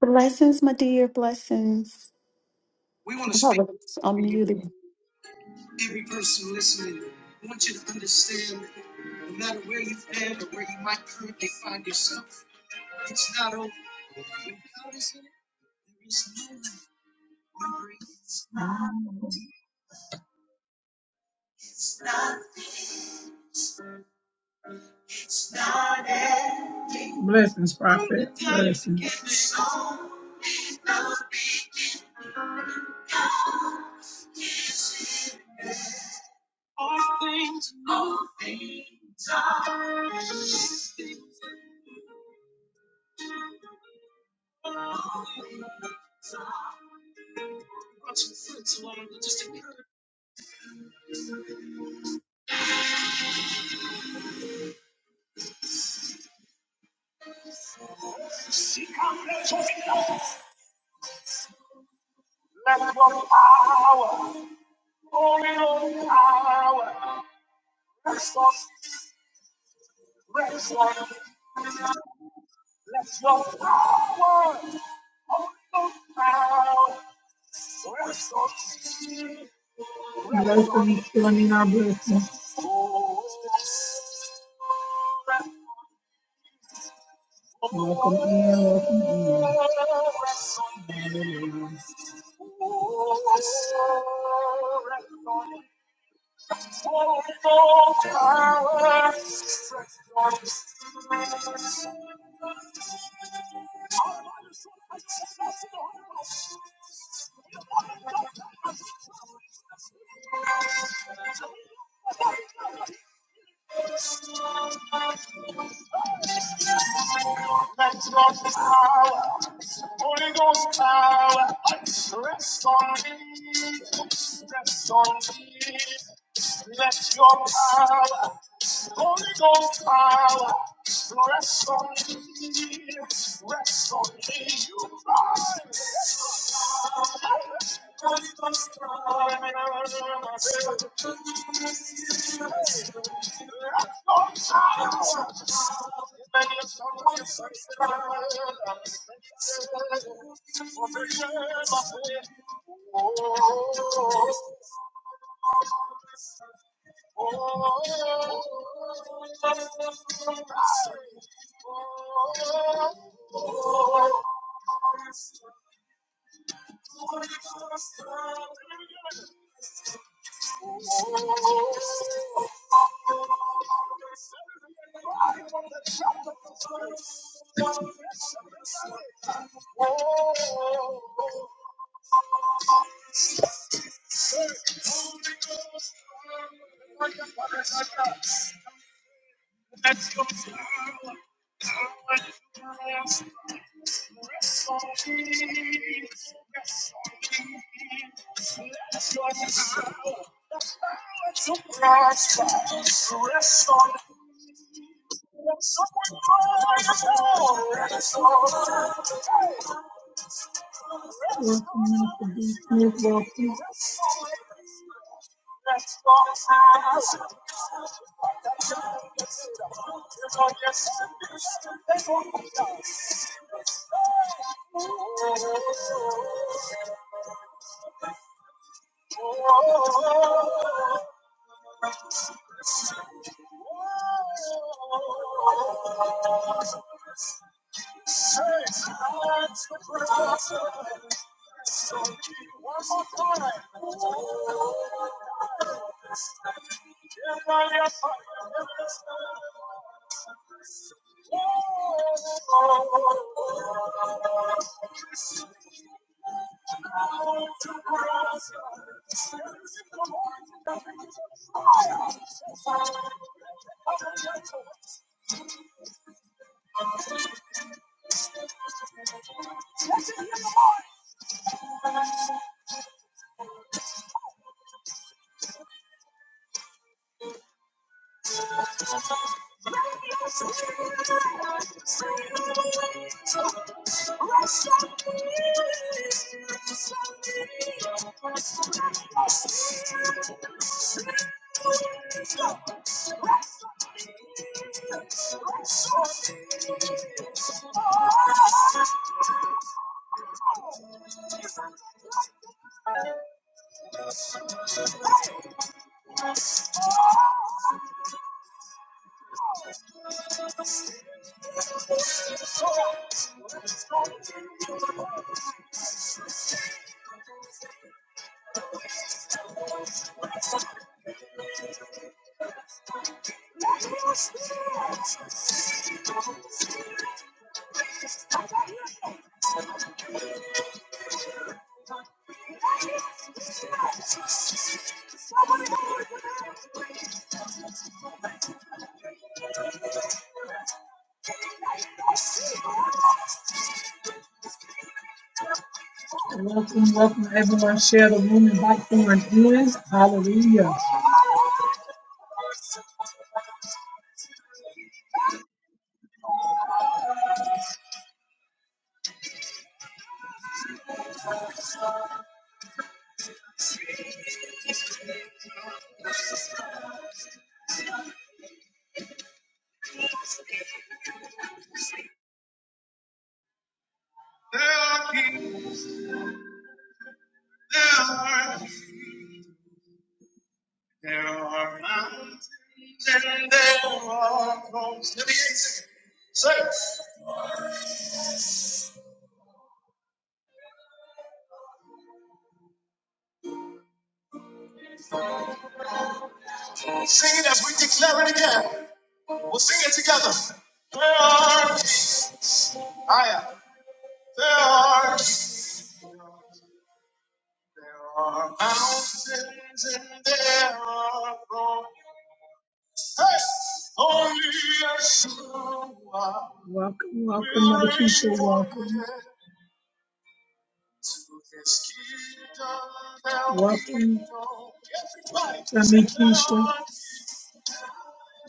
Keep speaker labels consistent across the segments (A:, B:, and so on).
A: Blessings, my dear, blessings. I think I'm probably unmuted.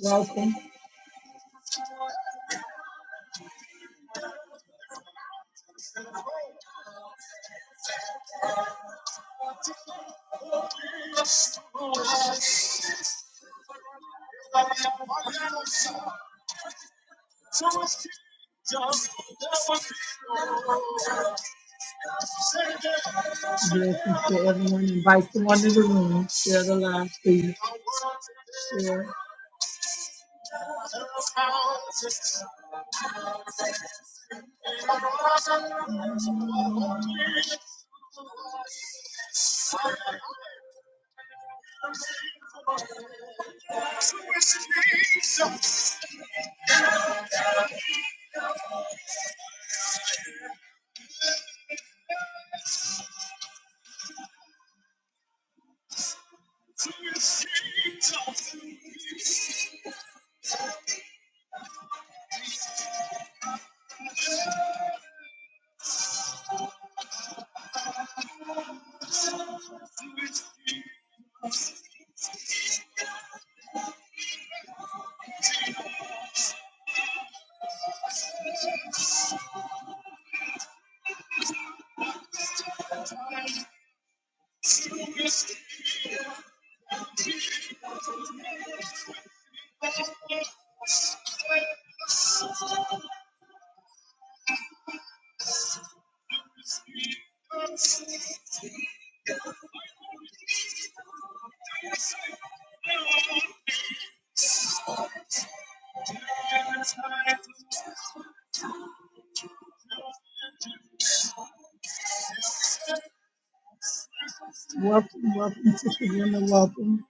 B: Welcome to everyone. Invite someone to the room. Share the live, please. Welcome, welcome, Sister Women. Welcome.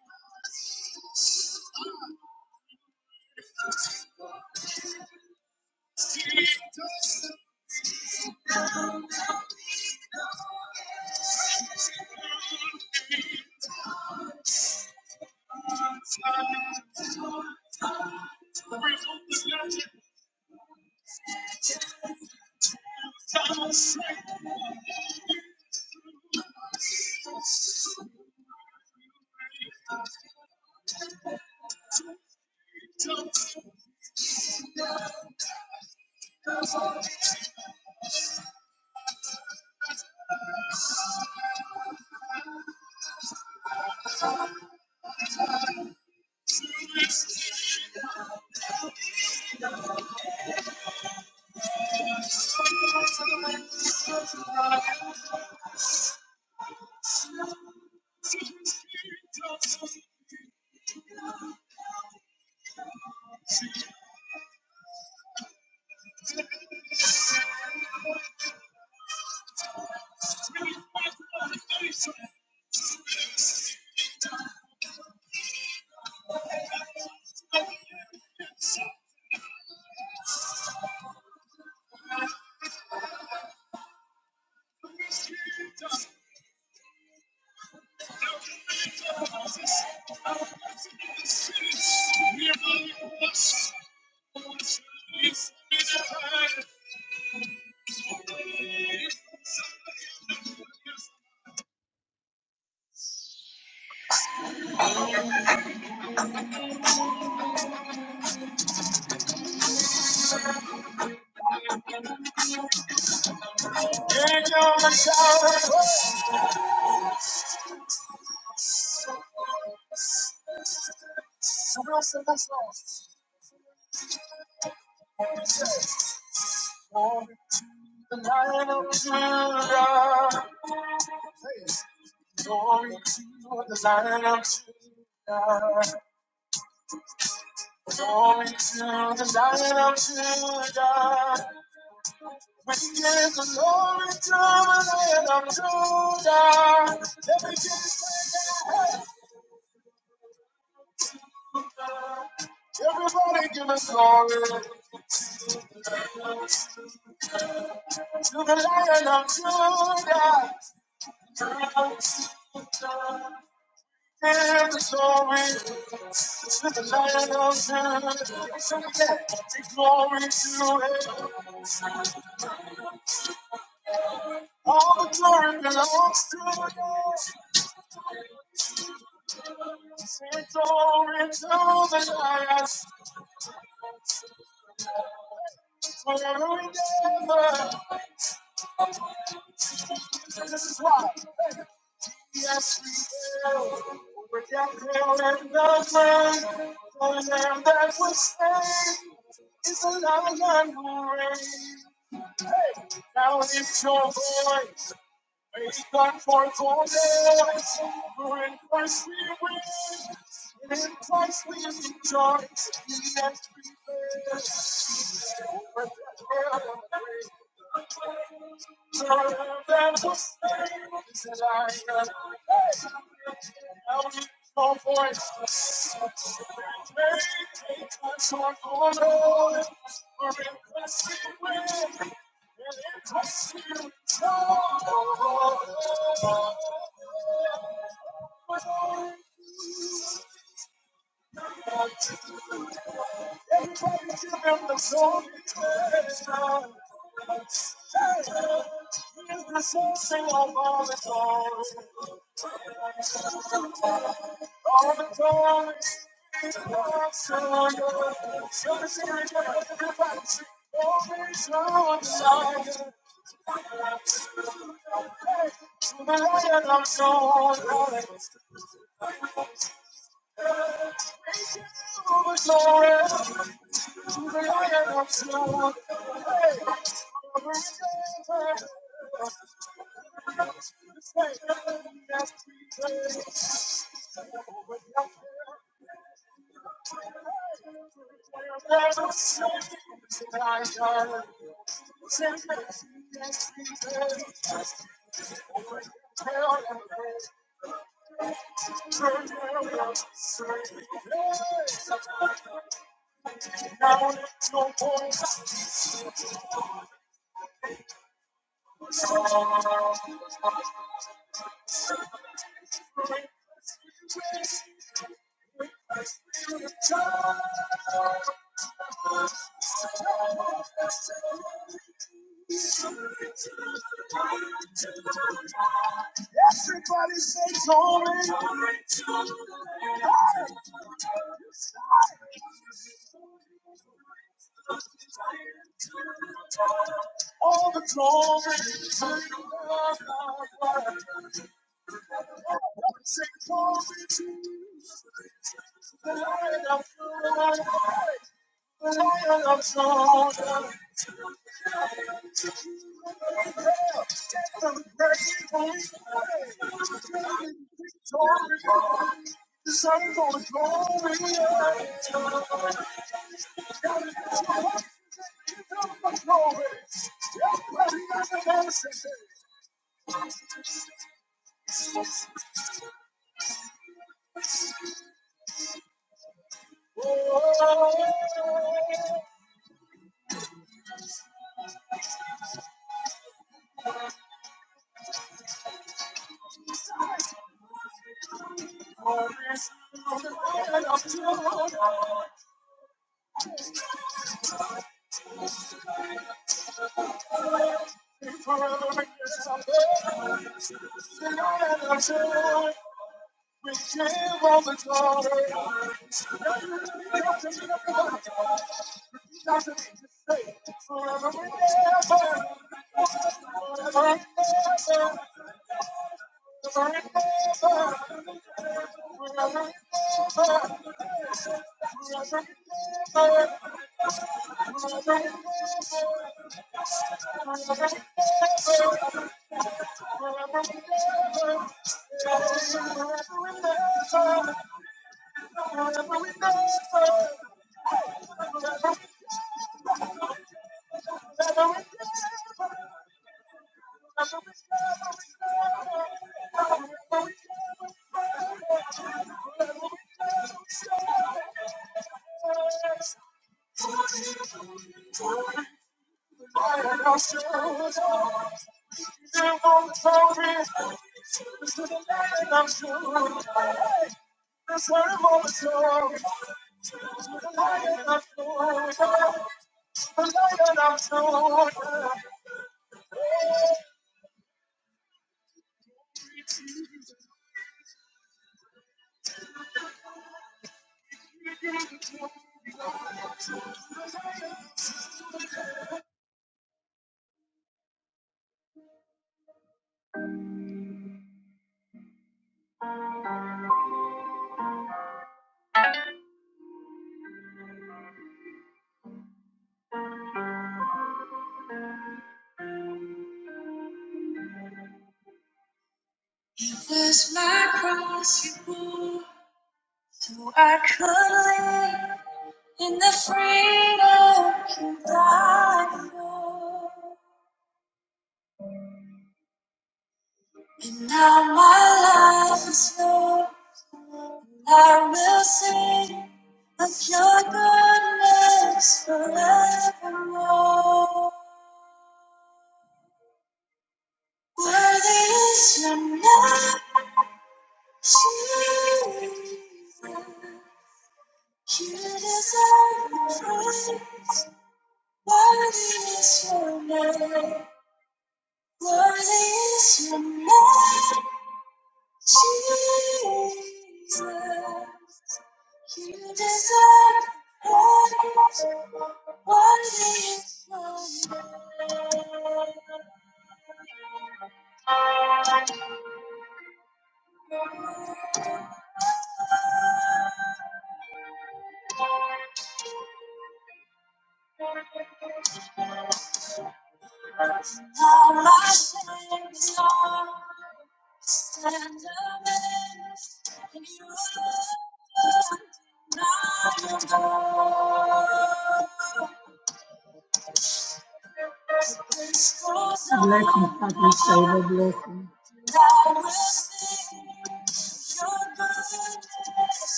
B: Happy Savior blessing.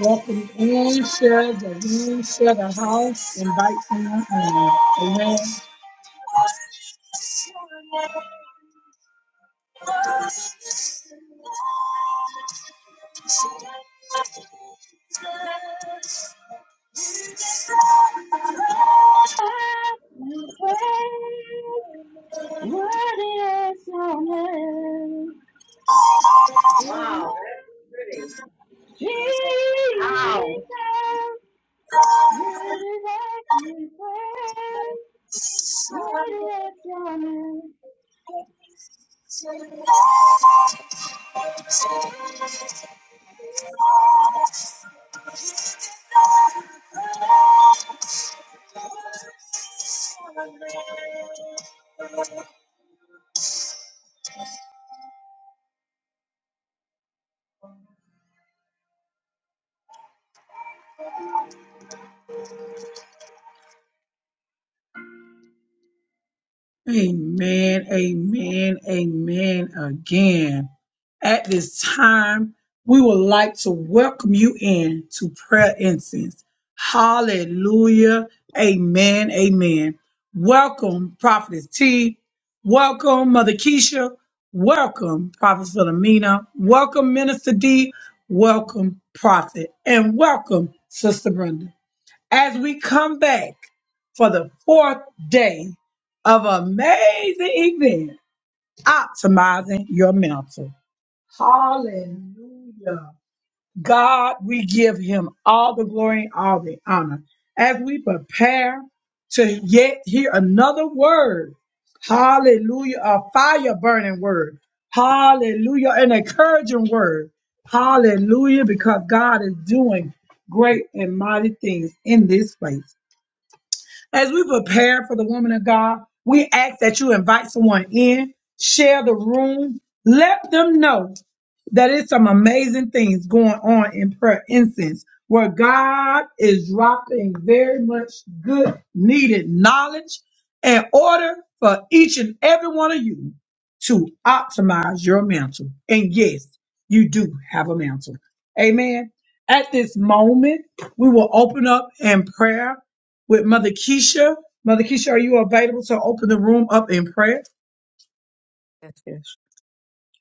B: Welcome in, share the room, share the house, invite someone in. Amen.
C: my praise, what is your Wow, that's pretty. Jesus, Ow. you deserve my praise, what is your name?
B: Amen, amen, amen again. At this time, we would like to welcome you in to prayer incense. Hallelujah. Amen, amen. Welcome, Prophetess T. Welcome, Mother Keisha. Welcome, Prophet Philomena. Welcome, Minister D. Welcome, Prophet. And welcome, Sister Brenda as we come back for the fourth day of amazing event, optimizing your mental. Hallelujah. God, we give him all the glory and all the honor as we prepare to yet hear another word. Hallelujah. A fire burning word. Hallelujah. An encouraging word. Hallelujah. Because God is doing great and mighty things in this place. As we prepare for the woman of God, we ask that you invite someone in, share the room, let them know that it's some amazing things going on in prayer incense where God is dropping very much good, needed knowledge in order for each and every one of you to optimize your mantle. And yes, you do have a mantle. Amen. At this moment, we will open up in prayer with Mother Keisha. Mother Keisha, are you available to open the room up in prayer?
D: Yes, yes.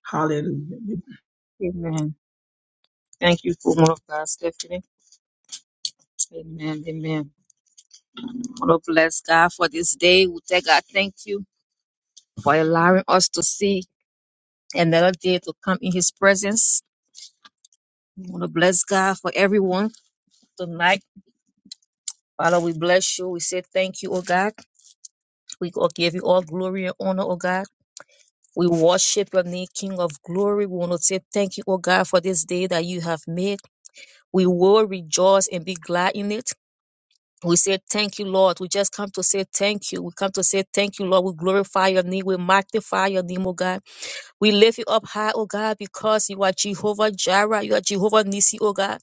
B: Hallelujah.
D: Amen. Thank you, woman of God, Stephanie. Amen. Amen. want to bless God for this day. We thank God, thank you for allowing us to see another day to come in His presence. We want to bless God for everyone tonight. Father, we bless you. We say thank you, oh God. We go- give you all glory and honor, oh God. We worship your name, King of glory. We want to say thank you, oh God, for this day that you have made. We will rejoice and be glad in it. We say thank you, Lord. We just come to say thank you. We come to say thank you, Lord. We glorify your name. We magnify your name, oh God. We lift you up high, oh God, because you are Jehovah Jireh. You are Jehovah Nissi, oh God.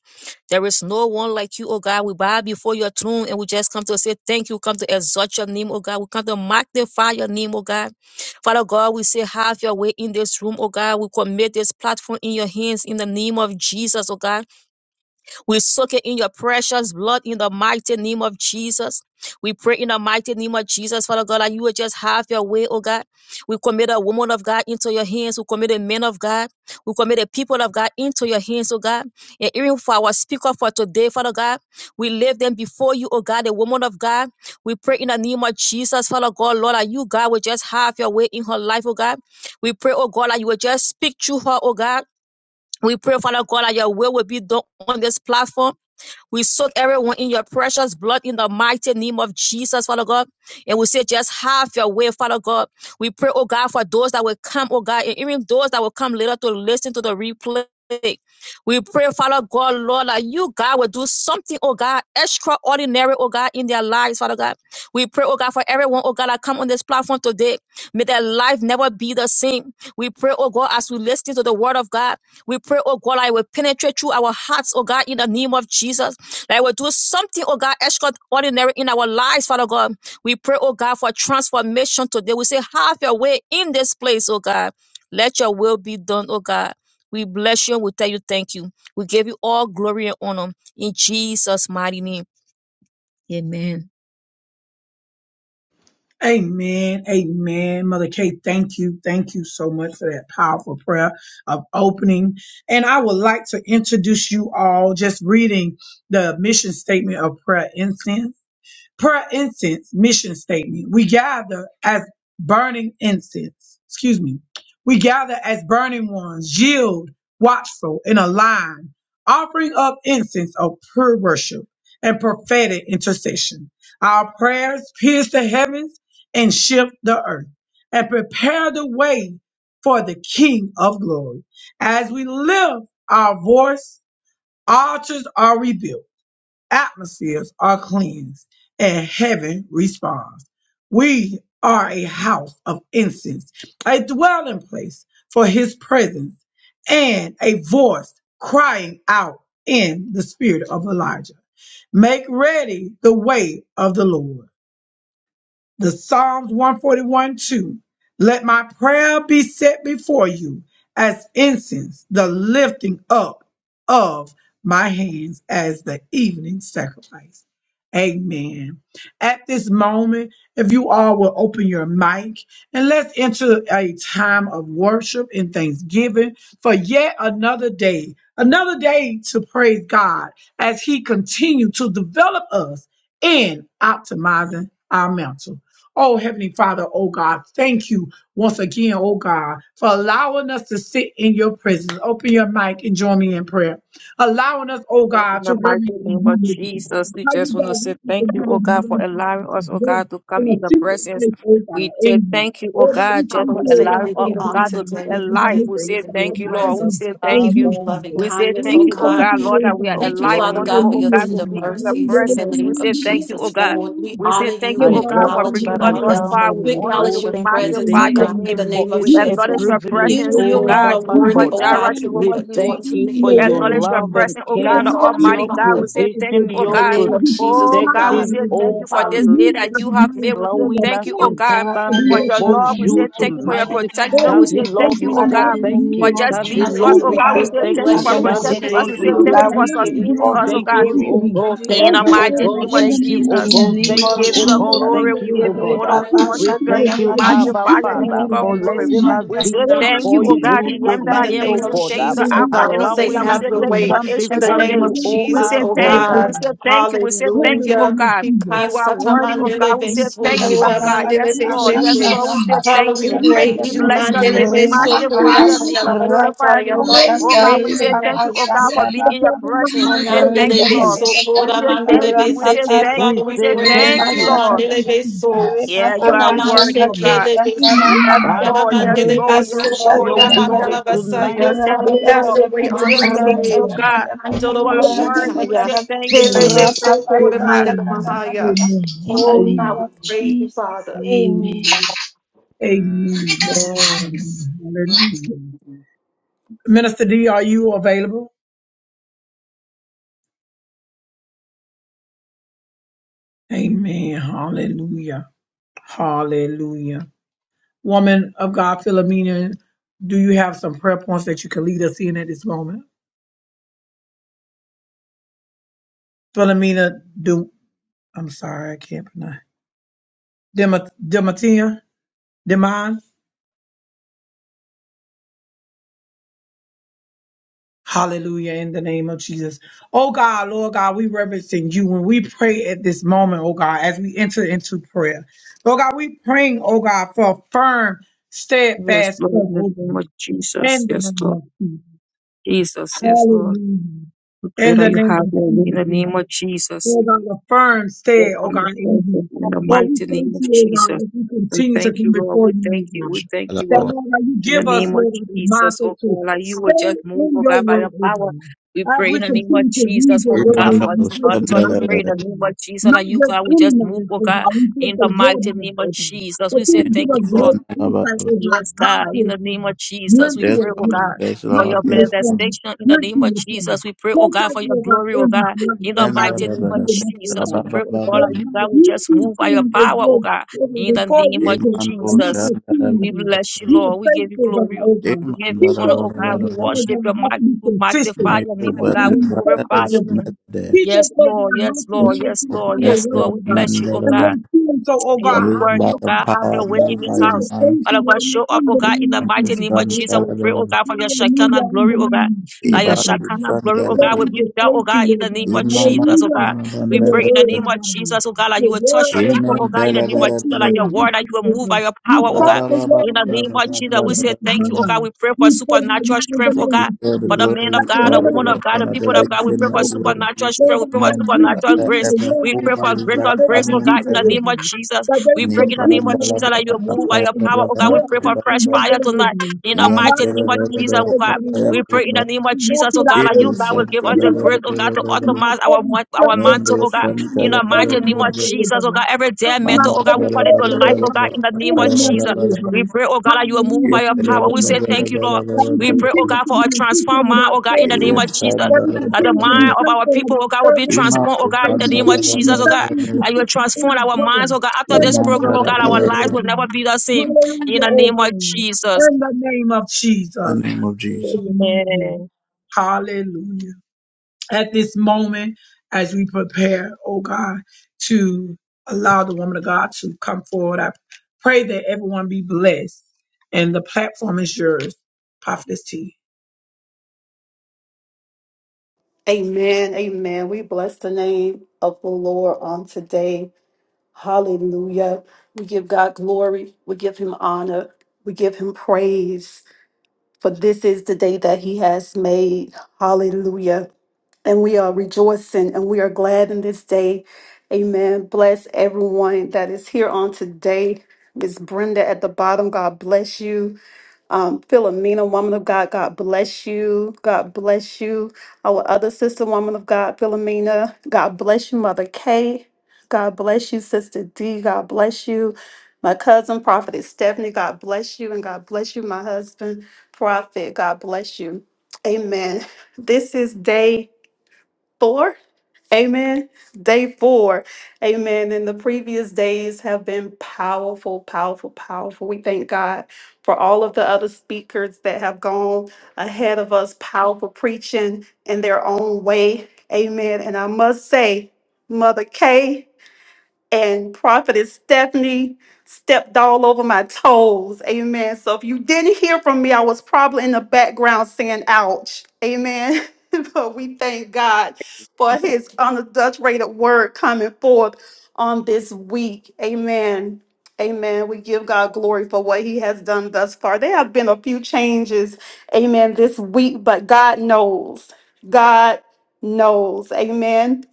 D: There is no one like you, oh God. We bow before your throne and we just come to say thank you. We come to exalt your name, oh God. We come to magnify your name, oh God. Father God, we say have your way in this room, oh God. We commit this platform in your hands in the name of Jesus, oh God. We soak it in your precious blood in the mighty name of Jesus. We pray in the mighty name of Jesus, Father God, that you would just have your way, oh God. We commit a woman of God into your hands. We commit a man of God. We commit the people of God into your hands, oh God. And even for our speaker for today, Father God, we lift them before you, oh God, the woman of God. We pray in the name of Jesus, Father God, Lord, that you, God, would just have your way in her life, oh God. We pray, oh God, that you would just speak to her, oh God. We pray, Father God, that your will will be done on this platform. We soak everyone in your precious blood in the mighty name of Jesus, Father God. And we say, just have your way, Father God. We pray, oh God, for those that will come, oh God, and even those that will come later to listen to the replay. We pray, Father God, Lord, that you, God, will do something, oh God, extraordinary, oh God, in their lives, Father God. We pray, oh God, for everyone, oh God, that come on this platform today. May their life never be the same. We pray, oh God, as we listen to the word of God. We pray, oh God, that it will penetrate through our hearts, oh God, in the name of Jesus. That will do something, oh God, extraordinary in our lives, Father God. We pray, oh God, for transformation today. We say, have your way in this place, oh God. Let your will be done, oh God. We bless you and we tell you thank you. We give you all glory and honor in Jesus' mighty name. Amen.
B: Amen. Amen. Mother Kate, thank you. Thank you so much for that powerful prayer of opening. And I would like to introduce you all just reading the mission statement of prayer incense. Per incense mission statement, we gather as burning incense. Excuse me. We gather as burning ones, yield, watchful, and aligned, offering up incense of pure worship and prophetic intercession. Our prayers pierce the heavens and shift the earth and prepare the way for the King of glory. As we lift our voice, altars are rebuilt atmospheres are cleansed and heaven responds. We are a house of incense, a dwelling place for his presence, and a voice crying out in the spirit of Elijah. Make ready the way of the Lord the Psalms 141 2. Let my prayer be set before you as incense, the lifting up of my hands as the evening sacrifice. Amen. At this moment, if you all will open your mic and let's enter a time of worship and thanksgiving for yet another day, another day to praise God as He continues to develop us in optimizing our mental. Oh, Heavenly Father, oh God, thank you once again, oh God, for allowing us to sit in your presence. Open your mic and join me in prayer. Allowing us, oh
D: In
B: God, to
D: the
B: reverence
D: mighty name of
B: you
D: Jesus, we
B: how you
D: just want to say
B: direct us
D: thank
B: and
D: you,
B: give
D: oh
B: us
D: God, for
B: knowledge and
D: allowing
B: how to
D: us, oh God, to
B: in
D: come
B: a
D: in the
B: secret
D: presence.
B: place, oh God,
D: We
B: in
D: say
B: you.
D: thank you, oh
B: Oh God, we
D: God, just
A: Father,
B: thank
D: for
A: we
B: you, oh
A: say
D: allowing
B: God,
A: thank
B: for
D: us,
B: the
A: you
D: oh
A: all
D: God, to
B: diamond,
D: be
B: for the
A: today. We
D: alive.
A: thank
D: We
B: information,
A: you
B: oh
E: Thank
D: say
A: for
B: God,
A: your
B: for
E: you,
D: thank
B: the
D: you, Lord.
E: Abba
D: We
B: strengthening
A: presence.
D: say
A: We thank
B: in
A: you
D: thank
A: for
B: you,
D: you.
A: your
E: Father,
A: loving
B: Jesus.
D: We
E: King
D: say
A: kindness,
B: Lord,
D: thank
A: oh
B: we
D: you, oh
B: thank
A: God.
D: God,
B: you,
D: Lord,
B: oh
D: that we are
E: of
B: God.
A: Thank you,
D: alive
A: Father
E: glory.
D: once
A: God,
D: more,
A: for
D: oh
A: your
B: Hallelujah,
D: God,
B: oh
D: to
A: tender
D: be
B: God.
D: in
B: Lord,
D: your
B: we
A: mercies in
B: reverence
A: the
D: presence.
B: you
D: We
A: name
B: and
A: of
D: say
B: give
D: thank
B: you
D: you, oh
B: all
A: Jesus,
B: the
D: God.
A: Lord. We
D: We
B: glory.
D: say
A: honor
D: thank
A: you.
B: Your
E: I
D: you,
A: We
D: oh God, for
B: direction
E: am
A: acknowledge
B: is
A: you,
D: bringing
E: that
B: the
E: I
D: us
B: mighty
D: thus
A: Father.
E: am,
D: far. We
A: We
B: direction.
D: honor you.
A: acknowledge
D: We
A: your
E: omnipotent. We
A: presence,
E: say
D: magnify
A: oh
B: Hallelujah,
D: your
A: God,
E: thank
B: oh
A: in
D: name.
A: the
E: you
B: God.
E: for
A: name of
E: it's
D: We
B: You are
E: a
B: so
D: acknowledge
A: Jesus.
D: your
B: kind, oh
E: privilege.
A: You,
D: presence,
A: you
D: oh
E: Oh,
B: God.
A: alone
D: God,
A: are
B: You
E: Baba
D: Jehovah
A: worthy,
B: built
E: God,
A: oh
E: ah,
B: us
D: Jireh,
A: God,
B: all
A: to be
B: about
E: we
D: Jehovah
B: to
D: Nissi.
B: stand
A: adored,
E: thank
A: to
B: firm
E: you
B: on
A: be
E: for
D: We
B: your
E: your
A: met,
B: word,
D: acknowledge
B: oh
D: your
E: love
B: God.
E: and
A: to
D: presence, oh
A: be
B: They will
E: care,
D: God, the
B: never leave
A: exalted,
B: us
E: your
D: Almighty
B: nor
D: God. We
A: Father.
D: say
B: forsake us,
D: thank
B: oh
E: provision,
D: you, oh
A: In
B: God.
E: your
A: the
D: God.
A: name
B: As
A: of
B: you bring it
A: Jesus,
D: Oh
B: in
A: oh
B: our
D: God, we
A: God.
D: say
B: heart,
E: protection.
B: oh
D: thank
B: God.
E: Oh,
D: you for
B: You
D: this
E: Allah.
A: Hallelujah,
D: day
B: use it
D: that
B: as
D: you
B: a
D: have
A: Jesus.
B: mighty
D: made. We say
B: tool of
E: allowing
D: thank
E: us
D: you, oh
E: to
B: force
D: God,
F: Father,
B: to
E: stand
B: be
D: for
F: in
B: with
D: your
E: before
B: you
D: love.
B: on
D: We
E: you
D: say
B: this earth,
D: thank you for
B: oh
D: your
E: tonight.
B: God. Lord,
D: protection.
B: we
D: We
E: Daddy
D: say
B: just thank
D: thank
E: Lord,
B: you
D: you,
E: we
B: and
D: oh
B: we
E: say
D: God.
B: love you,
F: the
E: thank
D: For
F: name
B: oh
E: you.
F: of
D: just
B: God.
E: Daddy
D: leading
B: We
D: us,
F: Jesus,
E: Lord,
D: oh
F: oh
E: we
B: just
D: God,
B: say
D: we
F: God,
E: say
A: Hallelujah.
D: say
A: We
B: thank
E: thank
D: thank
B: you,
D: you
A: bless
D: for
E: you.
F: Father,
A: your
B: oh
F: we
A: holy
E: Daddy
B: God.
F: say
D: protecting
A: name,
D: us.
E: Lord,
D: We
F: thank
E: we
D: say
F: you,
B: Thank you
F: Lord
E: say
D: thank
B: for
A: Father.
D: you
B: the
F: God.
D: for
E: thank
F: We give
B: message
E: you.
F: you
B: you
A: There
D: sustaining
A: is
F: all
B: have
D: us,
F: the
D: oh
A: not
E: Thank
B: placed
D: God.
B: in
A: like you,
E: you,
B: each
F: glory,
B: of
E: oh
A: oh
F: we
B: us.
A: God.
F: give
E: God.
F: you
A: There
D: In
E: Thank
F: all
B: Thank
D: the
A: is
E: you,
B: you,
E: oh
F: the
B: oh
A: nothing
D: mighty
B: God,
E: God.
D: name
B: in
D: of
B: the
F: adoration
E: Thank
A: compared to
E: you,
B: name
A: you.
E: oh
B: of
F: in
D: Jesus,
F: the
E: God.
B: Jesus.
D: we
F: name
E: Thank
A: You
F: of
A: are
E: you,
D: give you
E: oh
D: the
A: our
E: God.
F: Jesus.
A: friend.
D: glory,
E: Thank
B: Hallelujah,
D: we
A: You
E: you,
B: oh
A: are
D: give
E: oh
D: you
B: God.
A: our
E: God.
D: honor,
E: Uh,
D: we
B: We
F: Repapa
A: refuge.
B: thank
E: We
D: worship
B: you,
D: your
A: You
B: Lord
D: name,
E: thank
F: shakada
D: we
E: you,
B: God, as
A: are our
B: you
F: patapa,
E: Abba
B: mature
D: magnify
A: strength.
D: your
B: us,
D: name,
E: Father,
D: King
B: Lord
D: of
E: for
B: God,
D: glory.
F: repeto
A: Fortress,
B: through
E: letting
B: you.
E: us
A: Father, we
D: We
F: shakada
D: say
E: be
B: Lord God,
A: acknowledge
D: thank you,
E: before
B: you've
A: you
D: oh
B: given us
D: God,
B: a
E: you
A: today.
D: the
B: right
D: name that
A: In
D: I
E: tonight,
B: mind
A: the
D: am.
B: and a
D: We
E: oh
A: name
D: say
A: of
B: right
E: God.
D: thank you,
E: Uh,
B: spirit,
D: the
A: Jesus,
B: and
A: oh
B: we
D: Alpha
B: can
A: God,
D: and
A: we say,
D: Omega.
E: Allowing
B: operate
D: We
E: us
A: have
D: say
A: your
E: to
D: thank you,
B: accordingly.
A: way.
D: the
E: stand
A: In
D: Ancients
A: the
E: before
D: of
B: Operate in
A: name
B: the
D: Days.
A: of
E: you,
B: way that
E: oh
B: you
D: We
B: have
A: Jesus,
E: our
D: say
B: us
A: oh
B: to do,
D: thank
E: God.
D: you,
B: Lord God.
E: Uh,
D: we
A: God,
D: say thank you, we say
B: In the
D: thank you, oh
B: name
A: hallelujah.
B: of
D: God.
B: Jesus,
D: You
A: Because
D: are worthy,
B: Almighty
D: oh
B: God
D: God.
A: Satamandele
D: We
B: that we
D: say
B: serve,
D: thank you,
B: Lord
D: oh
A: Besukura
F: patapa,
B: God.
D: God. Yes, Lord, yes,
B: Hallelujah,
A: Mandele
F: shakada
D: Lord, we say
B: Jesus.
F: patapa,
D: thank
A: Father, we
B: Lord,
D: you.
B: we just
D: We
A: praise
F: shakada
A: you,
B: thank you,
D: bless your
B: Lord
D: name,
A: Mandele
D: we
B: God. We
A: Beso
B: reverence
F: Ripapapa,
D: magnify
B: you,
A: Kora
D: your
B: Lord
D: name, we
A: Mandala
B: God.
D: glorify your
A: Basataya.
F: rapato
D: name.
A: Father, we
D: Oh
F: shaka,
B: Hallelujah,
D: God, we
A: praise your
D: say
B: Jesus.
D: thank
F: ripapa
D: you,
A: name.
D: oh God,
B: Yes,
D: for
F: shaka,
D: being
B: yes,
D: in your
B: Lord, we
F: rapapa,
B: love
D: presence. We
B: you, yes,
D: say
B: Lord, we
D: thank
A: Hanandele
D: you,
B: love
D: Lord.
B: you.
A: Beso
F: repetepetepe,
D: We
B: Yes,
A: Kora
D: say
B: yes, yes,
D: thank
A: Mandele
D: you.
B: yes,
D: We say
A: Besete.
B: yes,
D: thank
F: rapapapa,
E: We
B: yes.
D: you.
A: Father,
D: We
A: we
D: say
E: say
A: praise
B: Oh,
F: ripa
E: thank
D: thank
B: God,
A: you,
D: you,
A: O
E: you.
F: shaka
B: thank
D: Lord.
B: you,
A: Mandele
F: tepe,
B: Jesus.
A: Beso.
D: Yeah, you
A: O
B: Thank
F: ripapapa
D: are
B: you,
D: worthy,
B: Lord
A: Namanse
F: shaka
D: oh
B: God.
F: to
B: In
D: God.
A: Kele
B: the
F: shaka,
A: Besi.
D: Yes,
F: rapapa,
B: name of
A: Mandala
D: Lord. Yes,
B: Jesus.
A: Mandele
F: ripa
D: Lord.
F: to
D: Yes,
A: Beso
D: Lord.
F: shaka
E: your
D: Yes,
A: Kora
D: Lord.
B: Hallelujah,
E: way
A: Mandala
F: tepetepe,
B: God.
D: We
E: tonight.
D: say
A: Basaya.
D: thank
A: Father,
D: you,
A: have
D: Lord.
B: Glory
A: your
B: to
F: repetepetepe,
A: way
D: We
B: the
A: on
D: say
B: name
D: thank
B: of
D: you,
A: today.
D: oh
B: God.
D: God.
F: repetepetepe,
D: You
A: Mandala
D: are worthy.
B: Hallelujah.
D: We say
A: Boshataya.
F: repetepetepe,
D: thank you. We
A: Kele
D: say
B: Glory.
D: thank
A: Beso
D: you, oh
A: Kora
F: rapapapa
D: God.
A: Mandala
F: shaka
B: Amen.
F: tepetepe.
B: Amen.
F: In the
A: Oh,
F: name
A: now
B: Amen.
A: we
F: of
A: praise you,
F: Jesus,
A: Father.
F: amen.
B: Hallelujah. Amen. Amen. Hallelujah. Minister D, are you available? Amen. Hallelujah. Hallelujah. Woman of God, Philomena, do you have some prayer points that you can lead us in at this moment? Philomena do I'm sorry, I can't pronounce Dema- Dematia Demon. Hallelujah in the name of Jesus. Oh God, Lord God, we reverencing you when we pray at this moment, oh God, as we enter into prayer. Lord God, we praying, oh God, for a firm,
D: Yes,
B: steadfast prayer,
D: Lord, in the
B: oh
D: name of
B: God,
D: Jesus.
B: in the
D: Yes,
B: name
D: Lord.
B: of Jesus.
D: Jesus, yes, Lord.
B: Hallelujah.
D: We pray
B: In
D: that
B: the
D: you have
B: name
D: your way
B: of
D: in the
B: Jesus.
D: name of Jesus.
B: Lord God, a firm
D: will
B: stay, oh
D: come
B: God, in
D: before you
B: you.
D: in the
B: Lord, we
D: mighty
B: thank
D: name of
B: you, oh God,
D: Jesus.
B: as we
D: We
B: continue to
D: thank
B: come
D: you, Lord.
B: before
D: We thank
B: you,
D: you.
B: Lord
D: We
B: God.
D: thank you,
B: That,
G: Shalabala.
D: Lord.
B: Lord God, you
D: In the
B: give us,
D: name of
B: Lord God, the
D: Jesus,
B: mindset
D: oh
B: to
D: God, like you will
B: stay
D: just move,
B: in
D: oh
B: your
D: God, by
B: word,
D: your
B: oh
D: power.
B: God.
D: We
B: As
D: pray in
B: we
D: the name of
B: continue to read
D: Jesus
B: your
D: for oh
B: word,
D: God
B: Lord
G: Imando
D: for
B: God,
D: us,
B: we
D: oh
B: pray
D: God.
B: for
D: touch. We pray
B: knowledge,
D: in
G: Shandalabala.
D: the
B: oh
D: name
B: God.
D: of Jesus
B: Not
D: that you,
B: just
D: God, will
B: any
D: just move,
B: knowledge,
D: oh
B: oh
D: God,
B: God, we pray
D: in
B: for
D: the
B: your
D: mighty
B: knowledge,
D: name
B: oh
D: of
B: God
D: Jesus.
B: that
D: We
B: you
D: say
B: will give
D: thank
G: Indo
B: us
D: you, Lord.
B: great insight,
G: Shandalabala.
B: over God,
D: Yes,
B: how
D: God,
B: to
D: in the
B: apply,
D: name of Jesus,
B: when
D: we
B: to
G: Yes,
D: pray, oh
G: Lord.
B: apply,
D: God.
G: Yes,
B: how
D: For
G: Lord.
D: your
B: to
G: Yes, Lord.
B: reform,
D: manifestation in the
B: when
D: name of
B: to reform.
D: Jesus, we pray, oh
B: Coach
D: God,
B: us,
D: for your
B: Lord about
D: glory, oh
B: in
D: God.
B: this life,
D: In the
B: oh
G: And
B: God, that
D: mighty name
B: you've
D: of
B: given us, oh
D: Jesus, we
B: God.
D: pray, oh God,
G: Rabababa.
D: that
B: Lord
D: you,
B: God,
D: God, will
B: you
D: just
B: see
D: move by your
B: things as
D: power, oh
B: though,
D: God.
B: oh God,
D: In the
B: before
D: name
B: we
D: of
B: can, oh
G: Imando
B: God, you are
D: Jesus,
B: foreseeing,
D: we
B: God.
G: Shandalabala.
D: bless you,
B: You are
D: Lord. We give you
B: faithful, God,
D: glory.
B: oh God.
D: We give you
G: Imando
B: Teach
D: honor,
B: us,
D: oh God. We
G: Rabababa.
B: oh
D: worship
B: God,
D: your
B: how to
D: might.
B: be
D: We
B: consistent,
D: magnify your
G: Nato
B: how
D: name, oh
B: to
D: God. We
B: be faithful,
G: Badlevadu
D: glorify
B: oh
D: your
B: God.
D: name.
G: Smedde.
B: Teach us,
D: Yes,
B: oh
D: Lord.
B: God, how
D: Yes,
B: to
D: Lord.
G: Yes,
D: Yes,
B: meditate
G: Lord.
D: Lord.
B: on your
D: Yes,
G: Yes,
B: word,
D: Lord.
G: Lord.
D: We
B: oh God.
D: bless you, oh
B: And
D: God
G: Mandalabala.
B: when doing so, oh
D: your
B: God, how
G: Move
B: to
D: word,
G: by
D: oh
G: your
B: listen.
D: God. Have
G: power,
D: your way
B: Lord
D: in
G: move
B: God,
D: this
G: by
B: we
G: your
B: just
D: house.
G: mind.
B: thank
D: Father
B: you
D: God,
B: right now
D: show up,
B: in
D: oh
B: the
D: God, in the
B: name of
G: Imando
D: mighty
B: Jesus,
D: name of
B: mighty
D: Jesus.
B: God.
D: We pray, oh
G: Shandalabala.
D: God, for your Shekinah
B: Hallelujah, in
D: glory,
B: the
D: oh God.
B: name of
D: Like
B: Jesus,
D: your
B: oh
G: Ibadu
B: God.
D: Shekinah glory, oh
B: Lord,
D: God, will
B: we
G: Shandalabala.
D: be
B: just
D: felt, oh
B: thank you,
D: God, in
B: oh
D: the
B: God.
D: name of
G: Imando
D: Jesus, oh
B: Hallelujah,
D: God.
B: for
D: We
B: your
D: pray in the
B: word,
G: Shandalabala.
D: name
B: oh
D: of
B: God.
D: Jesus, oh God, like you
B: Your
D: will
B: word,
D: touch your
B: oh
D: people,
B: God,
D: oh
G: Amen.
B: that
D: God, in
B: you
D: the
G: Tala,
D: name
B: spoke
D: of
G: tala,
B: to
D: Jesus,
G: tala,
D: like
B: your
D: your
G: tala.
D: word, like
B: existence,
D: you will
B: oh
D: move
B: God.
D: by your power,
B: You
D: oh
G: Ra,
B: spoke
D: God.
G: ba,
B: the
G: ba, ba,
B: word
D: In the
G: ba, ba,
B: into
D: name
G: ba,
D: of
G: ba,
B: into
D: Jesus,
G: ba,
D: we
G: ba,
D: say
G: ba,
B: existence,
D: thank
B: my
D: you, oh
G: ba.
B: God.
D: God. We pray for
B: We pray right
D: supernatural
B: now in the
D: strength,
G: We
D: oh
B: name
D: God.
G: give
B: of
G: you all the
D: For
B: Jesus
D: the man
B: that
D: of
G: glory,
B: the
D: God, the
G: all
B: woman
G: the
B: of
D: woman of
G: honor,
B: God
D: God,
G: and
D: the
B: comes
D: people
B: forth
D: of God, we
B: today,
D: pray
G: adoration,
D: for
G: O
B: oh God.
G: Lord
D: supernatural
G: Jesus.
B: Lord
D: strength, we pray
B: God,
D: for
B: that
G: Amen.
B: you
D: supernatural
B: give
G: Ever,
B: her
D: grace,
B: the
G: ever,
B: word,
D: we
B: oh
D: pray
G: over,
B: God,
D: for
B: to speak
G: libra,
D: greater
B: over
D: grace,
B: the
D: oh
G: amen,
D: God, in
B: people,
D: the
B: oh
G: amen.
D: name of
B: God
D: Jesus.
B: that they
D: We
B: will
G: Ni,
D: pray in the
G: pra,
D: name
G: na,
D: of
B: continue
G: la,
B: in
D: Jesus
B: our
G: ba,
D: that you move
G: pa,
B: pursuit
D: by your
B: and
G: la
D: power.
G: la
D: Oh
G: ba,
D: God,
G: la,
D: we pray
G: ba, ra,
D: for
B: meditate
G: la,
B: on
D: fresh
G: ba.
B: your
D: fire
B: word O
D: tonight.
B: God.
D: In the
G: Yan,
B: Apply
D: mighty
B: it
G: tala,
B: to
D: name of
G: la,
B: our
G: la, la,
D: Jesus,
B: life
D: oh
G: la
B: over
D: God.
B: us
G: pa,
B: and
G: la
D: We
B: walk
G: ba,
B: in
G: la,
D: pray in
B: it
G: ba.
D: the name of
B: and walk
D: Jesus,
B: it
D: oh God,
B: out
D: that
B: O
G: Edo,
D: you, God,
B: God.
D: will
G: san,
D: give us
G: tala,
D: the
B: Being
G: la, la,
D: grace,
B: able
G: la,
D: oh
B: to
G: la,
D: God, to
G: la, la. la.
D: optimize
B: optimize
D: our,
B: every
D: mon-
B: step
D: our
B: O God.
D: mantle,
G: Mendo,
B: that
D: oh God.
B: you've
G: san,
B: given
D: In
B: us
G: tala,
D: the
G: la,
B: in
G: la,
D: mighty
B: the
G: la,
D: name
G: la, la.
D: of
G: la.
B: message over
D: Jesus, oh
B: us.
D: God, every day
G: Mama,
D: mantle.
B: Optimize
D: oh God, we
G: ba,
B: every
D: call
G: la,
D: it
G: ba,
D: to
G: la, ba,
B: area
D: life,
B: O
D: oh
G: la,
B: God
D: God,
G: ba.
D: in the name
G: Pa,
B: in
G: la
B: the
D: of
G: ya, ba, la,
D: Jesus.
B: natural, oh
G: la,
D: We
B: God.
D: pray, oh God, that you will move
B: Hallelujah,
D: by
G: The
D: your
B: in the
D: power. We
B: name of
D: say thank you,
B: Jesus.
D: Lord.
B: That we
D: We pray, oh
B: continue
D: God,
B: to be
D: for a transformed
B: intentional
D: mind,
B: about
D: oh God, in the
B: serving
D: name of
B: you.
D: Jesus.
B: That we
D: That the
B: continue to be
D: mind of our
B: faithful
D: people,
B: about
D: oh God, will be
B: serving you.
D: transformed, oh
B: That
D: God, in
B: we
D: the name of
B: continue to be
D: Jesus, oh God
B: faithful and
D: that you
B: consistent in
D: transform
B: our
D: our
B: prayer.
D: minds, oh God. After
B: In
D: this
B: the
D: program,
B: name
D: oh
B: of
D: God, our lives
B: Jesus, oh
D: will never
B: God.
D: be the same. In
B: Hallelujah,
D: the
B: oh
D: name of
B: God.
D: Jesus.
B: In the name of Jesus.
G: name of Jesus.
B: Hallelujah.
D: Amen.
B: Hallelujah at this moment as we prepare, oh God, to allow the woman of God to come forward. I pray that everyone be blessed and the platform is yours, Prophetess T.
A: Amen. Amen. We bless the name of the Lord on today. Hallelujah. We give God glory. We give him honor. We give him praise. For this is the day that he has made. Hallelujah. And we are rejoicing and we are glad in this day. Amen. Bless everyone that is here on today. Miss Brenda at the bottom, God bless you. Um, Philomena, woman of God, God bless you. God bless you. Our other sister, woman of God, Philomena, God bless you, Mother Kay. God bless you, Sister D. God bless you. My cousin, Prophetess Stephanie, God bless you. And God bless you, my husband, Prophet. God bless you. Amen. This is day four Amen. Day four. Amen. And the previous days have been powerful, powerful, powerful. We thank God for all of the other speakers that have gone ahead of us, powerful preaching in their own way. Amen. And I must say, Mother Kay and prophetess Stephanie stepped all over my toes. Amen. So if you didn't hear from me, I was probably in the background saying ouch. Amen. but we thank God for his unadulterated word coming forth on this week. Amen. Amen. We give God glory for what he has done thus far. There have been a few changes, amen, this week, but God knows. God knows. Amen.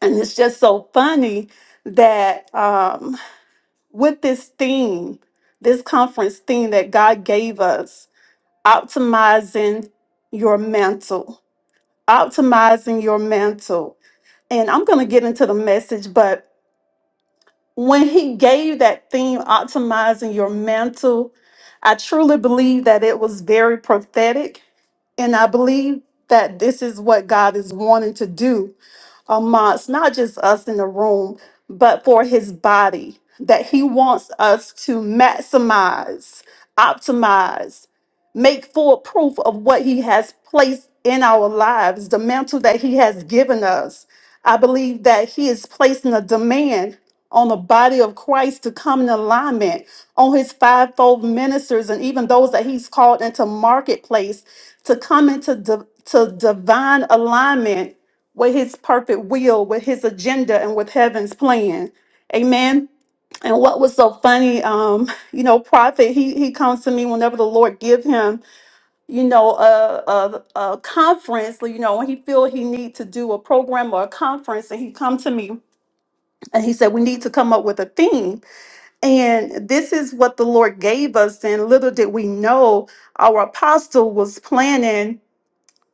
A: And it's just so funny that um, with this theme, this conference theme that God gave us, optimizing your mantle, optimizing your mantle. And I'm going to get into the message, but when he gave that theme, optimizing your mantle, I truly believe that it was very prophetic. And I believe that this is what God is wanting to do amongst not just us in the room, but for his body, that he wants us to maximize, optimize, make full proof of what he has placed in our lives, the mantle that he has given us. I believe that he is placing a demand on the body of Christ to come in alignment on his fivefold ministers and even those that he's called into marketplace to come into di- to divine alignment with his perfect will, with his agenda, and with heaven's plan. Amen. And what was so funny, um, you know, prophet, he he comes to me whenever the Lord give him, you know, a, a, a conference, you know, when he feel he need to do a program or a conference, and he come to me and he said, we need to come up with a theme. And this is what the Lord gave us. And little did we know, our apostle was planning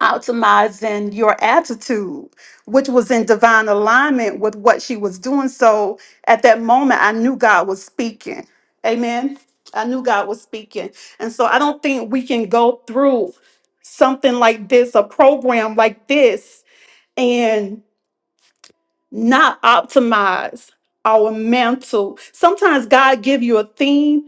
A: optimizing your attitude, which was in divine alignment with what she was doing. So at that moment, I knew God was speaking. Amen. I knew God was speaking. And so I don't think we can go through something like this, a program like this, and not optimize our mental. Sometimes God give you a theme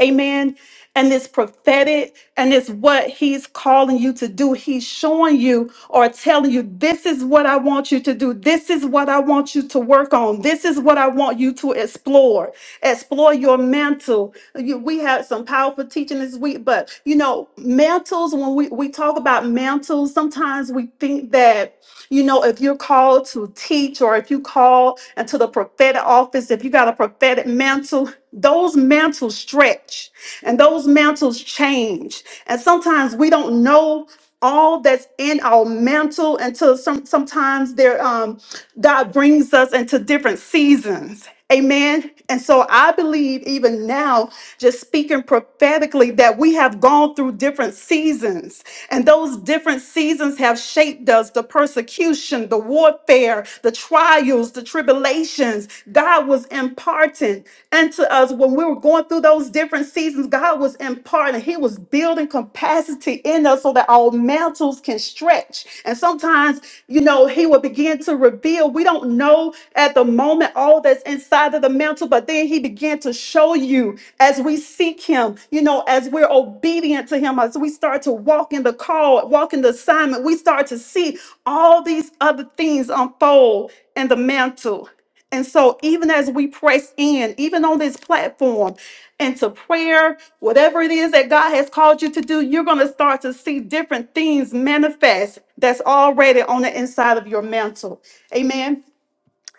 A: Amen. And it's prophetic and it's what he's calling you to do. He's showing you or telling you, this is what I want you to do. This is what I want you to work on. This is what I want you to explore. Explore your mantle. You- we had some powerful teaching this week, but you know, mantles, when we, we talk about mantles, sometimes we think that you know, if you're called to teach or if you call into the prophetic office, if you got a prophetic mantle, those mantles stretch and those mantles change. And sometimes we don't know all that's in our mantle until some sometimes they're um God brings us into different seasons. Amen. And so I believe even now, just speaking prophetically, that we have gone through different seasons. And those different seasons have shaped us the persecution, the warfare, the trials, the tribulations. God was imparting unto us when we were going through those different seasons. God was imparting. He was is building capacity in us so that our mantles can stretch. And sometimes, you know, He will begin to reveal. We don't know at the moment all that's inside of the mantle, but then He began to show you as we seek Him, you know, as we're obedient to Him, as we start to walk in the call, walk in the assignment, we start to see all these other things unfold in the mantle. And so, even as we press in, even on this platform, into prayer, whatever it is that God has called you to do, you're going to start to see different things manifest that's already on the inside of your mantle. Amen.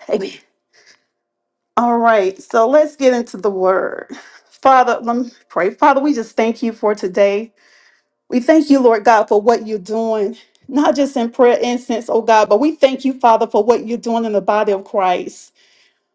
A: Amen. All right. So let's get into the word. Father, let me pray. Father, we just thank you for today. We thank you, Lord God, for what you're doing, not just in prayer incense, oh God, but we thank you, Father, for what you're doing in the body of Christ.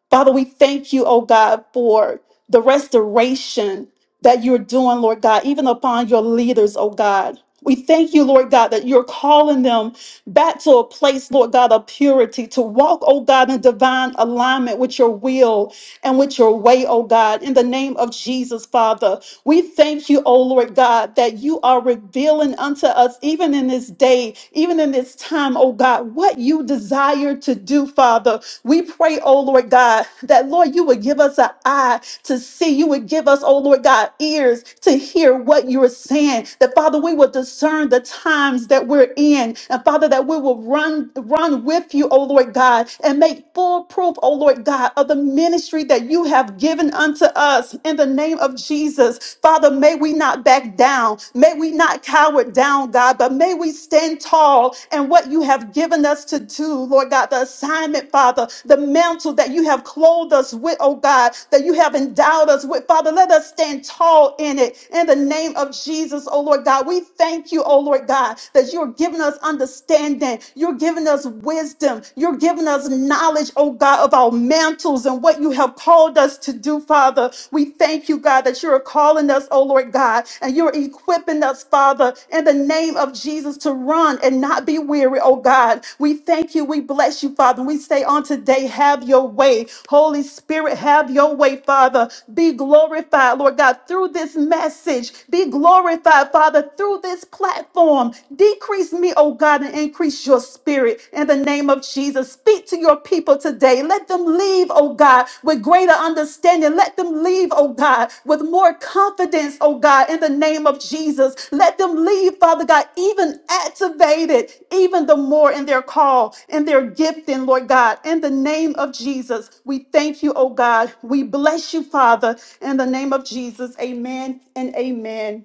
A: Father, we thank you, oh God, for the restoration that you're doing, Lord God, even upon your leaders, oh God. We thank you, Lord God, that you're calling them back to a place, Lord God, of purity, to walk, oh God, in divine alignment with your will and with your way, oh God. In the name of Jesus, Father, we thank you, oh Lord God, that you are revealing unto us, even in this day, even in this time, oh God, what you desire to do, Father. We pray, oh Lord God, that Lord, you would give us an eye to see. You would give us, oh Lord God, ears to hear what you are saying. That Father, we will discern the times that we're in. And Father, that we will run, run with you, oh Lord God, and make take full proof, O Lord God, of the ministry that you have given unto us in the name of Jesus. Father, may we not back down. May we not cower down, God, but may we stand tall in what you have given us to do, Lord God, the assignment, Father, the mantle that you have clothed us with, oh God, that you have endowed us with. Father, let us stand tall in it in the name of Jesus, oh Lord God. We thank you, oh Lord God, that you're giving us understanding. You're you're giving us wisdom. You're giving us knowledge, oh God, of our mantles and what you have called us to do, Father. We thank you, God, that you're calling us, oh Lord God, and you're equipping us, Father, in the name of Jesus to run and not be weary, oh God. We thank you. We bless you, Father. We say on today, have your way. Holy Spirit, have your way, Father. Be glorified, Lord God, through this message. Be glorified, Father, through this platform storm. Decrease me, oh God, and increase your spirit in the name of Jesus. Speak to your people today. Let them leave, oh God, with greater understanding. Let them leave, oh God, with more confidence, oh God, in the name of Jesus. Let them leave, Father God, even activated, even the more in their call and their gifting, Lord God, in the name of Jesus. We thank you, oh God. We bless you, Father, in the name of Jesus. Amen and amen.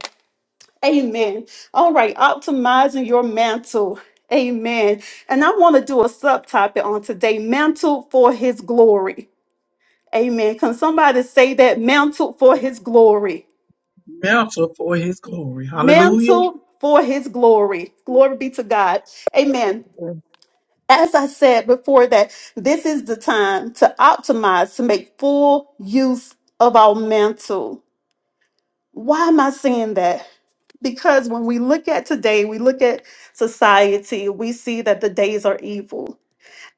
A: Amen. All right, optimizing your mantle. Amen. And I want to do a subtopic on today mantle for his glory. Amen. Can somebody say that? Mantle for his glory.
B: Melter for his glory. Hallelujah.
A: Mantle for his glory. Glory be to God. Amen. As I said before, that this is the time to optimize, to make full use of our mantle. Why am I saying that? Because when we look at today, we look at society, we see that the days are evil.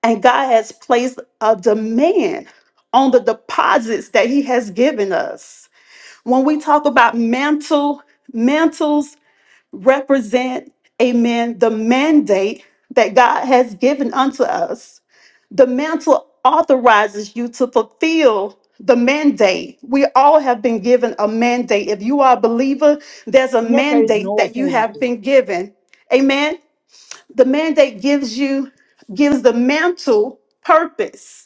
A: And God has placed a demand on the deposits that He has given us. When we talk about mantle, mantles represent, amen, the mandate that God has given unto us the mantle authorizes you to fulfill the mandate. We all have been given a mandate. If you are a believer, there's a
E: Nieka is
A: mandate
E: no
A: that you have
E: foolishness.
A: been given. Amen. The mandate gives you, gives the mantle purpose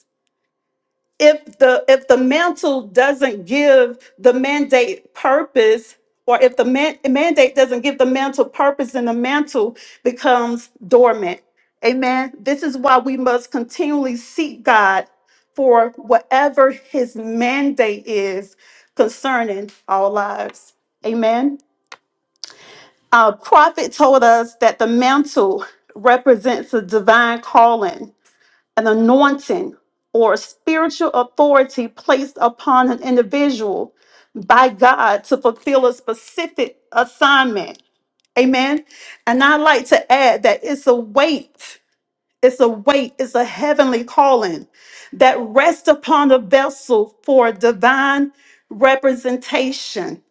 A: if the if the mantle doesn't give the mandate purpose or if the man, mandate doesn't give the mantle purpose then the mantle becomes dormant amen this is why we must continually seek god for whatever his mandate is concerning our lives amen our prophet told us that the mantle represents a divine calling an anointing or a spiritual authority placed upon an individual by God to fulfill a specific assignment. Amen. And I like to add that it's a weight, it's a weight, it's a heavenly calling that rests upon a vessel for divine representation.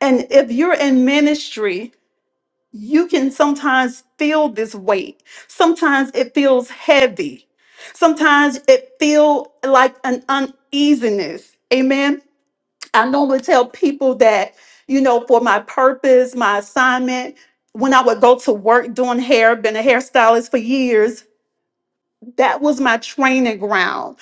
A: And if you're in ministry, you can sometimes feel this weight. Sometimes it feels heavy. Sometimes it feels like an uneasiness. Amen. I normally tell people that, you know, for my purpose, my assignment, when I would go to work doing hair, been a hairstylist for years, that was my training ground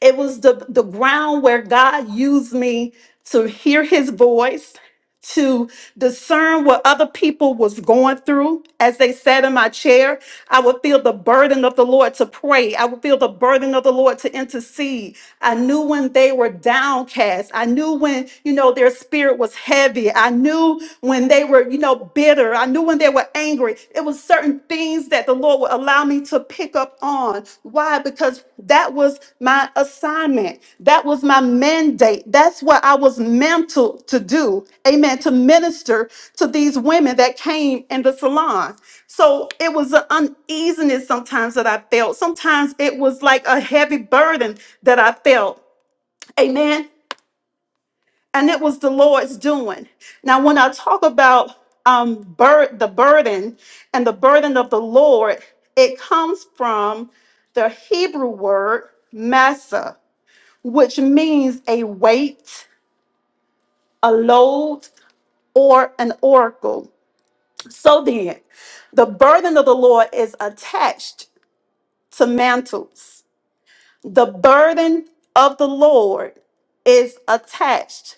A: it was the, the ground where God used me to hear his voice, to discern what other people was going through. As they sat in my chair, I would feel the burden of the Lord to pray. I would feel the burden of the Lord to intercede. I knew when they were downcast. I knew when, you know, their spirit was heavy. I knew when they were, you know, bitter. I knew when they were angry. It was certain things that the Lord would allow me to pick up on. Why? because that was my assignment. That was my mandate. That's what I was meant to, to do. Amen. To minister to these women that came in the salon. So it was an uneasiness sometimes that I felt. Sometimes it was like a heavy burden that I felt. Amen and it was the Lord's doing. Now, when I talk about um, bur- the burden and the burden of the Lord, it comes from the Hebrew word massa, which means a weight, a load, or an oracle. So then, the burden of the Lord is attached to mantles. The burden of the Lord is attached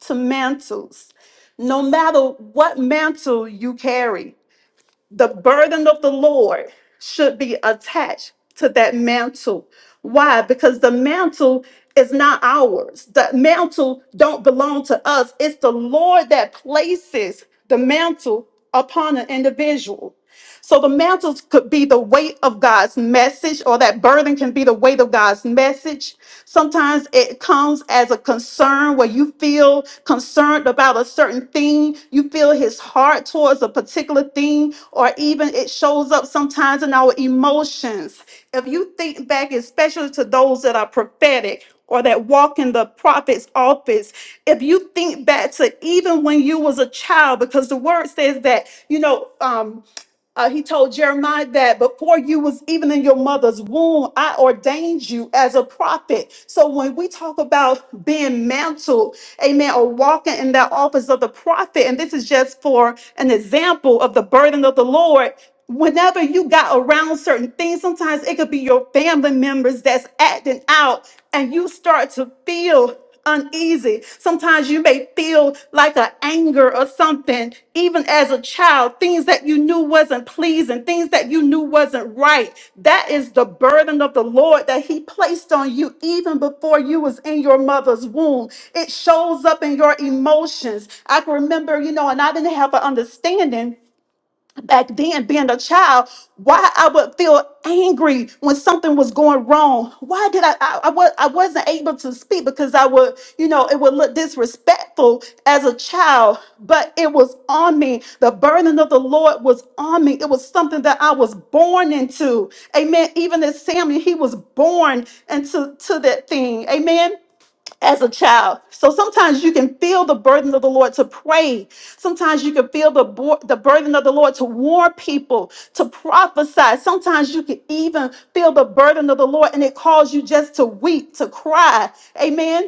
A: to mantles. No matter what mantle you carry, the burden of the Lord should be attached to that mantle. Why? Because the mantle is not ours. The mantle don't belong to us. It's the Lord that places the mantle upon an individual. So the mantles could be the weight of God's message, or that burden can be the weight of God's message. Sometimes it comes as a concern where you feel concerned about a certain thing, you feel his heart towards a particular thing, or even it shows up sometimes in our emotions. If you think back, especially to those that are prophetic, or that walk in the prophet's office if you think back to even when you was a child because the word says that you know um, uh, he told Jeremiah that before you was even in your mother's womb, I ordained you as a prophet. So when we talk about being mantled, amen, or walking in that office of the prophet, and this is just for an example of the burden of the Lord. Whenever you got around certain things, sometimes it could be your family members that's acting out, and you start to feel uneasy. Sometimes you may feel like an anger or something, even as a child, things that you knew wasn't pleasing, things that you knew wasn't right. That is the burden of the Lord that He placed on you even before you was in your mother's womb. It shows up in your emotions. I can remember, you know, and I didn't have an understanding back then being a child why i would feel angry when something was going wrong why did i i, I was i wasn't able to speak because i would you know it would look disrespectful as a child but it was on me the burden of the lord was on me it was something that i was born into amen even as samuel he was born into to that thing amen as a child. So sometimes you can feel the burden of the Lord to pray. Sometimes you can feel the, bo- the burden of the Lord to warn people, to prophesy. Sometimes you can even feel the burden of the Lord and it calls you just to weep, to cry. Amen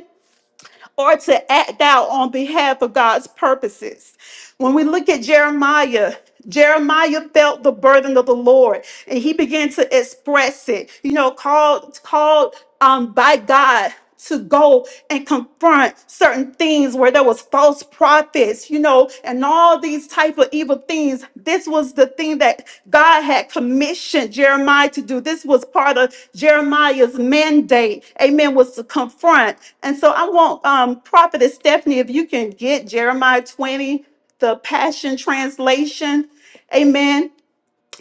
A: or to act out on behalf of God's purposes. When we look at Jeremiah, Jeremiah felt the burden of the Lord and he began to express it, you know, called, called um, by God to go and confront certain things where there was false prophets, you know, evil and all these type of evil things. This was the thing that God had commissioned Jeremiah to do. This was part of Jeremiah's mandate. Amen. Was to confront. And so I want um, Prophetess Stephanie, if you can get Jeremiah 20, the Passion Translation. Amen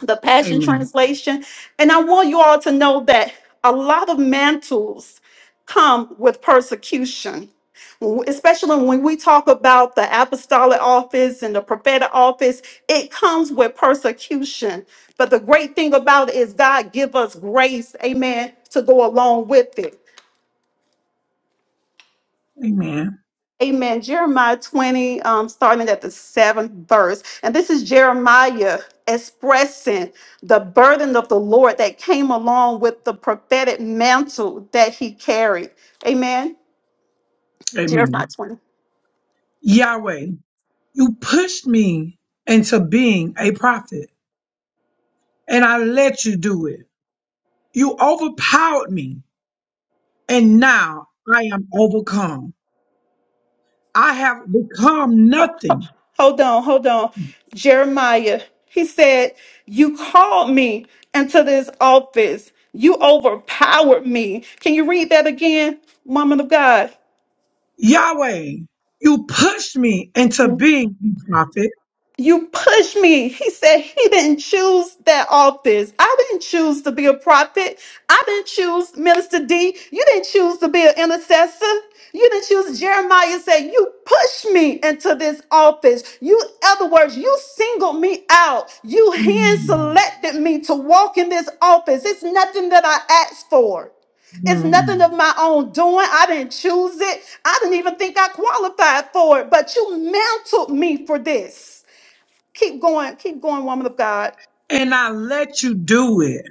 A: the Passion
B: Amen.
A: Translation. And I want you all to know that a lot of mantles come with persecution, especially when we talk about the apostolic office and the prophetic office, it comes with persecution. But the great thing about it is God give us grace, amen, to go along with it.
B: Amen.
A: Amen. Jeremiah 20, um, starting at the seventh verse. And this is Jeremiah expressing the burden of the Lord that came along with the prophetic mantle that he carried. Amen. Jeremiah
B: Amen.
A: 20.
B: Yahweh, you pushed me into being a prophet and I let you do it. You overpowered me and now I am overcome. I have become nothing
A: Hold on, hold on. Jeremiah, he said, You called me into this office. You overpowered me. Can you read that again, woman of God?
B: Yahweh, you pushed me into being a prophet
A: You push me. He said he didn't choose that office. I didn't choose to be a prophet. I didn't choose Minister D. You didn't choose to be an intercessor. You didn't choose Jeremiah said, You pushed me into this office. You, in other words, you singled me out. You hand
B: Mm.
A: selected me to walk in this office. It's nothing that I asked for. It's nothing of my own doing. I didn't choose it. I didn't even think I qualified for it, but you mounted me for this. Keep going, keep going, woman of God.
B: and I let you do it.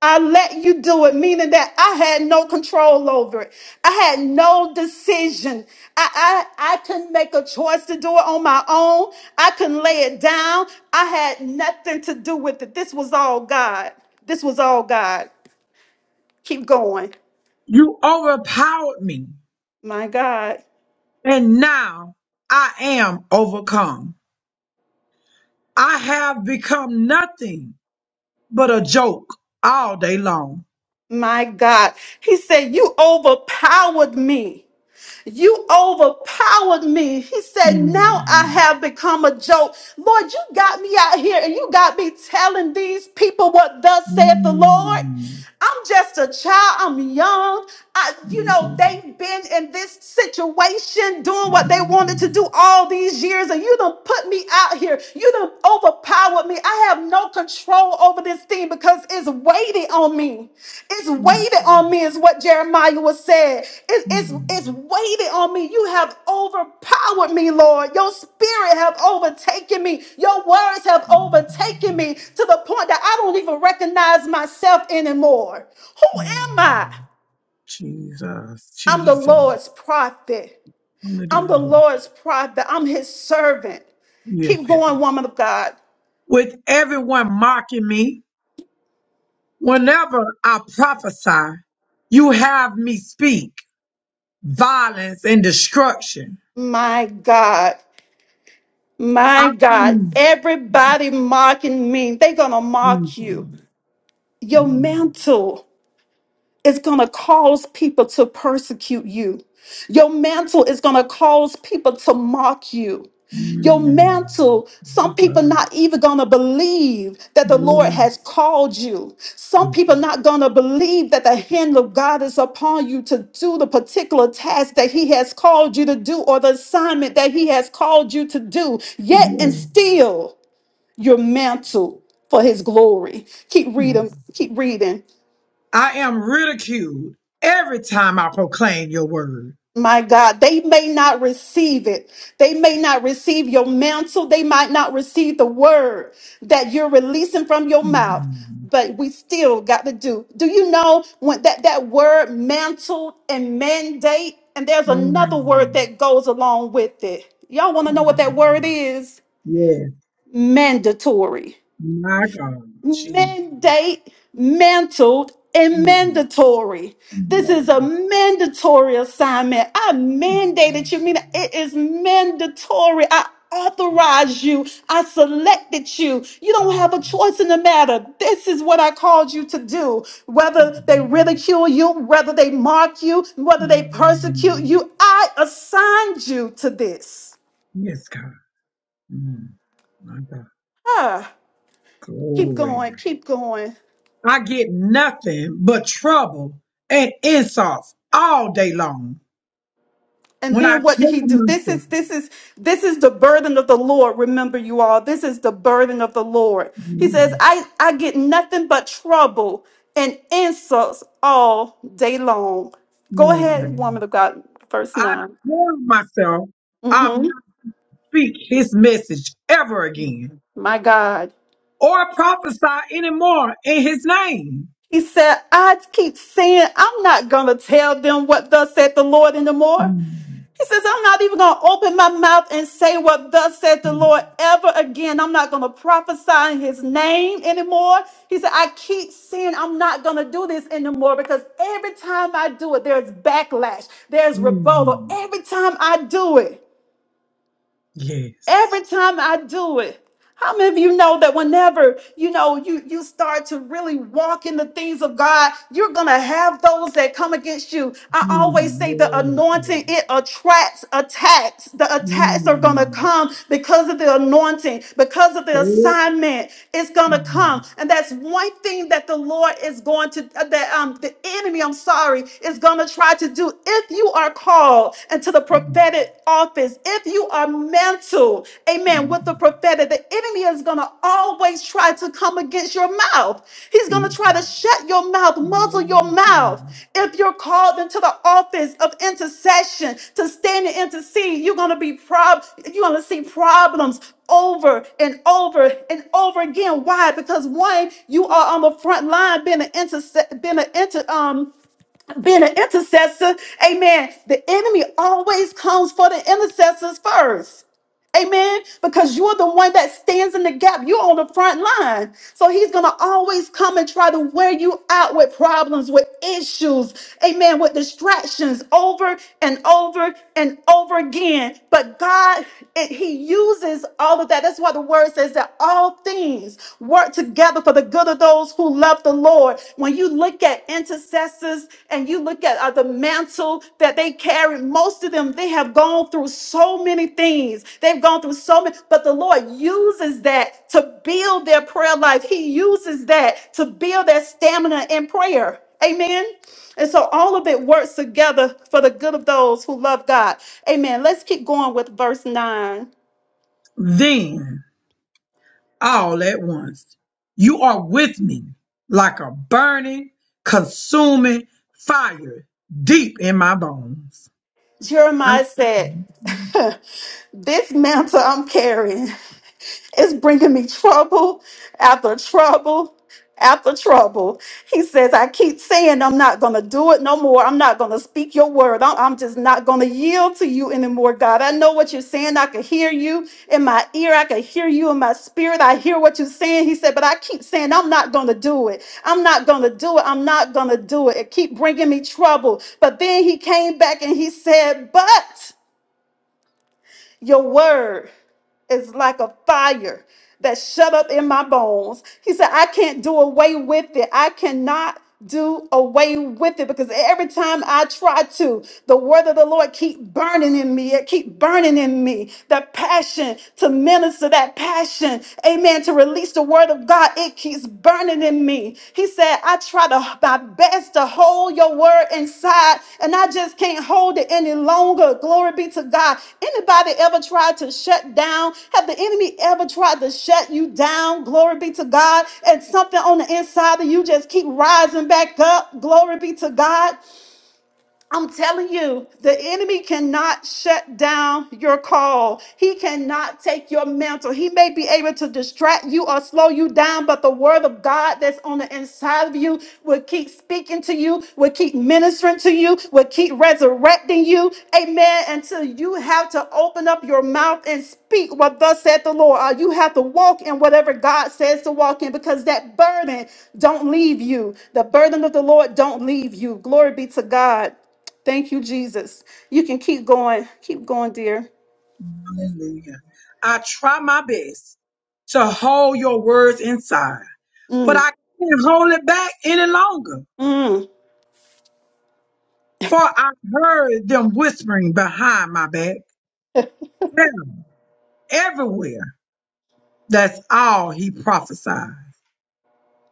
A: I let you do it, meaning that I had no control over it. I had no decision. I, I, I couldn't make a choice to do it on my own. I couldn't lay it down. I had nothing to do with it. This was all God. This was all God. Keep going.
B: You overpowered me
A: My God.
B: and now I am overcome. I have become nothing but a joke all day long.
A: My God. He said, You overpowered me. You overpowered me. He said, Now I
B: Mm.
A: have become a joke. Lord, you got me out here and you got me telling these people what thus saith the Lord.
B: Mm.
A: I'm just a child. I'm young. I, you know, they've been in this situation doing what they wanted to do all these years, and you done put me out here. You done overpowered out with me. I have no control over this thing because it's weighted on me. It's weighted on me, is what Jeremiah was saying. It- it's, it's
B: Mm.
A: weighted on me. You have overpowered me, Lord. Your spirit have overtaken me. Your words have overtaken me to the point that I don't even recognize myself anymore. Who am I?
B: Jesus,
A: I'm the
B: Jesus,
A: Lord's prophet. I'm the
B: hallelujah.
A: Lord's prophet. I'm his servant.
B: Yes,
A: Keep going, woman of God.
B: with everyone mocking me. Whenever I prophesy, you have me speak violence and destruction.
A: My God.
B: I
A: My God,
B: Mm,
A: everybody mocking me, they're going to
B: mm,
A: mock you. Your
B: mm,
A: mantle is going to cause people to persecute you. Your mantle is going to cause people to mock you. Your
B: mm,
A: mantle, some people not even going to believe that the Lord has called you. Some people not going to believe that the hand of God is upon you to do the particular task that he has called you to do or the assignment that he has called you to do. Yet and
B: mm,
A: still, your mantle for his glory. Keep
B: mm.
A: reading, keep reading.
B: I am ridiculed every time I proclaim your word.
A: My God, they may not receive it. They may not receive your mantle. They might not receive the word that you're releasing from your mouth.
B: Mm,
A: But we still got to do. Do you know when that, that word mantle and mandate? And there's another word
B: mm,
A: that goes along with it. Y'all want to know what that word is?
B: Yes,
A: Mandatory
B: my God, Jesus.
A: mandate, mantled, and
B: Mm,
A: mandatory. This
B: mm,
A: is a mandatory assignment. I mandated you, meaning it is mandatory. I authorized you. I selected you. You don't have a choice in the matter. This is what I called you to do. Whether they ridicule you, whether they mock you, whether they persecute
B: mm,
A: you, I assigned you to this.
B: Yes, God. Mm, my God.
A: Ah, keep
B: Glory.
A: going, keep going.
B: I get nothing but trouble and insults all day long.
A: And
B: When I
A: then what did he
B: tell
A: do? This
B: myself,
A: is this is this is the burden of the Lord. Remember you all. This is the burden of the Lord. He says, "I I get nothing but trouble and insults all day long." Go ahead,
B: Mm.
A: woman of God, verse
B: I
A: 9
B: tell myself I'm
A: Mm-hmm.
B: not speak his message ever again
A: My God.
B: or prophesy anymore in his name.
A: He said, I keep saying, I'm not going to tell them what thus said the Lord anymore.
B: Mm.
A: He says, I'm not even going to open my mouth and say what thus said the Lord ever again. I'm not going to prophesy in his name anymore. He said, I keep saying I'm not going to do this anymore because every time I do it, there's backlash, there's rebuttal.
B: Mm.
A: Every time I do it.
B: Yes.
A: Every time I do it, how many of you know that whenever you know you you start to really walk in the things of God, you're gonna have those that come against you. I always
B: Mm.
A: say the
B: Yes. yes.
A: anointing it attracts attacks. The attacks are gonna
B: Mm.
A: come because of the anointing, because of the
B: Yes.
A: assignment. It's gonna
B: Mm.
A: come, and that's one thing that the Lord is going to uh, that um the enemy. I'm sorry is gonna try to do if you are called and to the
B: Mm.
A: prophetic office. If you are mantled, amen, with the prophetic, the enemy is going to always try to come against your mouth. He's going to
B: Mm.
A: try to shut your mouth, muzzle your
B: Yes. Yes.
A: mouth. If you're called into the office of intercession to stand and intercede, you're going to be prob you're going to see problems over and over and over again. Why? Because one, you are on the front line being an intercessor, being an inter, um being an intercessor, amen, the enemy always comes for the intercessors first. Amen. Because you're the one that stands in the gap. You're on the front line. So he's going to always come and try to wear you out with problems, with issues. Amen. With distractions over and over and over again. But God, it, he uses all of that. That's why the word says that all things work together for the good of those who love the Lord. When you look at intercessors and you look at uh, the mantle that they carry most of them they have gone through so many things they've gone through so many but the lord uses that to build their prayer life he uses that to build their stamina in prayer amen and so all of it works together for the good of those who love god amen let's keep going with verse 9
B: Then, all at once, you are with me like a burning, consuming fire deep in my bones.
A: jeremiah said this mantle i'm carrying It's bringing me trouble after trouble after trouble. He says, I keep saying I'm not going to do it no more. I'm not going to speak your word. I'm, I'm just not going to yield to you anymore, God. I know what you're saying. I can hear you in my ear. I can hear you in my spirit. I hear what you're saying. He said, but I keep saying I'm not going to do it. I'm not going to do it. I'm not going to do it. It keep bringing me trouble. But then he came back and he said, but your word is like a fire that shut up in my bones. He said, I can't do away with it. I cannot do away with it because every time I try to, the word of the Lord keep burning in me. It keep burning in me. That passion to minister, that passion, amen, to release the word of God, it keeps burning burning in me. He said, I try to my best to hold your word inside, and I just can't hold it any longer. Glory be to God. Anybody ever tried to shut down? Have the enemy ever tried to shut you down? Glory be to God. And something on the inside of you just keep rising back up. Glory be to God. I'm telling you, the enemy cannot shut down your call. He cannot take your mantle. He may be able to distract you or slow you down, but the word of God that's on the inside of you will keep speaking to you, will keep ministering to you, will keep resurrecting you. Amen. Until you have to open up your mouth and speak what thus said the Lord. Or you have to walk in whatever God says to walk in because that burden don't leave you. The burden of the Lord don't leave you. Glory be to God. Thank you, Jesus. You can keep going. Keep going, dear.
B: Hallelujah. I try my best to hold your words inside, but
A: Mm,
B: I can't hold it back any longer.
A: mm,
B: For I heard them whispering behind my back, Yeah, everywhere. That's all he prophesied.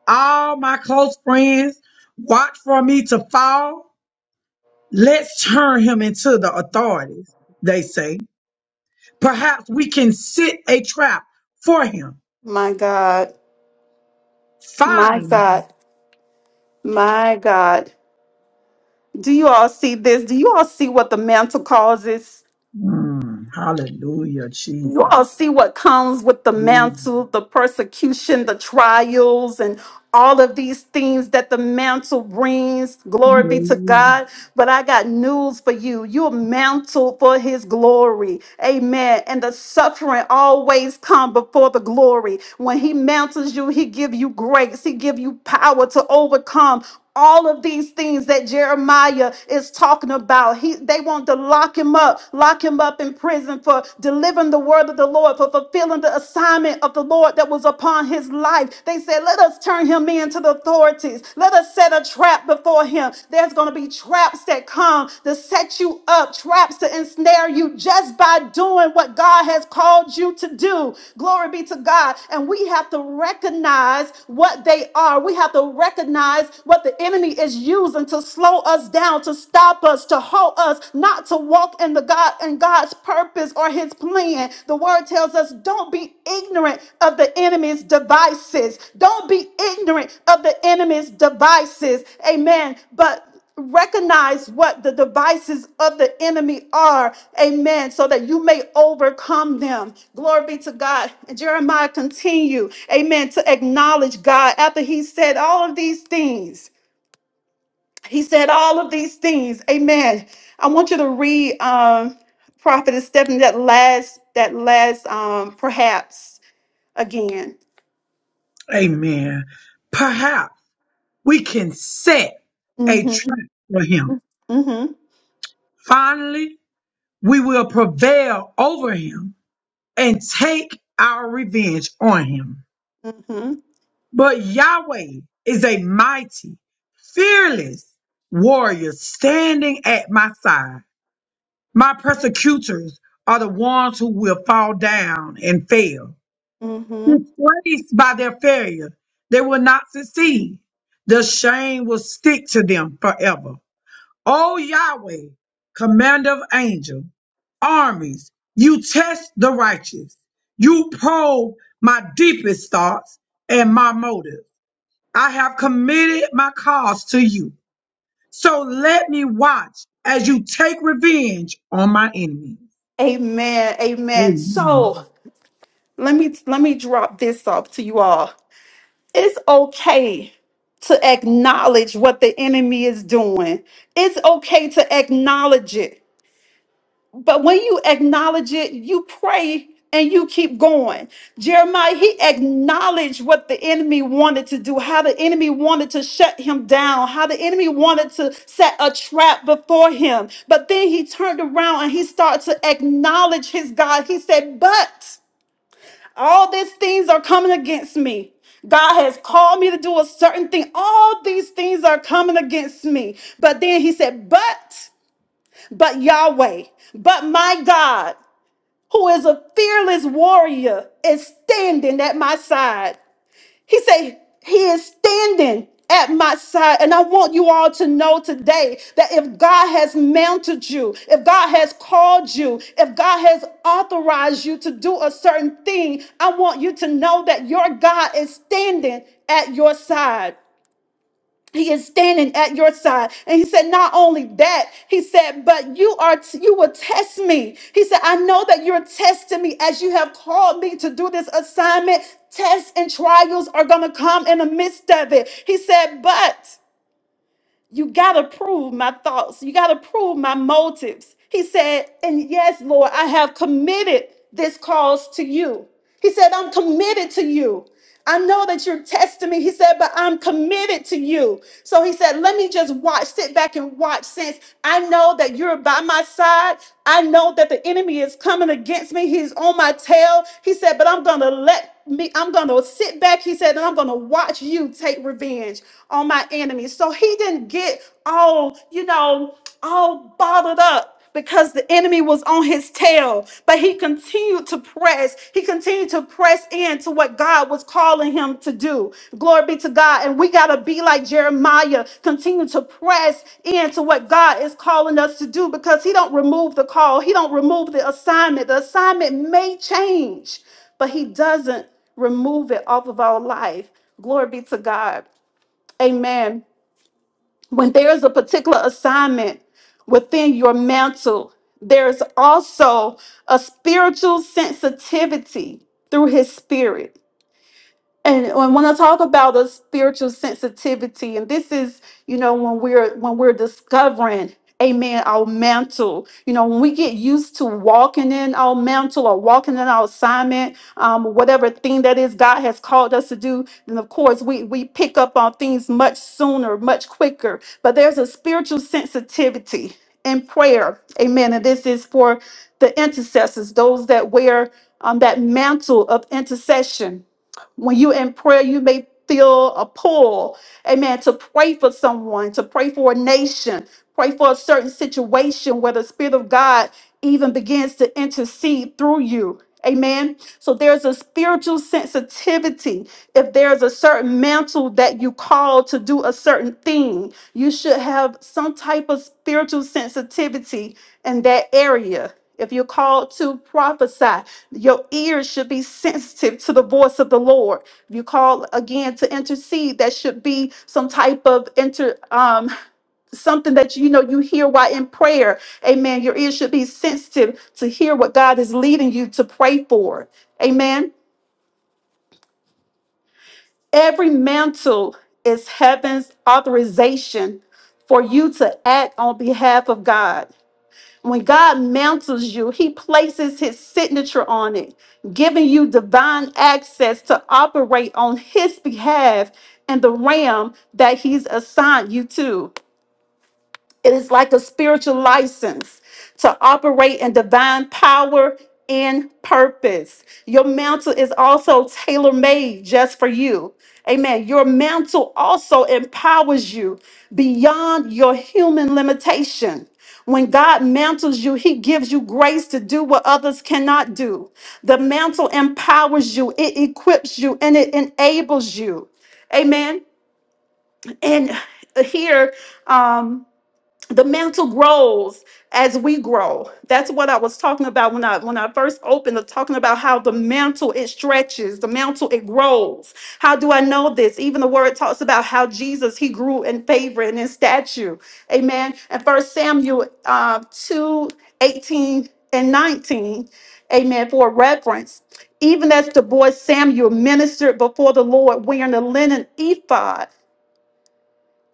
B: All my close friends watch for me to fall Let's turn him into the authorities, they say. Perhaps we can set a trap for him.
A: my God. My
B: Finally.
A: God. My God. Do you all see this? Do you all see what the mantle causes?
B: Mm, hallelujah,
A: you
B: Jesus.
A: all see what comes with the
B: Mm,
A: mantle, the persecution, the trials, and all of these things that the mantle brings. Glory be to
B: yeah.
A: God. But I got news for you. You're mantled for his glory. Amen. And the suffering always come before the glory. When he mantles you, he give you grace. He give you power to overcome all of these things that Jeremiah is talking about. He they want to lock him up up, lock him up in prison for delivering the word of the Lord, for fulfilling the assignment of the Lord that was upon his life. They said, Let us turn him in to the authorities. Let us set a trap before him. There's going to be traps that come to set you up, traps to ensnare you just by doing what God has called you to do. Glory be to God. And we have to recognize what they are. We have to recognize what the enemy is using to slow us down, to to stop us, to hold us, not to walk in the God and God's purpose or his plan. The word tells us don't be ignorant of the enemy's devices. Don't be ignorant of the enemy's devices. Amen. But recognize what the devices of the enemy are amen so that you may overcome them glory be to god and jeremiah continue amen to acknowledge god after he said all of these things he said all of these things. Amen. I want you to read um Prophetess Stephanie that last that last um perhaps again.
B: Amen. Perhaps we can set a
A: Mm-hmm.
B: trap for him.
A: Mm-hmm.
B: Finally, we will prevail over him and take our revenge on him.
A: Mm-hmm.
B: But Yahweh is a mighty, fearless warrior standing at my side. My persecutors are the ones who will fall down and fail.
A: Mm-hmm.
B: Disgraced by their failure, they will not succeed. The shame will stick to them forever. O Yahweh, commander of angels, armies, you test the righteous. You probe my deepest thoughts and my motives. I have committed my cause to you. So let me watch as you take revenge on my enemies.
A: Amen. Amen.
B: Amen.
A: So let me let me drop this off to you all. It's okay to acknowledge what the enemy is doing. It's okay to acknowledge it. But when you acknowledge it, you pray and you keep going. Jeremiah, he acknowledged what the enemy wanted to do, how the enemy wanted to shut him down, how the enemy wanted to set a trap before him. But then he turned around and he started to acknowledge his God. He said, But all these things are coming against me. God has called me to do a certain thing. All these things are coming against me. But then he said, But, but Yahweh, but my God who is a fearless warrior is standing at my side. He said, He is standing at my side. And I want you all to know today that if God has mounted you, if God has called you, if God has authorized you to do a certain thing, I want you to know that your God is standing at your side he is standing at your side. And he said, not only that, he said, but you are, you will test me. He said, I know that you're testing me as you have called me to do this assignment. Tests and trials are going to come in the midst of it. He said, but you got to prove my thoughts. You got to prove my motives. He said, And yes, Lord, I have committed this cause to you. He said, I'm committed to you. I know that you're testing me. He said, but I'm committed to you. So he said, let me just watch, sit back and watch since I know that you're by my side. I know that the enemy is coming against me. He's on my tail. He said, but I'm going to let me, I'm going to sit back. He said, and I'm going to watch you take revenge on my enemy. So he didn't get all, you know, all bothered up because the enemy was on his tail. But he continued to press. He continued to press into what God was calling him to do. Glory be to God. And we got to be like Jeremiah, continue to press into what God is calling us to do because he don't remove the call. He don't remove the assignment. The assignment may change, but he doesn't remove it off of our life. Glory be to God. Amen when there is a particular assignment within your mantle, there is also a spiritual sensitivity through his spirit and and when I talk about the spiritual sensitivity, and this is, you know, when we're when we're discovering, amen, our mantle. You know, when we get used to walking in our mantle or walking in our assignment, um, whatever thing that is God has called us to do, then of course we we pick up on things much sooner, much quicker. But there's a spiritual sensitivity in prayer, amen. And this is for the intercessors, those that wear um, that mantle of intercession when you're in prayer, you may feel a pull, amen, to pray for someone, to pray for a nation, pray for a certain situation where the Spirit of God even begins to intercede through you. Amen. So there's a spiritual sensitivity. If there's a certain mantle that you call to do a certain thing, you should have some type of spiritual sensitivity in that area. If you're called to prophesy, your ears should be sensitive to the voice of the Lord. If you call again to intercede, that should be some type of inter um something that you know you hear while in prayer. Amen. Your ears should be sensitive to hear what God is leading you to pray for. Amen. Every mantle is heaven's authorization for you to act on behalf of God. When God mantles you, He places His signature on it, giving you divine access to operate on His behalf and the realm that He's assigned you to. It is like a spiritual license to operate in divine power and purpose. Your mantle is also tailor made just for you. Amen. Your mantle also empowers you beyond your human limitation. When God mantles you, He gives you grace to do what others cannot do. The mantle empowers you, it equips you, and it enables you. Amen. And here, um, the mantle grows as we grow that's what i was talking about when i when i first opened up talking about how the mantle it stretches the mantle it grows how do i know this even the word talks about how jesus he grew in favor and in stature amen and first samuel uh, 2 eighteen and 19 amen for reference even as the boy samuel ministered before the lord wearing the linen ephod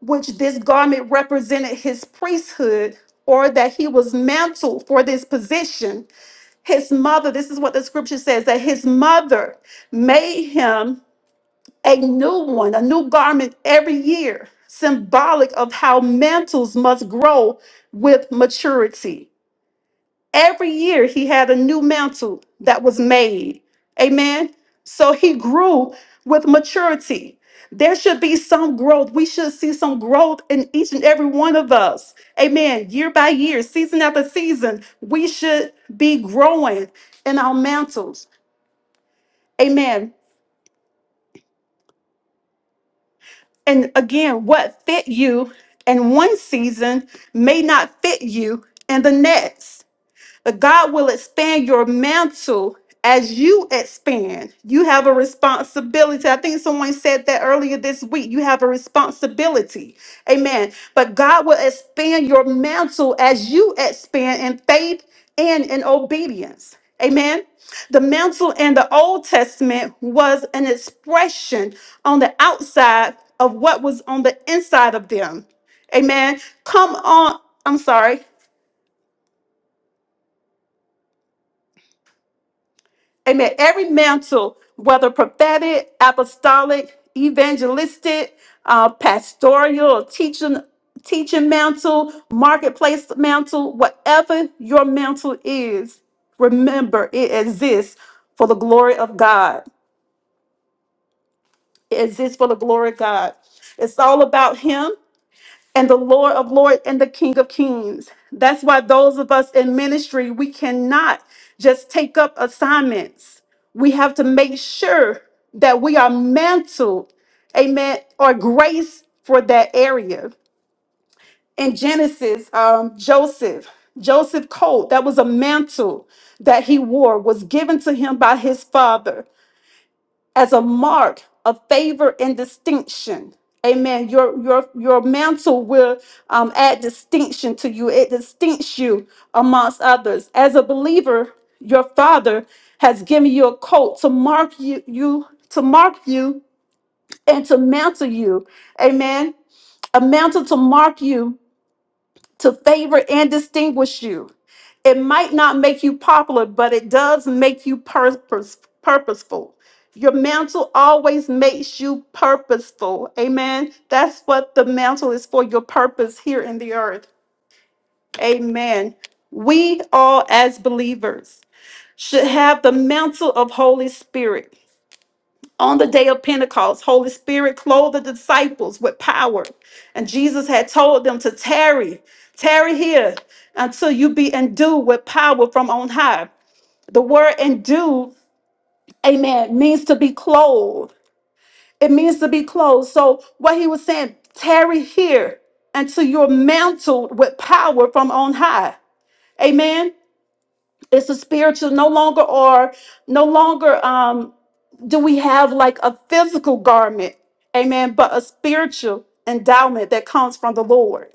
A: which this garment represented his priesthood, or that he was mantled for this position. His mother, this is what the scripture says, that his mother made him a new one, a new garment every year, symbolic of how mantles must grow with maturity. Every year he had a new mantle that was made. Amen. So he grew with maturity. There should be some growth. We should see some growth in each and every one of us. Amen. Year by year, season after season, we should be growing in our mantles. Amen. And again, what fit you in one season may not fit you in the next. But God will expand your mantle as you expand. You have a responsibility. I think someone said that earlier this week. You have a responsibility. Amen. But God will expand your mantle as you expand in faith and in obedience. Amen. The mantle in the Old Testament was an expression on the outside of what was on the inside of them. Amen. Come on. I'm sorry. Amen. Every mantle, whether prophetic, apostolic, evangelistic, uh, pastoral, or teaching, teaching mantle, marketplace mantle, whatever your mantle is, remember it exists for the glory of God. It exists for the glory of God. It's all about Him and the Lord of Lords and the King of Kings. That's why those of us in ministry, we cannot just take up assignments. We have to make sure that we are mantled, amen, or grace for that area. In Genesis, um, Joseph, Joseph coat, that was a mantle that he wore, was given to him by his father as a mark of favor and distinction. Amen. Your your your mantle will um, add distinction to you. It distincts you amongst others. As a believer, your father has given you a coat to mark you, you to mark you and to mantle you. Amen. A mantle to mark you to favor and distinguish you. It might not make you popular, but it does make you purpose, purposeful. Your mantle always makes you purposeful. Amen. That's what the mantle is for your purpose here in the earth. Amen. We all, as believers, should have the mantle of Holy Spirit on the day of Pentecost, Holy Spirit clothed the disciples with power. And Jesus had told them to tarry, tarry here until you be endued with power from on high. The word endued, amen, means to be clothed. It means to be clothed. So what he was saying, tarry here until you're mantled with power from on high. Amen. It's a spiritual, no longer or no longer. um do we have like a physical garment, amen, but a spiritual endowment that comes from the Lord.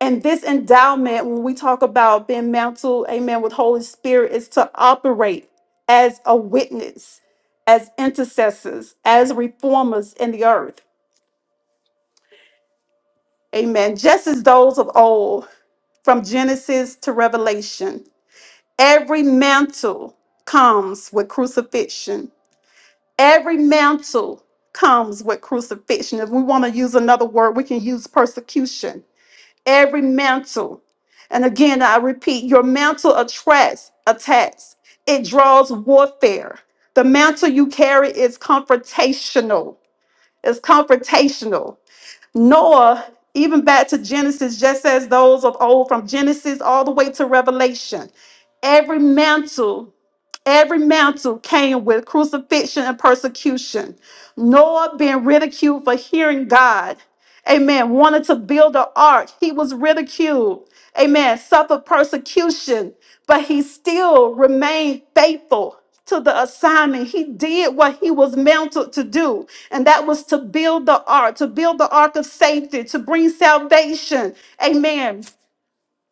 A: And this endowment, when we talk about being mantled, amen, with Holy Spirit, is to operate as a witness, as intercessors, as reformers in the earth. Amen. Just as those of old, from Genesis to Revelation, every mantle comes with crucifixion Every mantle comes with crucifixion. If we want to use another word, we can use persecution. Every mantle. And again, I repeat, your mantle attracts attacks. It draws warfare. The mantle you carry is confrontational. It's confrontational. Noah, even back to Genesis, just as those of old from Genesis all the way to Revelation, every mantle Every mantle came with crucifixion and persecution. Noah being ridiculed for hearing God. Amen. Wanted to build an ark. He was ridiculed. Amen. Suffered persecution, but he still remained faithful to the assignment. He did what he was mounted to do, and that was to build the ark, to build the ark of safety, to bring salvation. Amen.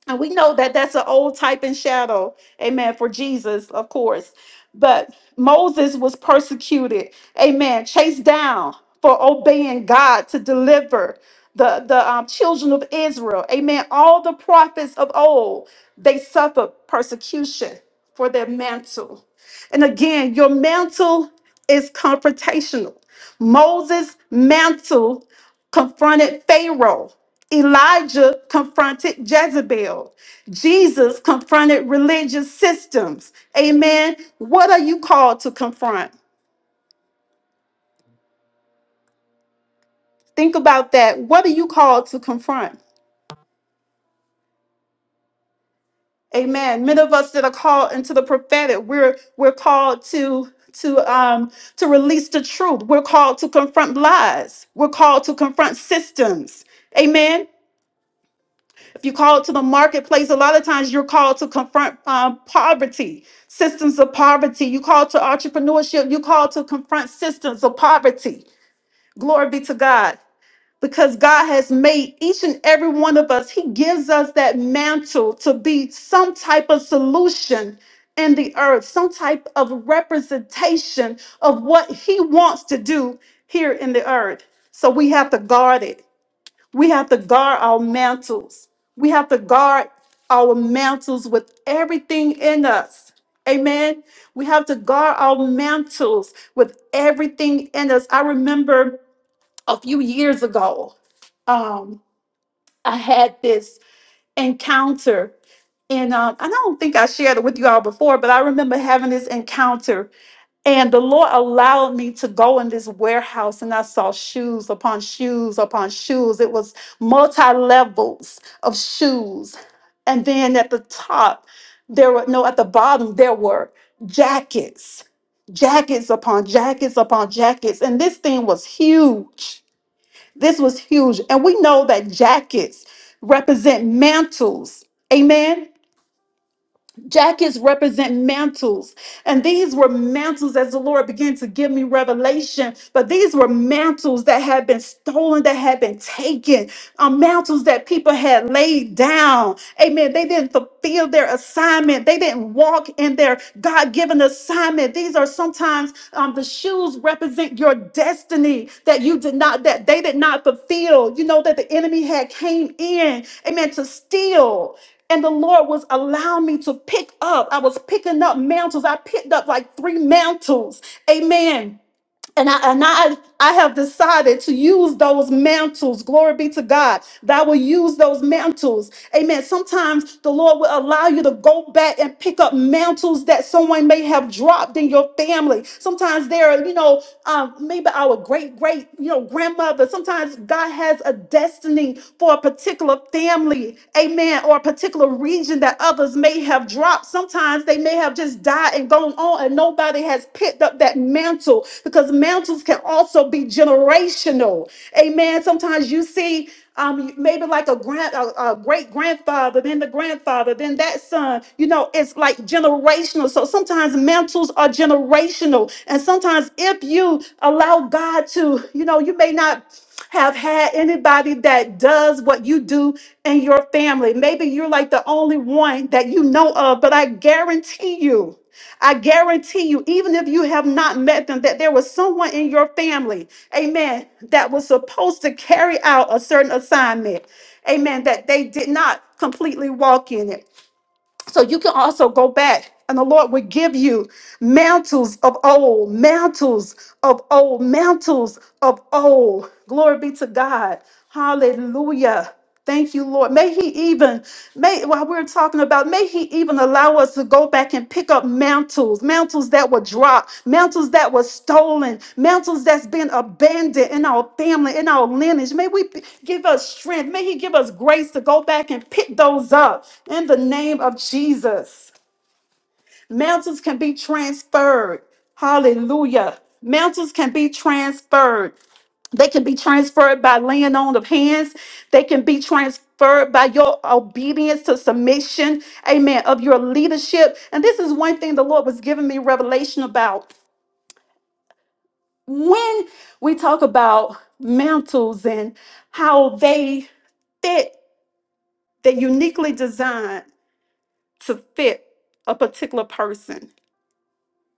A: And we know that that's an old type and shadow, amen, for Jesus, of course. But Moses was persecuted, amen, chased down for obeying God to deliver the, the um, children of Israel, amen. All the prophets of old, they suffered persecution for their mantle. And again, your mantle is confrontational. Moses' mantle confronted Pharaoh. Elijah confronted Jezebel. Jesus confronted religious systems. Amen. What are you called to confront? Think about that. What are you called to confront? Amen. Many of us that are called into the prophetic, we're we're called to to um to release the truth. We're called to confront lies. We're called to confront systems. Amen. If you call to the marketplace, a lot of times you're called to confront um, poverty, systems of poverty. You call to entrepreneurship. You call to confront systems of poverty. Glory be to God. Because God has made each and every one of us, He gives us that mantle to be some type of solution in the earth, some type of representation of what He wants to do here in the earth. So we have to guard it we have to guard our mantles. We have to guard our mantles with everything in us. Amen. We have to guard our mantles with everything in us. I remember a few years ago, um, I had this encounter, and um, and I don't think I shared it with you all before, but I remember having this encounter and the Lord allowed me to go in this warehouse and I saw shoes upon shoes upon shoes. It was multi levels of shoes. And then at the top, there were no, at the bottom, there were jackets, jackets upon jackets upon jackets. And this thing was huge. This was huge. And we know that jackets represent mantles. Amen Jackets represent mantles, and these were mantles as the Lord began to give me revelation. But these were mantles that had been stolen, that had been taken, um, mantles that people had laid down. Amen. They didn't fulfill their assignment, they didn't walk in their God given assignment. These are sometimes um, the shoes represent your destiny that you did not, that they did not fulfill. You know, that the enemy had came in, amen, to steal. And the Lord was allowing me to pick up. I was picking up mantles. I picked up like three mantles. Amen. And I and I I have decided to use those mantles. Glory be to God. That I will use those mantles. Amen. Sometimes the Lord will allow you to go back and pick up mantles that someone may have dropped in your family. Sometimes there are, you know, um, maybe our great great, you know, grandmother. Sometimes God has a destiny for a particular family. Amen. Or a particular particular region that others may have dropped. Sometimes they may have just died and gone on, and nobody has picked up that mantle because mantles can also be generational. Amen. Sometimes you see um, maybe like a grand, a, a great grandfather, then the grandfather, then that son. You know, it's like generational. So sometimes mantles are generational, and sometimes if you allow God to, you know, you may not have had anybody that does what you do in your family. Maybe you're like the only one that you know of, but I guarantee you, I guarantee you, even if you have not met them, that there was someone in your family, amen, that was supposed to carry out a certain assignment, amen, that they did not completely walk in it. So you can also go back, and the Lord will give you mantles of old, mantles of old, mantles of old. Glory be to God. Hallelujah. Thank you, Lord. May He even, may while we're talking about, may He even allow us to go back and pick up mantles, mantles that were dropped, mantles that were stolen, mantles that's been abandoned in our family, in our lineage. May we p- give us strength. May He give us grace to go back and pick those up in the name of Jesus. Mantles can be transferred. Hallelujah. Mantles can be transferred. They can be transferred by laying on of hands. They can be transferred by your obedience to submission, amen, of your leadership. And this is one thing the Lord was giving me revelation about. When we talk about mantles and how they fit, they're uniquely designed to fit a particular person.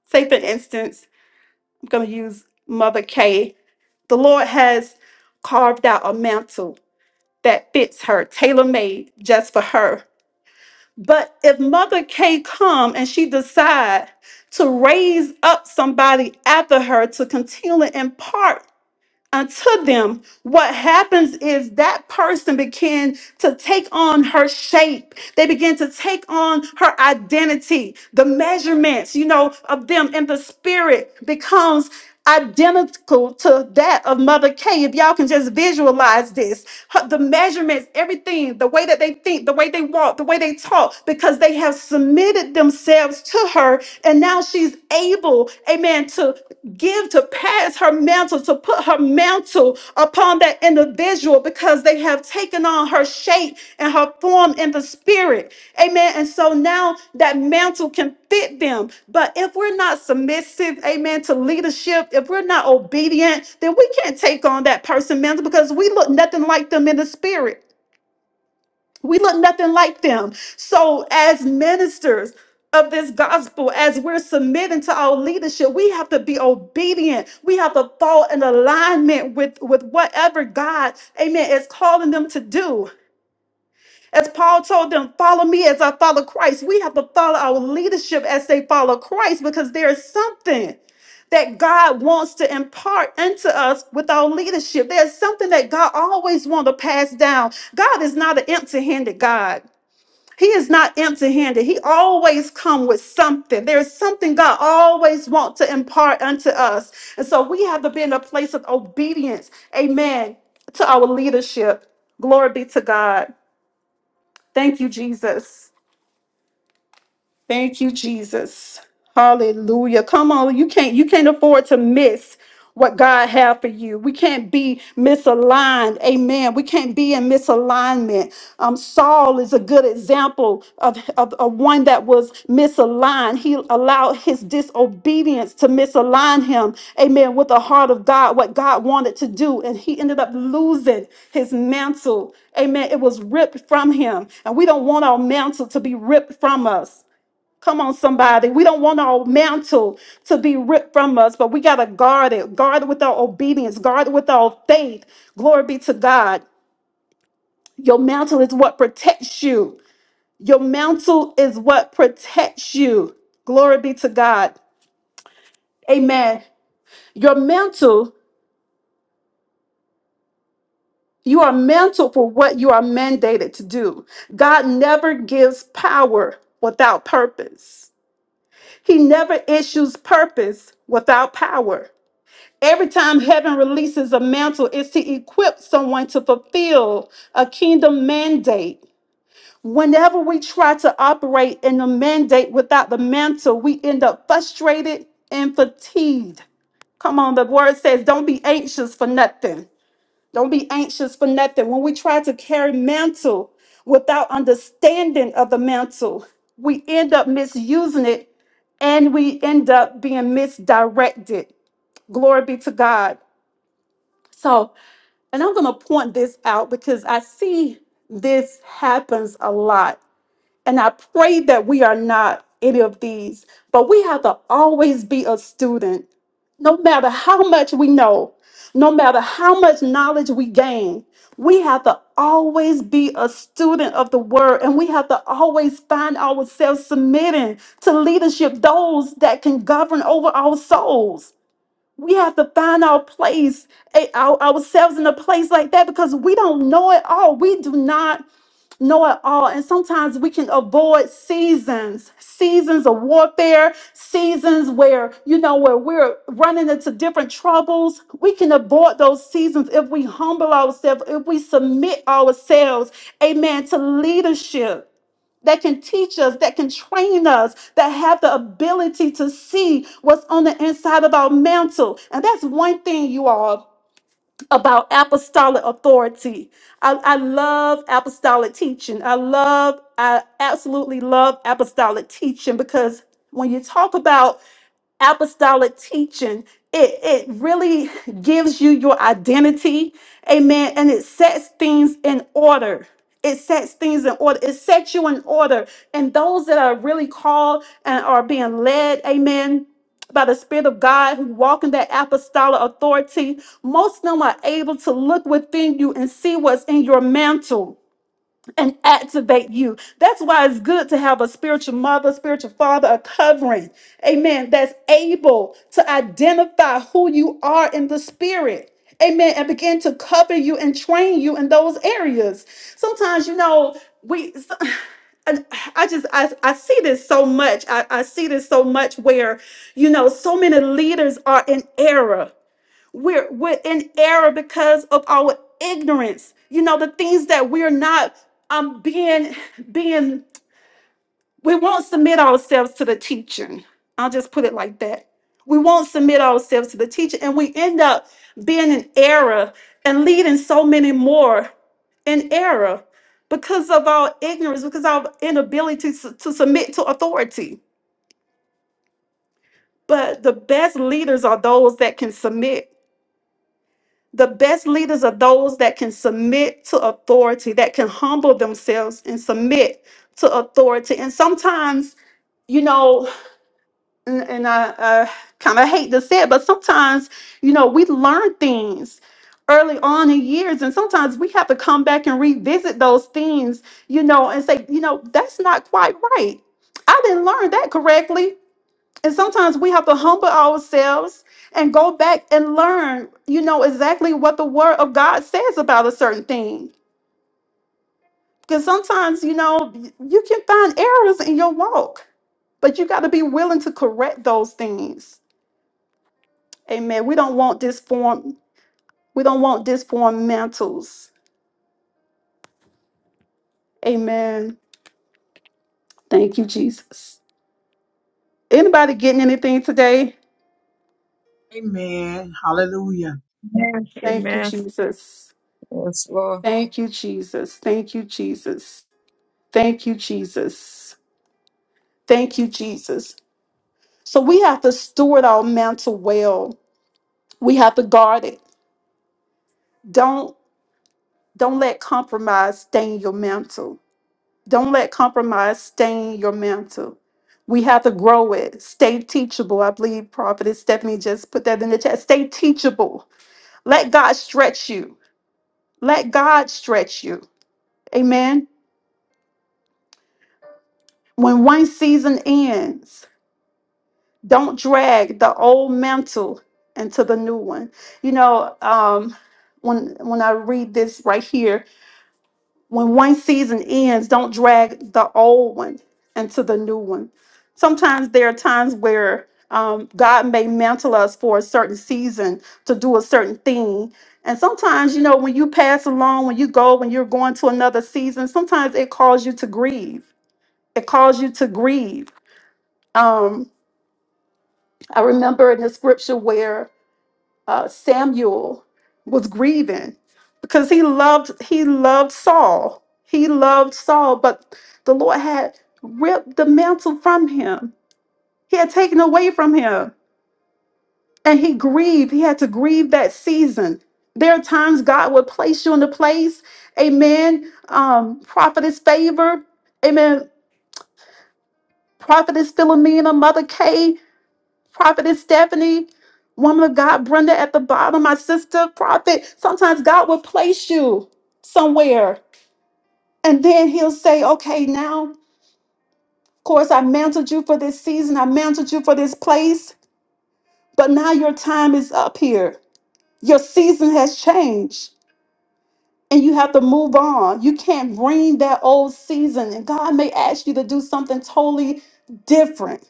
A: Say, for instance, I'm going to use Mother K. The Lord has carved out a mantle that fits her, tailor made just for her. But if Mother K come and she decide to raise up somebody after her to continue to impart unto them, what happens is that person began to take on her shape. They begin to take on her identity. The measurements, you know, of them in the spirit becomes identical to that of Mother K. If y'all can just visualize this, her- the measurements, everything, the way that they think, the way they walk, the way they talk, because they have submitted themselves to to her, and now she's able, amen, to give, to pass her mantle, to put her mantle upon that individual because they have taken on her shape and her form in the spirit. Amen. And so now that mantle can fit them. But if we're not submissive, amen, to leadership, if we're not obedient, then we can't take on that person mantle because we look nothing like them in the spirit. We look nothing like them. So, as ministers of this gospel, as we're submitting to our leadership, we have to be obedient. We have to fall in alignment with, with whatever God, amen, is calling them to do. As Paul told them, follow me as I follow Christ. We have to follow our leadership as they follow Christ because there is something that God wants to impart into us with our leadership. There's something that God always wants to pass down. God is not an empty handed God. He is not empty-handed. He always come with something. There is something God always wants to impart unto us. And so we have to be in a place of obedience. Amen. To our leadership. Glory be to God. Thank you, Jesus. Thank you, Jesus. Hallelujah. Come on, you can't you can't afford to miss what God had for you. We can't be misaligned. Amen. We can't be in misalignment. Um, Saul is a good example of, of, of one that was misaligned. He allowed his disobedience to misalign him. Amen. With the heart of God, what God wanted to do. And he ended up losing his mantle. Amen. It was ripped from him. And we don't want our mantle to be ripped from us. Come on, somebody. We don't want our mantle to be ripped from us, but we got to guard it. Guard it with our obedience. Guard it with our faith. Glory be to God. Your mantle is what protects you. Your mantle is what protects you. Glory be to God. Amen. Your mantle, you are mantled for what you are mandated to do. God never gives power without purpose, He never issues purpose without power. Every time heaven releases a mantle, it's to equip someone to fulfill a kingdom mandate. Whenever we try to operate in the mandate without the mantle, we end up frustrated and fatigued. Come on, the word says, don't be anxious for nothing. Don't be anxious for nothing. When we try to carry mantle without understanding of the mantle, we end up misusing it and we end up being misdirected. Glory be to God. So, and I'm going to point this out because I see this happens a lot. And I pray that we are not any of these, but we have to always be a student. No matter how much we know, no matter how much knowledge we gain, we have to always be a student of the word and we have to always find ourselves submitting to leadership, those that can govern over our souls we have to find our place, eh, our, ourselves in a place like that because we don't know it all. We do not know it all. And sometimes we can avoid seasons, seasons of warfare, seasons where, you know, where we're running into different troubles. We can avoid those seasons if we humble ourselves, if we submit ourselves, amen, to leadership that can teach us, that can train us, that have the ability to see what's on the inside of our mantle. And that's one thing, you all about apostolic authority. I, I love apostolic teaching. I love, I absolutely love apostolic teaching because when you talk about apostolic teaching, it, it really gives you your identity. Amen. And it sets things in order. It sets things in order. It sets you in order. And those that are really called and are being led, amen by the Spirit of God who walk in that apostolic authority, most of them are able to look within you and see what's in your mantle and activate you. That's why it's good to have a spiritual mother, spiritual father, a covering, amen, that's able to identify who you are in the spirit. Amen. And begin to cover you and train you in those areas. Sometimes, you know, we so- and I just I, I see this so much. I, I see this so much where, you know, so many leaders are in error we're we're in error because of our ignorance. You know, the things that we're not um being being we won't submit ourselves to the teaching. I'll just put it like that. We won't submit ourselves to the teacher, and we end up being in error and leading so many more in error because of our ignorance, because of our inability to, to submit to authority. But the best leaders are those that can submit The best leaders are those that can submit to authority, that can humble themselves and submit to authority. And sometimes, you know, and, and I, I kind of hate to say it, but sometimes, you know, we learn things early on in years, and sometimes we have to come back and revisit those things, you know, and say, you know, that's not quite right. I didn't learn that correctly and sometimes we have to humble ourselves and go back and learn, you know, exactly what the word of God says about a certain thing. Because sometimes, you know, y- you can find errors in your walk, but you got to be willing to correct those things. Amen. We don't want disform, we don't want disformed mantles. Amen. Thank you, Jesus. Anybody getting anything today?
B: Amen. Hallelujah.
D: Amen.
A: Thank you,
D: Amen.
A: Jesus.
D: Yes, Lord.
A: Thank you, Jesus. Thank you, Jesus. Thank you, Jesus. Thank you, Jesus. So we have to steward our mantle well. We have to guard it. Don't don't let compromise stain your mantle. Don't let compromise stain your mantle. We have to grow it. Stay teachable. I believe Prophetess Stephanie just put that in the chat. Stay teachable. Let God stretch you. Let God stretch you. Amen. When one season ends, Don't drag the old mantle into the new one. You know, um, when when I read this right here, when one season ends, don't drag the old one into the new one. Sometimes there are times where um, God may mantle us for a certain season to do a certain thing. And sometimes, you know, when you pass along, when you go, when you're going to another season, sometimes it calls you to grieve. It calls you to grieve. Um, I remember in the scripture where uh, Samuel was grieving because he loved he loved Saul. He loved Saul, but the Lord had ripped the mantle from him. He had taken away from him, and he grieved. He had to grieve that season. There are times God would place you in a place, Amen. Um, prophetess favor, Amen. Prophetess Philomena, Mother Kay. Prophetess Stephanie, woman of God, Brenda at the bottom, my sister, prophet. Sometimes God will place you somewhere and then he'll say, okay, now, of course, I mantled you for this season, I mantled you for this place, but now your time is up here. Your season has changed and you have to move on. You can't bring that old season, and God may ask you to do something totally different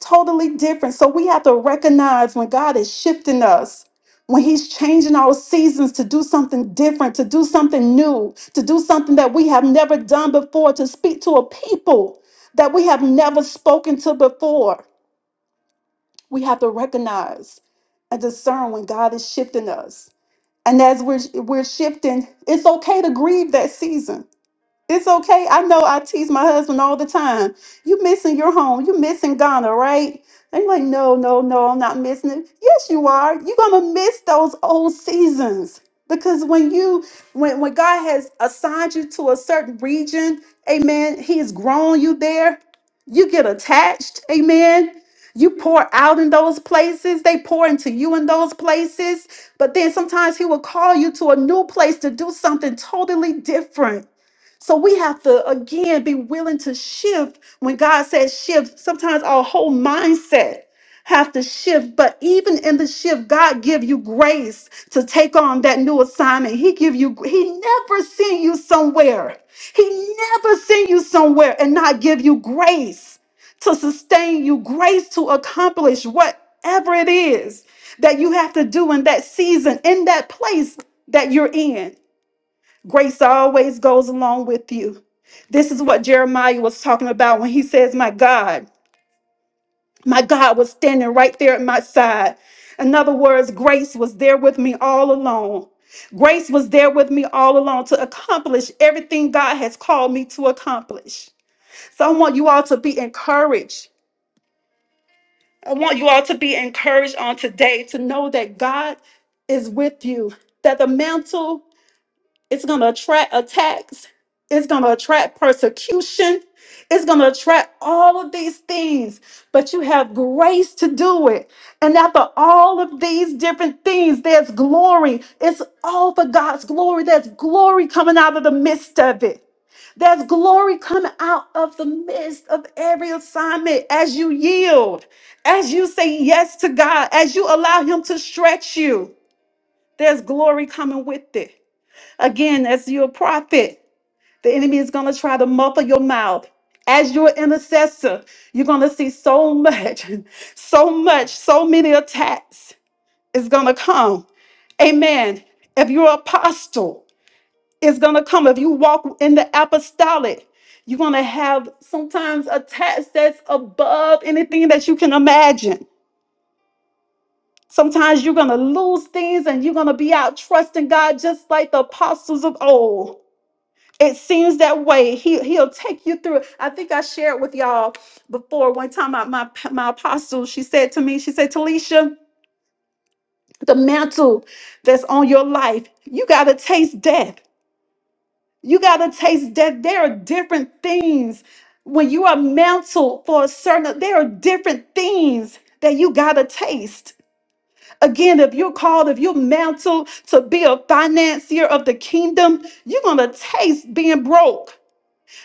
A: totally different. So we have to recognize when God is shifting us, when He's changing our seasons to do something different, to do something new, to do something that we have never done before, to speak to a people that we have never spoken to before. We have to recognize and discern when God is shifting us. And as we're, we're shifting, it's okay to grieve that season. It's okay. I know I tease my husband all the time. You missing your home. You missing Ghana, right? And you're like, no, no, no, I'm not missing it. Yes, you are. You're gonna miss those old seasons. Because when you when when God has assigned you to a certain region, amen, He has grown you there. You get attached, amen. You pour out in those places, they pour into you in those places. But then sometimes he will call you to a new place to do something totally different. So we have to again be willing to shift when God says shift. Sometimes our whole mindset have to shift, but even in the shift, God give you grace to take on that new assignment. He give you he never send you somewhere. He never send you somewhere and not give you grace to sustain you, grace to accomplish whatever it is that you have to do in that season, in that place that you're in. Grace always goes along with you. This is what Jeremiah was talking about when he says, My God, my God was standing right there at my side. In other words, grace was there with me all along. Grace was there with me all along to accomplish everything God has called me to accomplish. So I want you all to be encouraged. I want you all to be encouraged on today to know that God is with you, that the mantle It's going to attract attacks. It's going to attract persecution. It's going to attract all of these things, but you have grace to do it. And after all of these different things, there's glory. It's all for God's glory. There's glory coming out of the midst of it. There's glory coming out of the midst of every assignment as you yield, as you say yes to God, as you allow Him to stretch you. There's glory coming with it. Again, as you're a prophet, the enemy is going to try to muffle your mouth. As your intercessor, you're going to see so much, so much, so many attacks is going to come. Amen. If you're an apostle, it's going to come. If you walk in the apostolic, you're going to have sometimes attacks that's above anything that you can imagine. Sometimes you're going to lose things and you're going to be out trusting God just like the apostles of old. it seems that way. He he'll take you through. it. I think I shared with y'all before one time. My my, my apostle, she said to me, she said, Talisha, the mantle that's on your life, you gotta taste death. You gotta taste death. There are different things when you are mantled for a certain. There are different things that you gotta taste. Again, if you're called, if you're mantled to be a financier of the kingdom, you're gonna taste being broke.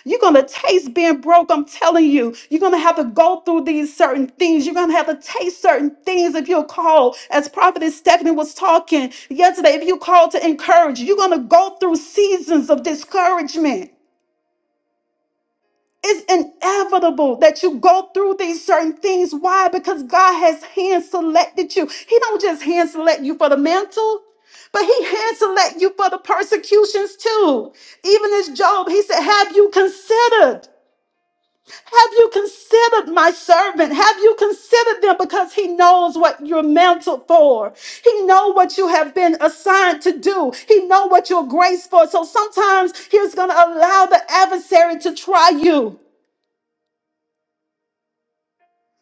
A: You're going to taste being broke. I'm telling you. You're going to have to go through these certain things. You're going to have to taste certain things if you're called. As Prophetess Stephanie was talking yesterday, if you're called to encourage, you're going to go through seasons of discouragement. It's inevitable that you go through these certain things. Why? Because God has hand selected you. He don't just hand select you for the mantle, but he hand select you for the persecutions too. Even as Job, he said, "Have you considered?" Have you considered my servant? Have you considered them because he knows what you're mantled for? He know what you have been assigned to do. He know what you're graced for. So sometimes he's going to allow the adversary to try you.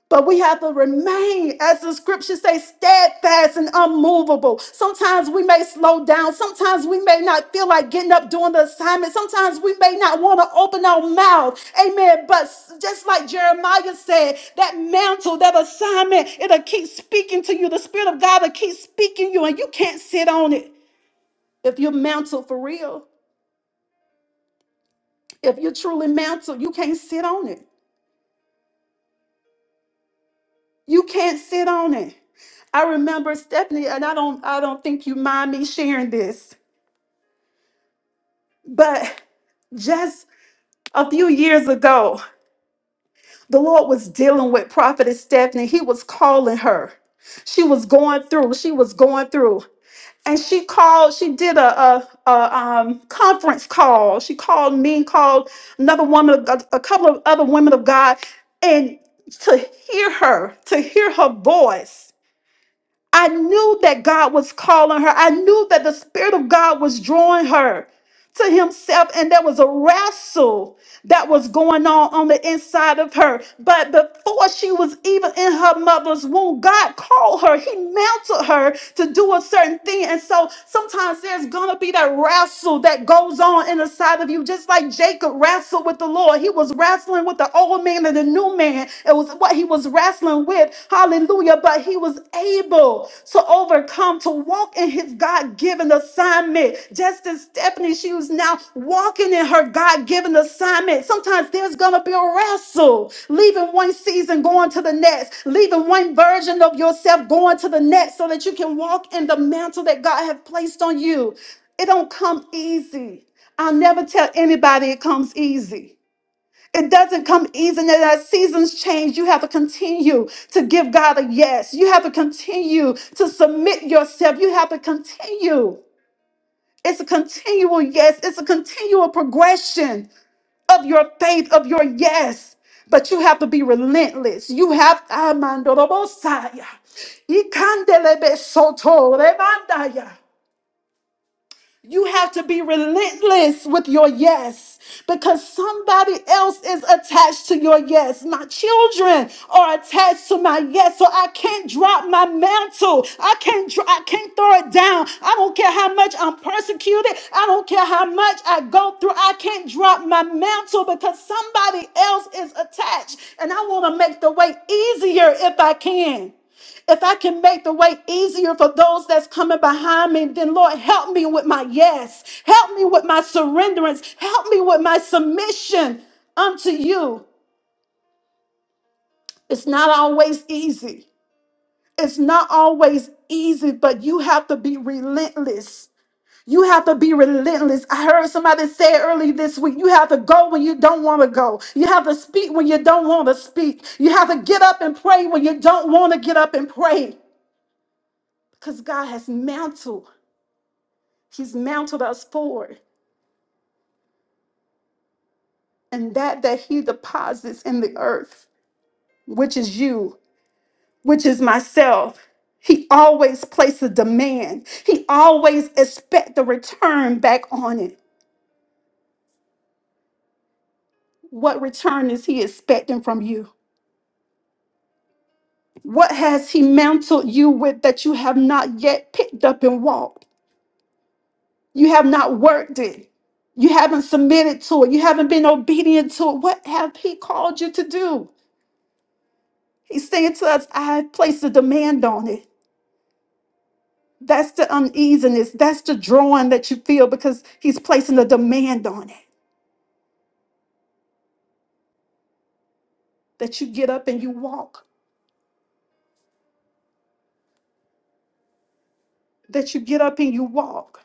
A: But we have to remain, as the scriptures say, steadfast and unmovable. Sometimes we may slow down. Sometimes we may not feel like getting up doing the assignment. Sometimes we may not want to open our mouth. Amen. But s- just like Jeremiah said, that mantle, that assignment, it'll keep speaking to you. The Spirit of God will keep speaking you, and you can't sit on it. If you're mantled for real, if you're truly mantled, you can't sit on it. You can't sit on it. I remember Stephanie, and I don't I don't think you mind me sharing this, but just a few years ago, the Lord was dealing with Prophetess Stephanie. He was calling her. She was going through, she was going through. And she called, she did a, a, a, um, conference call. She called me, called another woman, a, a couple of other women of God. And to hear her, to hear her voice, I knew that God was calling her. I knew that the Spirit of God was drawing her to Himself, and there was a wrestle that was going on on the inside of her. But before she was even in her mother's womb, God called her. He mounted her to do a certain thing. And so sometimes there's going to be that wrestle that goes on in the side of you, just like Jacob wrestled with the Lord. He was wrestling with the old man and the new man. It was what he was wrestling with. Hallelujah. But he was was able to overcome, to walk in his God given assignment. Just as Stephanie, she was now walking in her God given assignment. Sometimes there's going to be a wrestle, leaving one season, going to the next, leaving one version of yourself, going to the next, so that you can walk in the mantle that God has placed on you. It don't come easy. I'll never tell anybody it comes easy. It doesn't come easy. And as seasons change, you have to continue to give God a yes. You have to continue to submit yourself. You have to continue. It's a continual yes. It's a continual progression of your faith, of your yes. But you have to be relentless. You have Amandorobosaya. Ikandelebe soto remandaya. You have to be relentless with your yes because somebody else is attached to your yes. My children are attached to my yes, so I can't drop my mantle. I can't dro- I can't throw it down. I don't care how much I'm persecuted. I don't care how much I go through. I can't drop my mantle because somebody else is attached and I want to make the way easier if I can. If I can make the way easier for those that's coming behind me, then Lord, help me with my yes. Help me with my surrenderance. Help me with my submission unto you. It's not always easy. It's not always easy, but you have to be relentless. You have to be relentless. I heard somebody say early this week, you have to go when you don't want to go. You have to speak when you don't want to speak. You have to get up and pray when you don't want to get up and pray because God has mantled. He's mounted us forward, and that that He deposits in the earth, which is you, which is myself. He always places a demand. He always expects the return back on it. What return is He expecting from you? What has He mantled you with that you have not yet picked up and walked? You have not worked it. You haven't submitted to it. You haven't been obedient to it. What have He called you to do? He's saying to us, I have placed a demand on it. That's the uneasiness. That's the drawing that you feel because he's placing a demand on it that you get up and you walk, that you get up and you walk.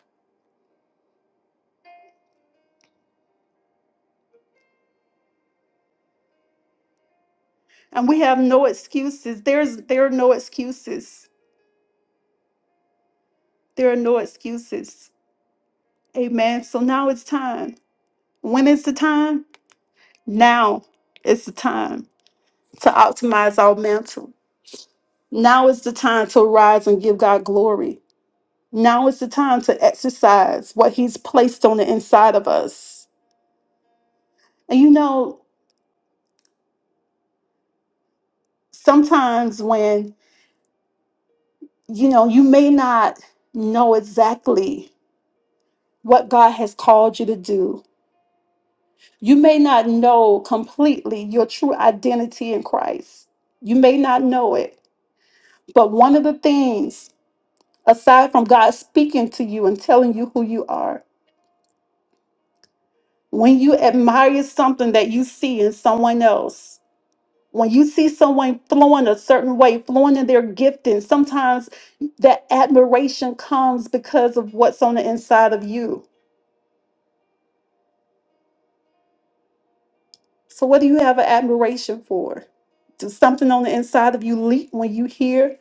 A: And we have no excuses. There's there are no excuses. There are no excuses. Amen. So now it's time. When is the time? Now is the time to optimize our mantle. Now is the time to rise and give God glory. Now is the time to exercise what he's placed on the inside of us. And you know, sometimes when you know you may not know exactly what God has called you to do, you may not know completely your true identity in Christ. You may not know it, but one of the things aside from God speaking to you and telling you who you are, when you admire something that you see in someone else, when you see someone flowing a certain way, flowing in their gifting, sometimes that admiration comes because of what's on the inside of you. So, what do you have an admiration for? Does something on the inside of you leap when you hear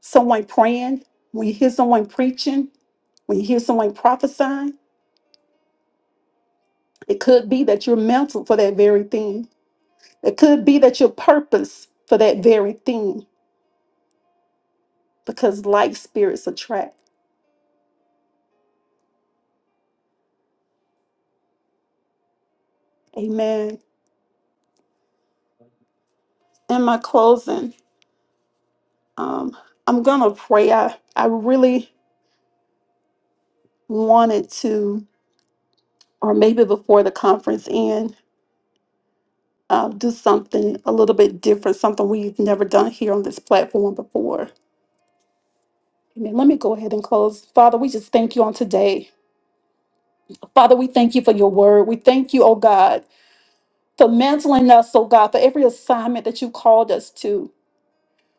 A: someone praying, when you hear someone preaching, when you hear someone prophesying? It could be that you're mental for that very thing. It could be that you're purpose for that very thing because like spirits attract. Amen. In my closing, Um, I'm gonna pray. I, I really wanted to, or maybe before the conference end, uh, do something a little bit different, something we've never done here on this platform before. Amen. Let me go ahead and close. Father, we just thank you on today. Father, we thank you for your word. We thank you, oh God, for mantling us, oh God, for every assignment that you called us to.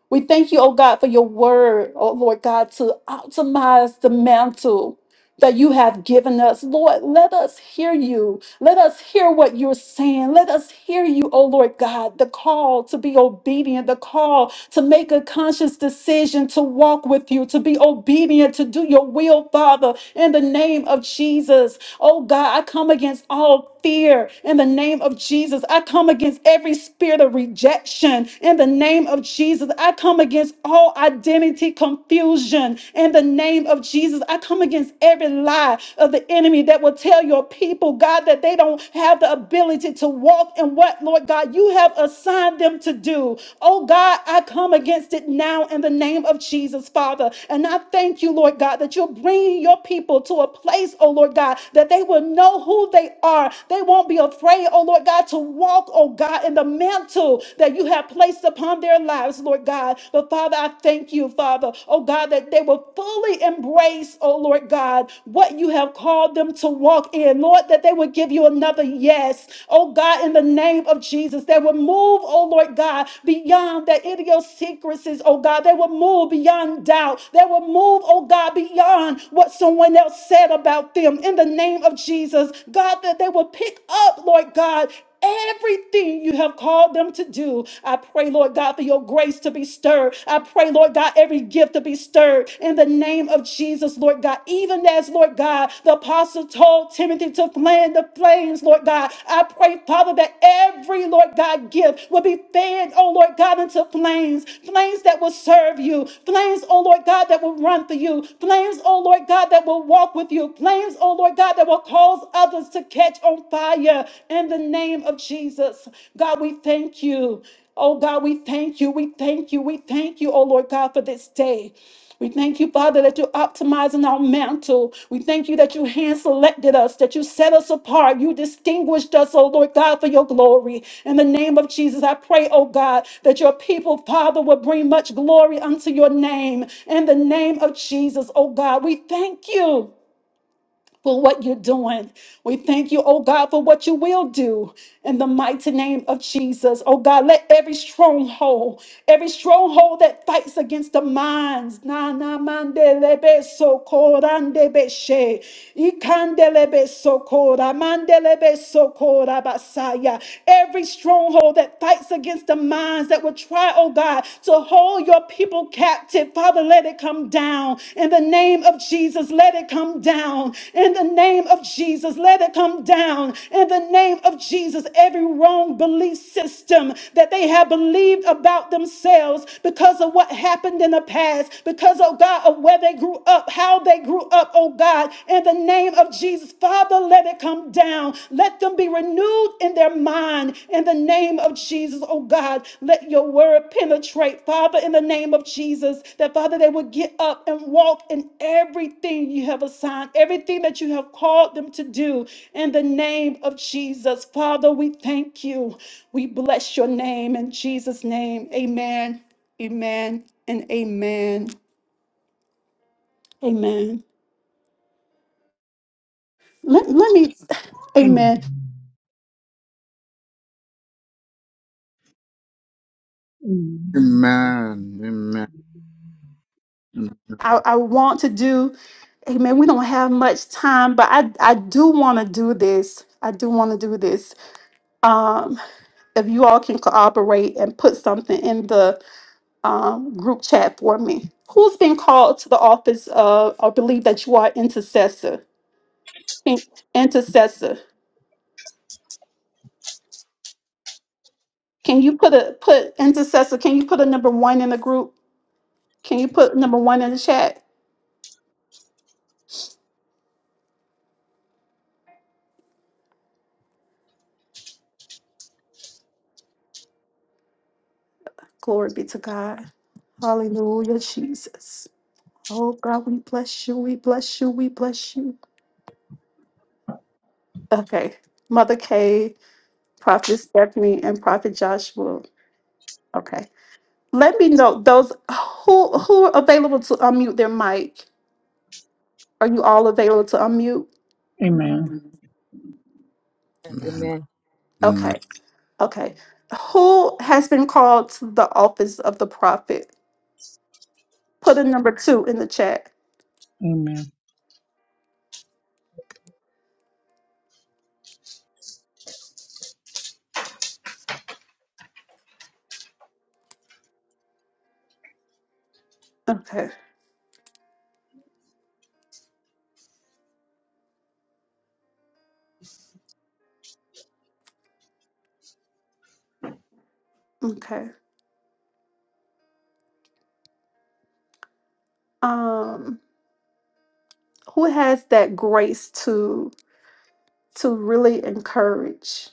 A: We thank you, oh God, for your word, oh Lord God, to optimize the mantle that you have given us. Lord, let us hear you. Let us hear what you're saying. Let us hear you, oh Lord God, the call to be obedient, the call to make a conscious decision to walk with you, to be obedient, to do your will, Father, in the name of Jesus. Oh God, I come against all fear in the name of Jesus. I come against every spirit of rejection in the name of Jesus. I come against all identity confusion in the name of Jesus. I come against every lie of the enemy that will tell your people, God, that they don't have the ability to walk in what, Lord God, you have assigned them to do. Oh God, I come against it now in the name of Jesus, Father. And I thank you, Lord God, that you're bringing your people to a place, oh Lord God, that they will know who who they are. They won't be afraid, oh Lord God, to walk, oh God, in the mantle that you have placed upon their lives, Lord God. But Father, I thank you, Father, oh God, that they will fully embrace, oh Lord God, what you have called them to walk in. Lord, that they would give you another yes, oh God, in the name of Jesus. They will move, oh Lord God, beyond the idiosyncrasies, oh God. They will move beyond doubt. They will move, oh God, beyond what someone else said about them in the name of Jesus, God, that they will pick up, Lord God, everything you have called them to do. I pray, Lord God, for your grace to be stirred. I pray, Lord God, every gift to be stirred in the name of Jesus, Lord God. Even as, Lord God, the apostle told Timothy to fan the flames, Lord God. I pray, Father, that every, Lord God, gift will be fed, oh Lord God, into flames, flames that will serve you, flames, oh Lord God, that will run for you, flames, oh Lord God, that will walk with you, flames, flames, oh Lord God, that will cause others to catch on fire in the name of Jesus. God, we thank you. Oh God, we thank you. We thank you. We thank you, oh Lord God, for this day. We thank you, Father, that you're optimizing our mantle. We thank you that you hand selected us, that you set us apart. You distinguished us, oh Lord God, for your glory. In the name of Jesus, I pray, oh God, that your people, Father, will bring much glory unto your name. In the name of Jesus, oh God, we thank you for what you're doing. We thank you, oh God, for what you will do in the mighty name of Jesus. Oh God, let every stronghold, every stronghold that fights against the minds, na na mande lebe so korande beshe, ikande lebe so kora, mande lebe so kora basaya. Every stronghold that fights against the minds that will try, oh God, to to hold your people captive. Father, let it come down. In the name of Jesus, let it come down. In the name of Jesus, let it come down. In the name of Jesus, every wrong belief system that they have believed about themselves because of what happened in the past, because, oh God, of where they grew up, how they grew up, oh God, in the name of Jesus, Father, let it come down let them be renewed in their mind in the name of Jesus, oh God. Let your word penetrate, Father, in the name of Jesus, that Father, they would get up and walk in everything you have assigned, everything that you have called them to do in the name of Jesus. Father, we thank you. We bless your name in Jesus' name. Amen, amen, and amen, amen. Let, let me, amen.
B: Amen.
G: Amen. Amen. Amen.
A: I, I want to do. Hey man, we don't have much time, but I I do want to do this. I do want to do this. Um, if you all can cooperate and put something in the um, group chat for me, who's been called to the office of? I believe that you are intercessor. Can- Intercessor. Can you put a put intercessor? Can you put a number one in the group? Can you put number one in the chat? Glory be to God. Hallelujah, Jesus. Oh God, we bless you. We bless you. We bless you. Okay. Mother Kay, Prophet Stephanie, and Prophet Joshua. Okay. Let me know those who who are available to unmute their mic. Are you all available to unmute?
B: Amen.
D: Amen.
A: Okay. Okay. Who has been called to the office of the prophet? Put a number two in the chat. Okay. Okay. Um, who has that grace to to really encourage?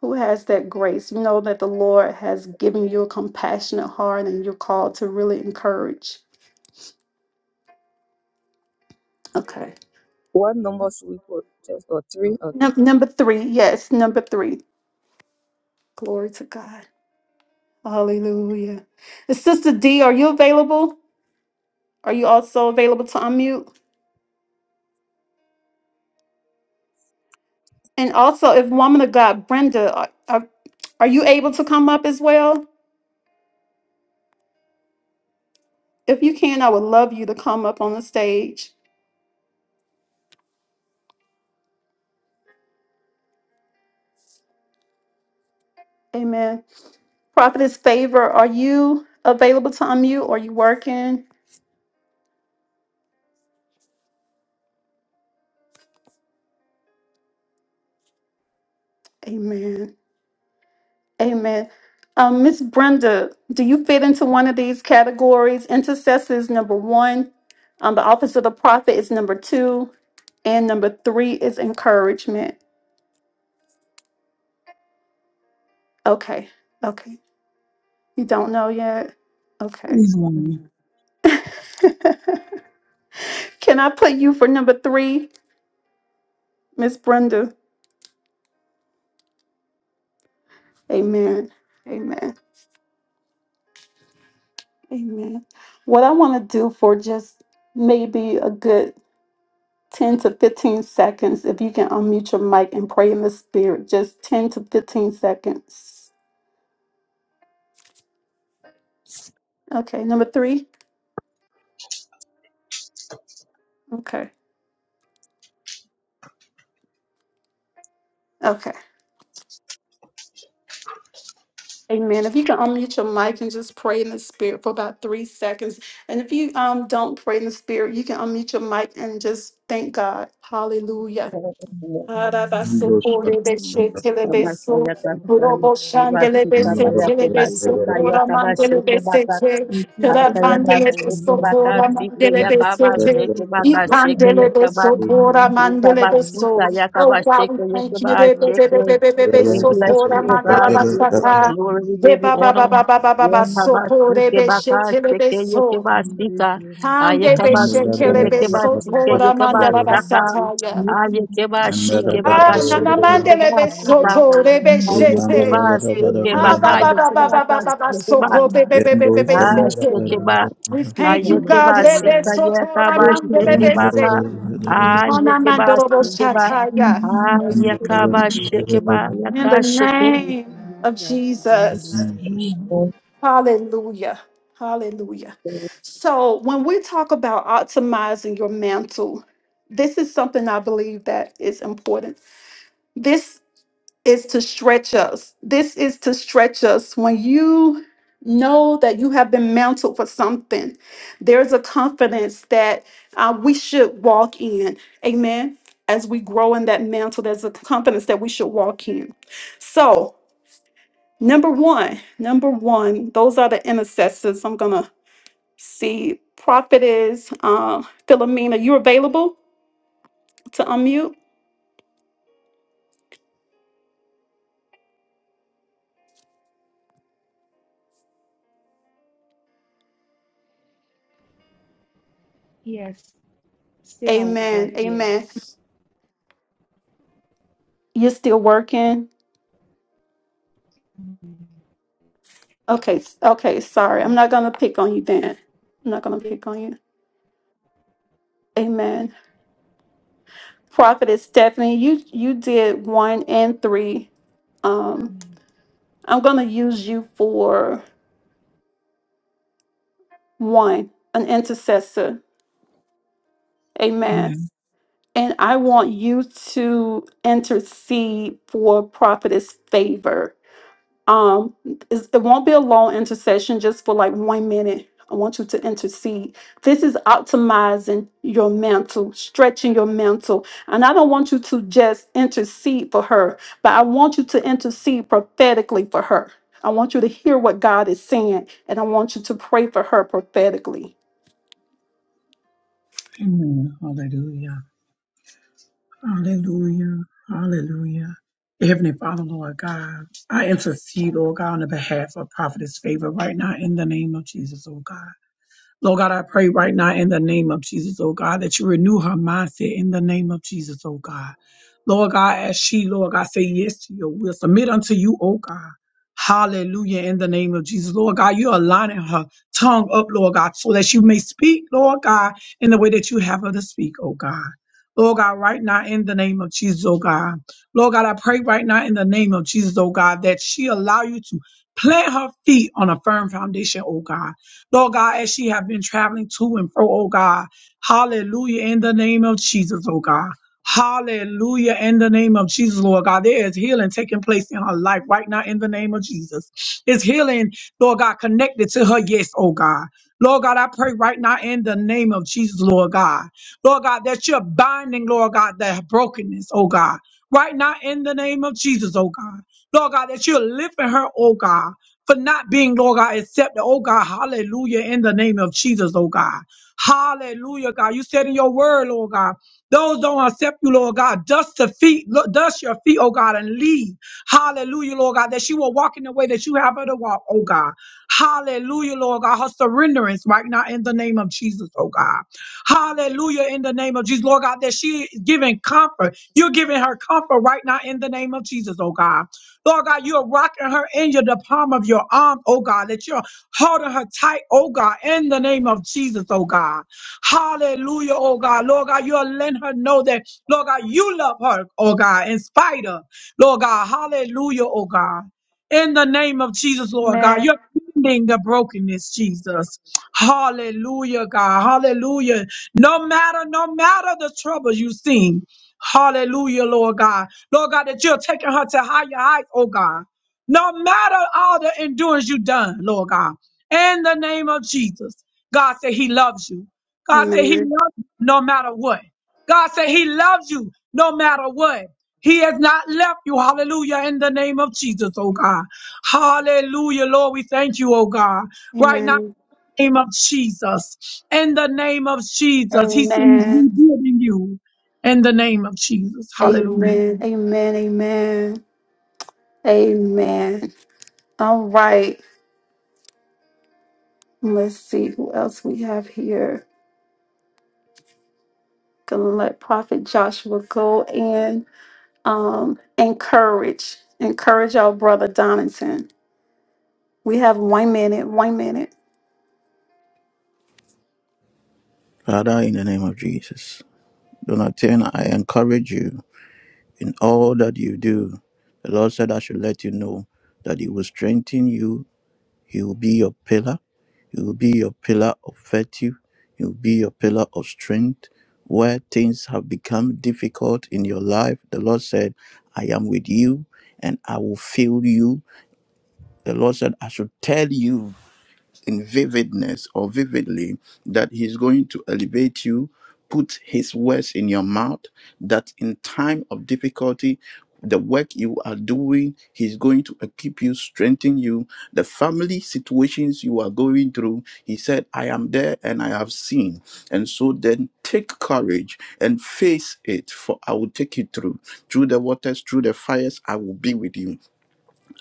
A: who has that grace. You know that the Lord has given you a compassionate heart and you're called to really encourage. Okay.
D: What number should we put? Just or three? Okay.
A: Num- number three. Yes, number three. Glory to God. Hallelujah. And Sister D, are you available? Are you also available to unmute? And also, if woman of God, Brenda, are, are, are you able to come up as well? If you can, I would love you to come up on the stage. Amen. Prophetess Favor, are you available to unmute? Are you working? Amen. Amen. Um, Miss Brenda, do you fit into one of these categories? Intercessor is number one. Um, the office of the prophet is number two, and number three is encouragement. Okay, okay. You don't know yet. Okay.
B: He's one.
A: Can I put you for number three, Miss Brenda? Amen. Amen. Amen. What I want to do for just maybe a good 10 to 15 seconds. If you can unmute your mic and pray in the spirit, just 10 to 15 seconds. Okay, number three. Okay, okay. Amen. If you can unmute your mic and just pray in the spirit for about three seconds. And if you um don't pray in the spirit, you can unmute your mic and just thank God. Hallelujah. Arabaso
H: Thank you.
A: Bolibeche Telebeso, Robo Shandelebese
G: Amen.
A: Telebeso, Ora Mandelebese, Rapandelebeso, Ora
G: Amen.
A: Mandelebese, Ipandelebeso, Ora Mandelebeso. Oh God, we thank you, Rebe bebe bebe bebe
D: We
A: so. Rebebebebebeso,
D: bless
A: Ora
D: you, O God. We give you the
A: Mandalabasata,
D: glory. We give you honor.
A: Rebabababababa, Soko
D: Yekabasike
A: Rebeshe
D: bakaseke
A: Telebeso,
D: yekebasika.
A: Handebeshe
D: Ayekabasike
A: Telebeso,
D: yekebasike
A: Ora
D: yekebasaka.
A: Mandalabasataya.
D: Ayekebashike
H: Salamasi,
A: Ah, na
D: bakasheke
A: nanamande
H: Salamasi, Salamasa,
A: lebe
D: yekebasika.
H: Aladu
A: soto, lebe
H: Salamasaka,
A: shete.
D: Ayekebaseke
H: Sama de
A: Ah,
D: baka
A: ba ba
H: sama
A: ba
H: si
A: ba ba ba ba ba
H: si
D: yekebakaseke ba.
H: sama
A: soko,
H: ma
A: be be be be be
G: Yendo
A: be
H: sama
G: kamera
A: sete.
G: bara
D: Asheke
H: sama
D: ba.
G: bara
A: We thank you,
H: sama
A: God.
H: sama.
A: Lebe
D: Ayekebasika
A: soto,
H: Thank you
A: nanamande
D: yekabaseke
H: for Father,
A: lebe
H: thank
A: se.
D: baka.
H: you Jesus, thank you
A: Nanamando robo
H: Holy
D: Ayekebasike
H: Spirit,
D: ba.
H: thank you, thank you,
A: shataya.
H: thank you. Sama de
D: Ayekabasheke
H: sama
D: ba.
H: ma
A: In the
H: sama
D: Yakasheke.
H: di
A: name
H: sama
A: of
H: sa sama di
A: Jesus.
H: sama
G: Jesus.
H: sa.
A: Hallelujah. Hallelujah. So when we talk about optimizing your mantle, this is something I believe that is important is to stretch us. This is to stretch us. When you know that you have been mantled for something, there's a confidence that uh, we should walk in. Amen. As we grow in that mantle, there's a confidence that we should walk in. So, number one, number one, those are the intercessors. I'm going to see prophetess uh, Philomena. You available to unmute?
I: Yes. Still at work.
A: Amen. Amen.
I: Yes.
A: You're still working.
I: Amen.
A: Okay, s- okay, sorry. I'm
I: Amen.
A: not gonna pick on you then. I'm not gonna pick on you. Amen. Prophetess Stephanie, you you did one and three. Um,
I: Amen.
A: I'm gonna use you for one, an intercessor. Amen. And I want you to intercede for prophetess favor Um, it's- it won't be a long intercession, just for like one minute. I want you to intercede. This is optimizing your mantle, stretching your mantle. And I don't want you to just intercede for her, but I want you to intercede prophetically for her. I want you to hear what God is saying, and I want you to pray for her prophetically.
B: Amen. Hallelujah. Hallelujah. Hallelujah. Heavenly Father, Lord God, I intercede, Lord God, on the behalf of Prophetess Favor right now in the name of Jesus, oh God. Lord God, I pray right now in the name of Jesus, oh God, that you renew her mindset in the name of Jesus, oh God. Lord God, as she, Lord God, say yes to your will, submit unto you, oh God. Hallelujah, in the name of Jesus. Lord God, you're aligning her tongue up, Lord God, so that you may speak, Lord God, in the way that you have her to speak, oh God. Lord God, right now in the name of Jesus, oh God. Lord God, I pray right now in the name of Jesus, oh God, that she allow you to plant her feet on a firm foundation, oh God. Lord God, as she have been traveling to and fro, oh God. Hallelujah in the name of Jesus, oh God. Hallelujah in the name of Jesus, Lord God. There is healing taking place in her life right now in the name of Jesus. It's healing, Lord God, connected to her, yes, oh God. Lord God, I pray right now in the name of Jesus, Lord God. Lord God, that you're binding, Lord God, that brokenness, oh God. Right now in the name of Jesus, oh God. Lord God, that you're lifting her, oh God for not being, Lord God, accepted. Oh God, hallelujah, in the name of Jesus, oh God. Hallelujah, God. You said in your word, Lord God, those don't accept you, Lord God. Dust the feet, lo- dust your feet, oh God, and leave. Hallelujah, Lord God, that she will walk in the way that you have her to walk, oh God. Hallelujah, Lord God. Her surrenderance right now in the name of Jesus, oh God. Hallelujah, in the name of Jesus, Lord God, that she is giving comfort. You're giving her comfort right now in the name of Jesus, oh God. Lord God, you're rocking her in your, the palm of your arm, oh God, that you're holding her tight, oh God, in the name of Jesus, oh God. Hallelujah, oh God. Lord God, you're letting her know that, Lord God, you love her, oh God, in spite of, Lord God. Hallelujah, oh God. In the name of Jesus, Lord God, you're mending the brokenness, Jesus. Hallelujah, God. Hallelujah. No matter, no matter the troubles you've seen. Hallelujah, Lord God. Lord God, that you're taking her to higher heights, oh God. No matter all the endurance you've done, Lord God. In the name of Jesus. God said he loves you. God said he
A: Amen.
B: loves you no matter what. God said he loves you no matter what. He has not left you. Hallelujah. In the name of Jesus, oh God. Hallelujah, Lord. We thank you, oh God. Right now,
A: Amen.
B: name of Jesus. In the name of Jesus. He said he's
A: Amen.
B: rebuilding you. In the name of Jesus. Hallelujah.
A: Amen. Amen. Amen. Amen. All right. Let's see who else we have here. Gonna let Prophet Joshua go and um, encourage, encourage our brother Donington. We have one minute, one minute.
G: Father, in the name of Jesus, Donatien, I encourage you in all that you do. The Lord said, I should let you know that He will strengthen you. He will be your pillar. He will be your pillar of virtue. He will be your pillar of strength. Where things have become difficult in your life, the Lord said, I am with you and I will fill you The Lord said, I should tell you in vividness or vividly that He's going to elevate you, put His words in your mouth, that in time of difficulty, the work you are doing, He's going to equip you, strengthen you. The family situations you are going through, He said, I am there and I have seen. And so then take courage and face it, for I will take you through. Through the waters, through the fires, I will be with you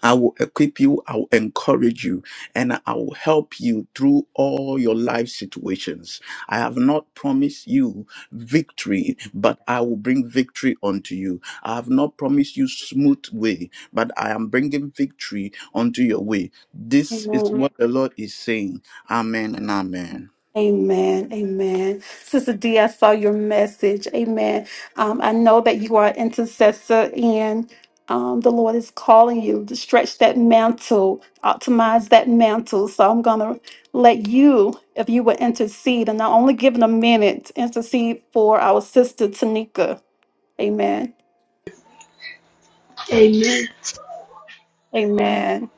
G: I will equip you, I will encourage you, and I will help you through all your life situations. I have not promised you victory, but I will bring victory unto you. I have not promised you smooth way, but I am bringing victory unto your way. This is
A: Amen.
G: what the Lord is saying. Amen and amen.
A: Amen. Amen. Sister D, I saw your message. Amen. Um, I know that you are an intercessor and um, the Lord is calling you to stretch that mantle, optimize that mantle. So I'm going to let you, if you would intercede, and I'll only give it a minute, intercede for our sister Tanika. Amen.
F: Amen.
A: Amen.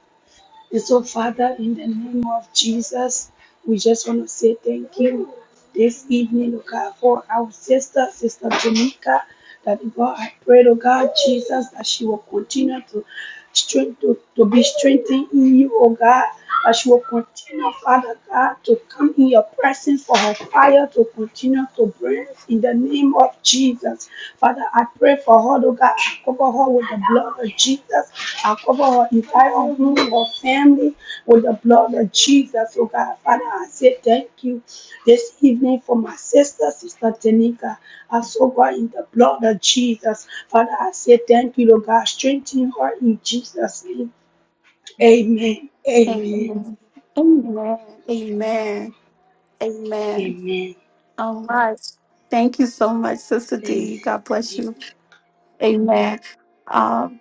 F: And so, Father, in the name of Jesus, we just want to say thank you this evening, oh God, for our sister, Sister Jamaica, that God, I pray, oh God, Jesus, that she will continue to strength to, to be strengthened in you, oh God. That she will continue, Father God, to come in your presence for her fire to continue to burn in the name of Jesus. Father, I pray for her, oh God. I cover her with the blood of Jesus. I cover her entire home, her family with the blood of Jesus, oh God. Father, I say thank you this evening for my sister, Sister Tanika. I so God in the blood of Jesus. Father, I say thank you, Lord God. Strengthen her in Jesus' name. Amen. Amen.
A: Amen. Amen. Amen. Amen.
F: Amen.
A: All right. Thank you so much, Sister
F: Amen.
A: D. God bless
F: Amen.
A: you. Amen. Um,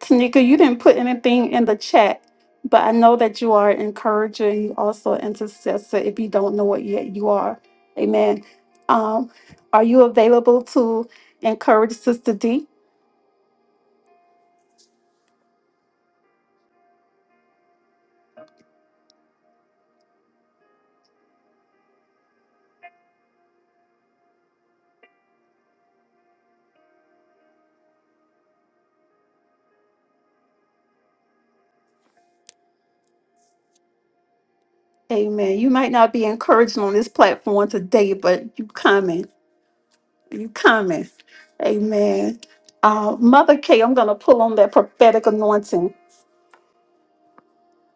A: Tanika, you didn't put anything in the chat, but I know that you are an encourager and you also an intercessor if you don't know it yet, you are. Amen. Um, are you available to encourage Sister D? Amen. You might not be encouraging on this platform today, but you coming. You coming. Amen. Uh, Mother K, I'm going to pull on that prophetic anointing.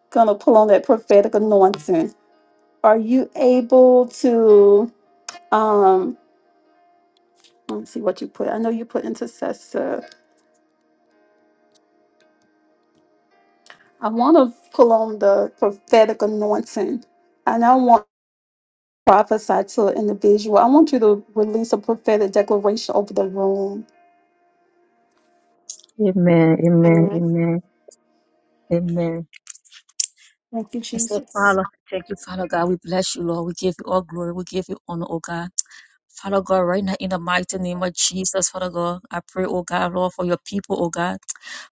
A: Going to pull on that prophetic anointing. Are you able to? Um, let's see what you put. I know you put intercessor. I want to pull on the prophetic anointing, and I want to prophesy to an individual. I want you to release a prophetic declaration over the room.
D: Amen. Amen.
A: Amen.
D: Amen. Amen.
A: Thank you,
D: And so,
A: Jesus.
D: Father, thank you, Father God. We bless you, Lord. We give you all glory. We give you honor, oh God. Father God, right now in the mighty name of Jesus, Father God, I pray, oh God, Lord, for your people, oh God.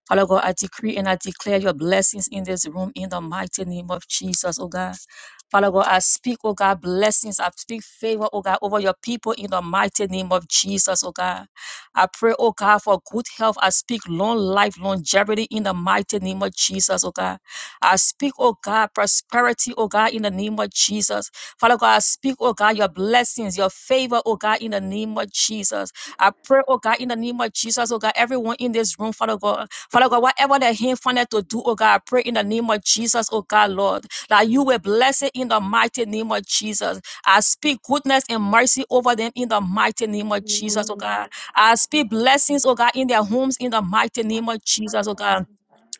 D: Father God, I decree and I declare your blessings in this room in the mighty name of Jesus, oh God. Father God, I speak, oh God, blessings. I speak favor, oh God, over your people in the mighty name of Jesus, oh God. I pray, oh God, for good health. I speak long life, longevity in the mighty name of Jesus, oh God. I speak, oh God, prosperity, oh God, in the name of Jesus. Father God, I speak, oh God, your blessings, your favor, oh God, in the name of Jesus. I pray, oh God, in the name of Jesus, oh God, everyone in this room, Father God, Father God, whatever the hand funded to do, oh God, I pray in the name of Jesus, oh God, Lord that you will bless it in the mighty name of Jesus. I speak goodness and mercy over them in the mighty name of Jesus, oh God. I speak blessings, oh God, in their homes in the mighty name of Jesus, oh God.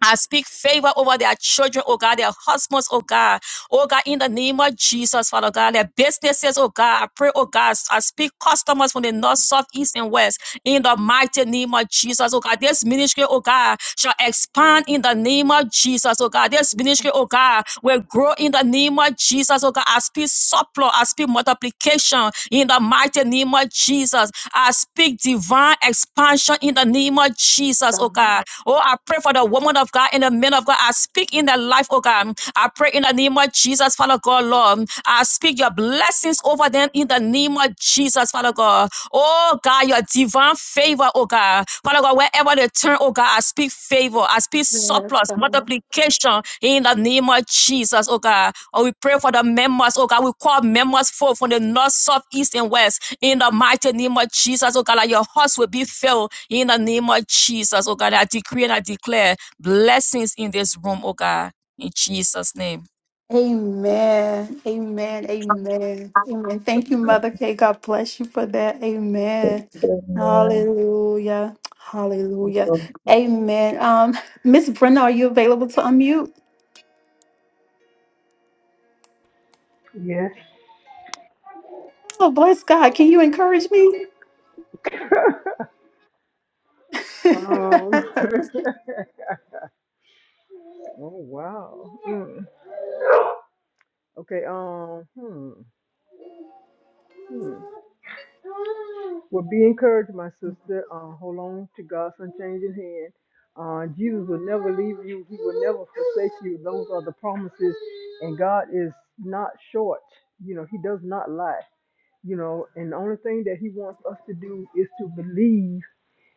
D: I speak favor over their children, oh God, their husbands, oh God, oh God, in the name of Jesus, Father God, their businesses, oh God. I pray, oh God, I speak customers from the north, south, east, and west in the mighty name of Jesus, oh God. This ministry, oh God, shall expand in the name of Jesus, oh God. This ministry, oh God, will grow in the name of Jesus, oh God. I speak supply, I speak multiplication in the mighty name of Jesus. I speak divine expansion in the name of Jesus, oh God. Oh, I pray for the woman of God and the men of God. I speak in their life, oh God. I pray in the name of Jesus, Father God, Lord. I speak your blessings over them in the name of Jesus, Father God. Oh God, your divine favor, oh God. Father God, wherever they turn, oh God, I speak favor, I speak
A: Yes,
D: surplus,
A: God.
D: multiplication in the name of Jesus, oh God. Oh, we pray for the members, oh God. We call members forth from the north, south, east, and west in the mighty name of Jesus, oh God. That your hearts will be filled in the name of Jesus, oh God. I decree and I declare blessings in this room, oh God, in Jesus' name.
A: Amen. Amen. Amen. Amen. Thank you, Mother K. God bless you for that. Amen. Hallelujah. Hallelujah. Amen. Um, Miss Brenda, are you available to unmute?
H: Yes.
A: Oh, bless God. Can you encourage me?
H: um. oh wow. Mm. Okay. Um. Hmm. Well, be encouraged, my sister. Uh, hold on to God's unchanging hand. Uh, Jesus will never leave you. He will never forsake you. Those are the promises, and God is not short. You know, He does not lie. You know, and the only thing that He wants us to do is to believe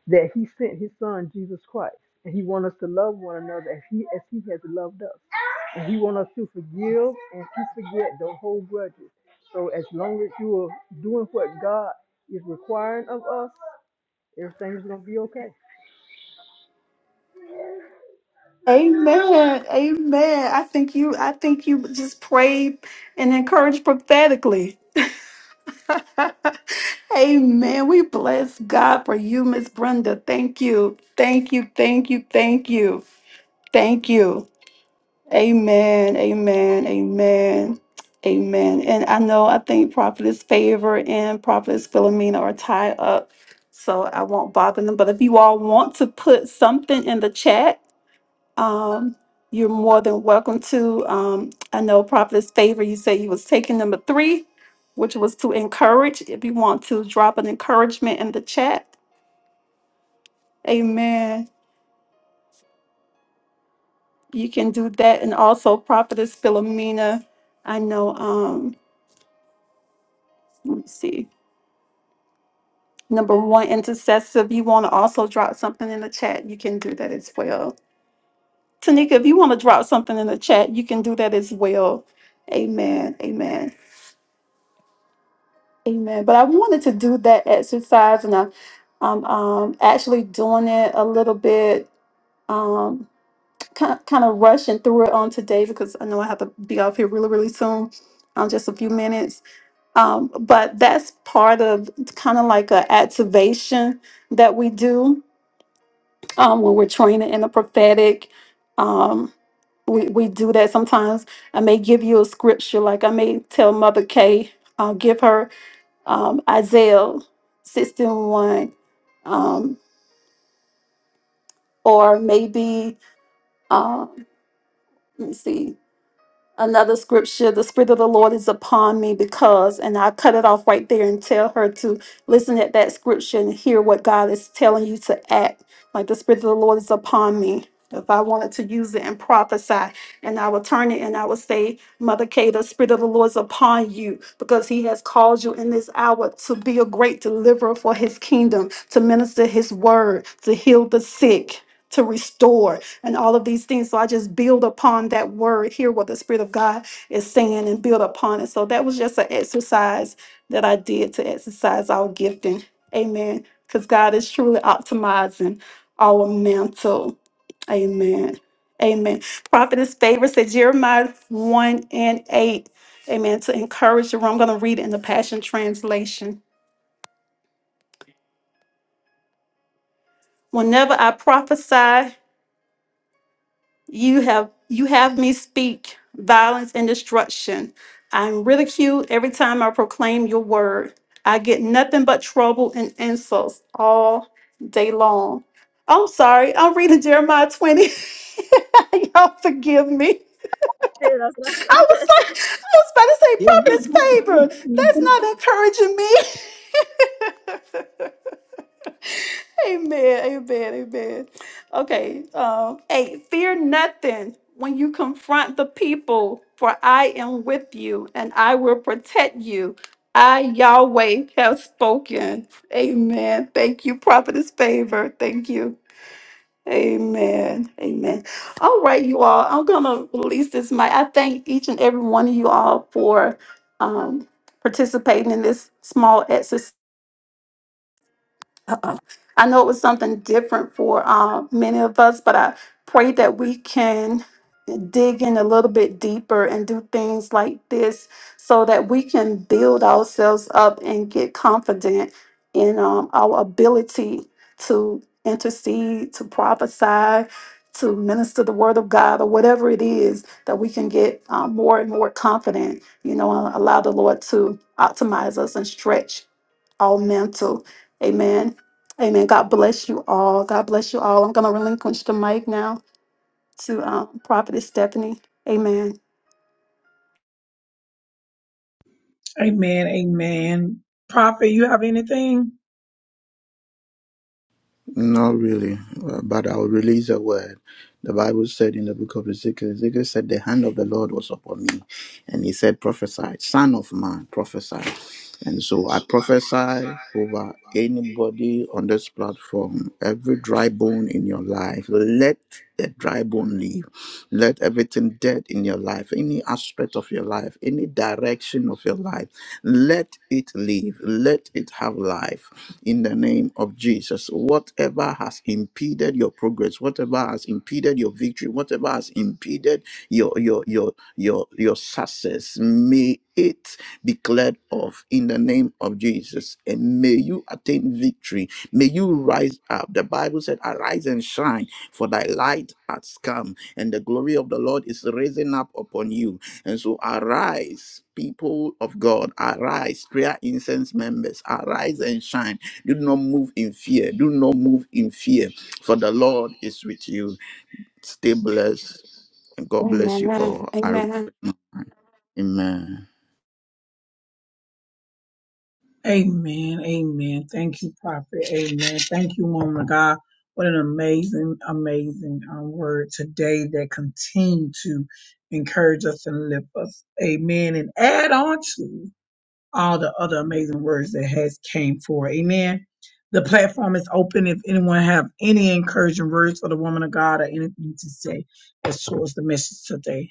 H: that he sent his son Jesus Christ. And he wants us to love one another as he as he has loved us. And he wants us to forgive and to forget don't hold grudges. So as long as you are doing what God is requiring of us, everything's gonna be okay.
A: Amen. Amen. I think you I think you just prayed and encouraged prophetically. Amen. We bless God for you, Miss Brenda. Thank you. Thank you. Thank you. Thank you. Thank you. Amen. Amen. Amen. Amen. And I know I think Prophetess Favor and Prophetess Philomena are tied up. So I won't bother them. But if you all want to put something in the chat, um, you're more than welcome to. Um, I know Prophet's favor, you said you was taking number three, which was to encourage. If you want to drop an encouragement in the chat, amen. You can do that. And also Prophetess Philomena, I know, um, let me see. Number one, intercessor. If you want to also drop something in the chat, you can do that as well. Tanika, if you want to drop something in the chat, you can do that as well. Amen. Amen. Amen. But I wanted to do that exercise, and I, I'm um, actually doing it a little bit, um, kind of, kind of rushing through it on today because I know I have to be off here really, really soon, um, just a few minutes. Um, but that's part of kind of like a activation that we do um, when we're training in the prophetic. Um, we, we do that sometimes. I may give you a scripture, like I may tell Mother Kay, uh, give her um, Isaiah 61, um, or maybe, uh, let me see, Another scripture, the Spirit of the Lord is upon me because, and I cut it off right there and tell her to listen at that scripture and hear what God is telling you to act. Like the Spirit of the Lord is upon me. If I wanted to use it and prophesy, and I would turn it and I would say, Mother Kay, the Spirit of the Lord is upon you because He has called you in this hour to be a great deliverer for His kingdom, to minister His word, to heal the sick, to restore, and all of these things. So I just build upon that word, hear what the Spirit of God is saying, and build upon it. So that was just an exercise that I did to exercise our gifting. Amen. Because God is truly optimizing our mantle. Amen. Amen. Prophetess Favor said Jeremiah 1 and 8. Amen. To encourage the room, I'm going to read it in the Passion Translation. Whenever I prophesy, You have you have me speak violence and destruction. I'm ridiculed every time I proclaim your word. I get nothing but trouble and insults all day long. I'm sorry. I'm reading Jeremiah 20. Y'all forgive me. I was like, I was about to say, purpose favor. That's not encouraging me. Amen, amen, amen. Okay, um, eight, fear nothing when you confront the people, for I am with you and I will protect you. I, Yahweh, have spoken. Amen. Thank you, Prophetess Favor. Thank you. Amen. Amen. All right, you all. I'm going to release this mic. I thank each and every one of you all for um, participating in this small exercise. I know it was something different for uh, many of us, but I pray that we can dig in a little bit deeper and do things like this so that we can build ourselves up and get confident in um, our ability to intercede, to prophesy, to minister the word of God, or whatever it is that we can get uh, more and more confident, you know, and allow the Lord to optimize us and stretch all mental. Amen. Amen. God bless you all. God bless you all. I'm going to relinquish the mic now to um, Prophetess Stephanie. Amen.
B: Amen. Amen. Prophet, you have anything?
G: Not really, uh, but I'll release a word. The Bible said in the book of Ezekiel, Ezekiel said, The hand of the Lord was upon me. And he said, Prophesy, son of man, prophesy. And so I prophesy over anybody on this platform, every dry bone in your life, let the dry bone leave. Let everything dead in your life, any aspect of your life, any direction of your life, let it live. Let it have life in the name of Jesus. Whatever has impeded your progress, whatever has impeded your victory, whatever has impeded your your your your your success, may it declared off in the name of Jesus. And may you attain victory. May you rise up. The Bible said, Arise and shine, for thy light has come, and the glory of the Lord is raising up upon you. And so arise. People of God, arise, prayer incense members, arise and shine do not move in fear. Do not move in fear, for the Lord is with you. Stay blessed, and God bless you
A: Amen.
G: all. I-
A: Amen.
G: Amen.
B: Amen. Amen. Thank you, Prophet. Amen. Thank you, woman of God. What an amazing, amazing um, word today that continue to encourage us and lift us. Amen. And add on to all the other amazing words that has came forth. Amen. The platform is open if anyone have any encouraging words for the woman of God or anything to say as towards the message today.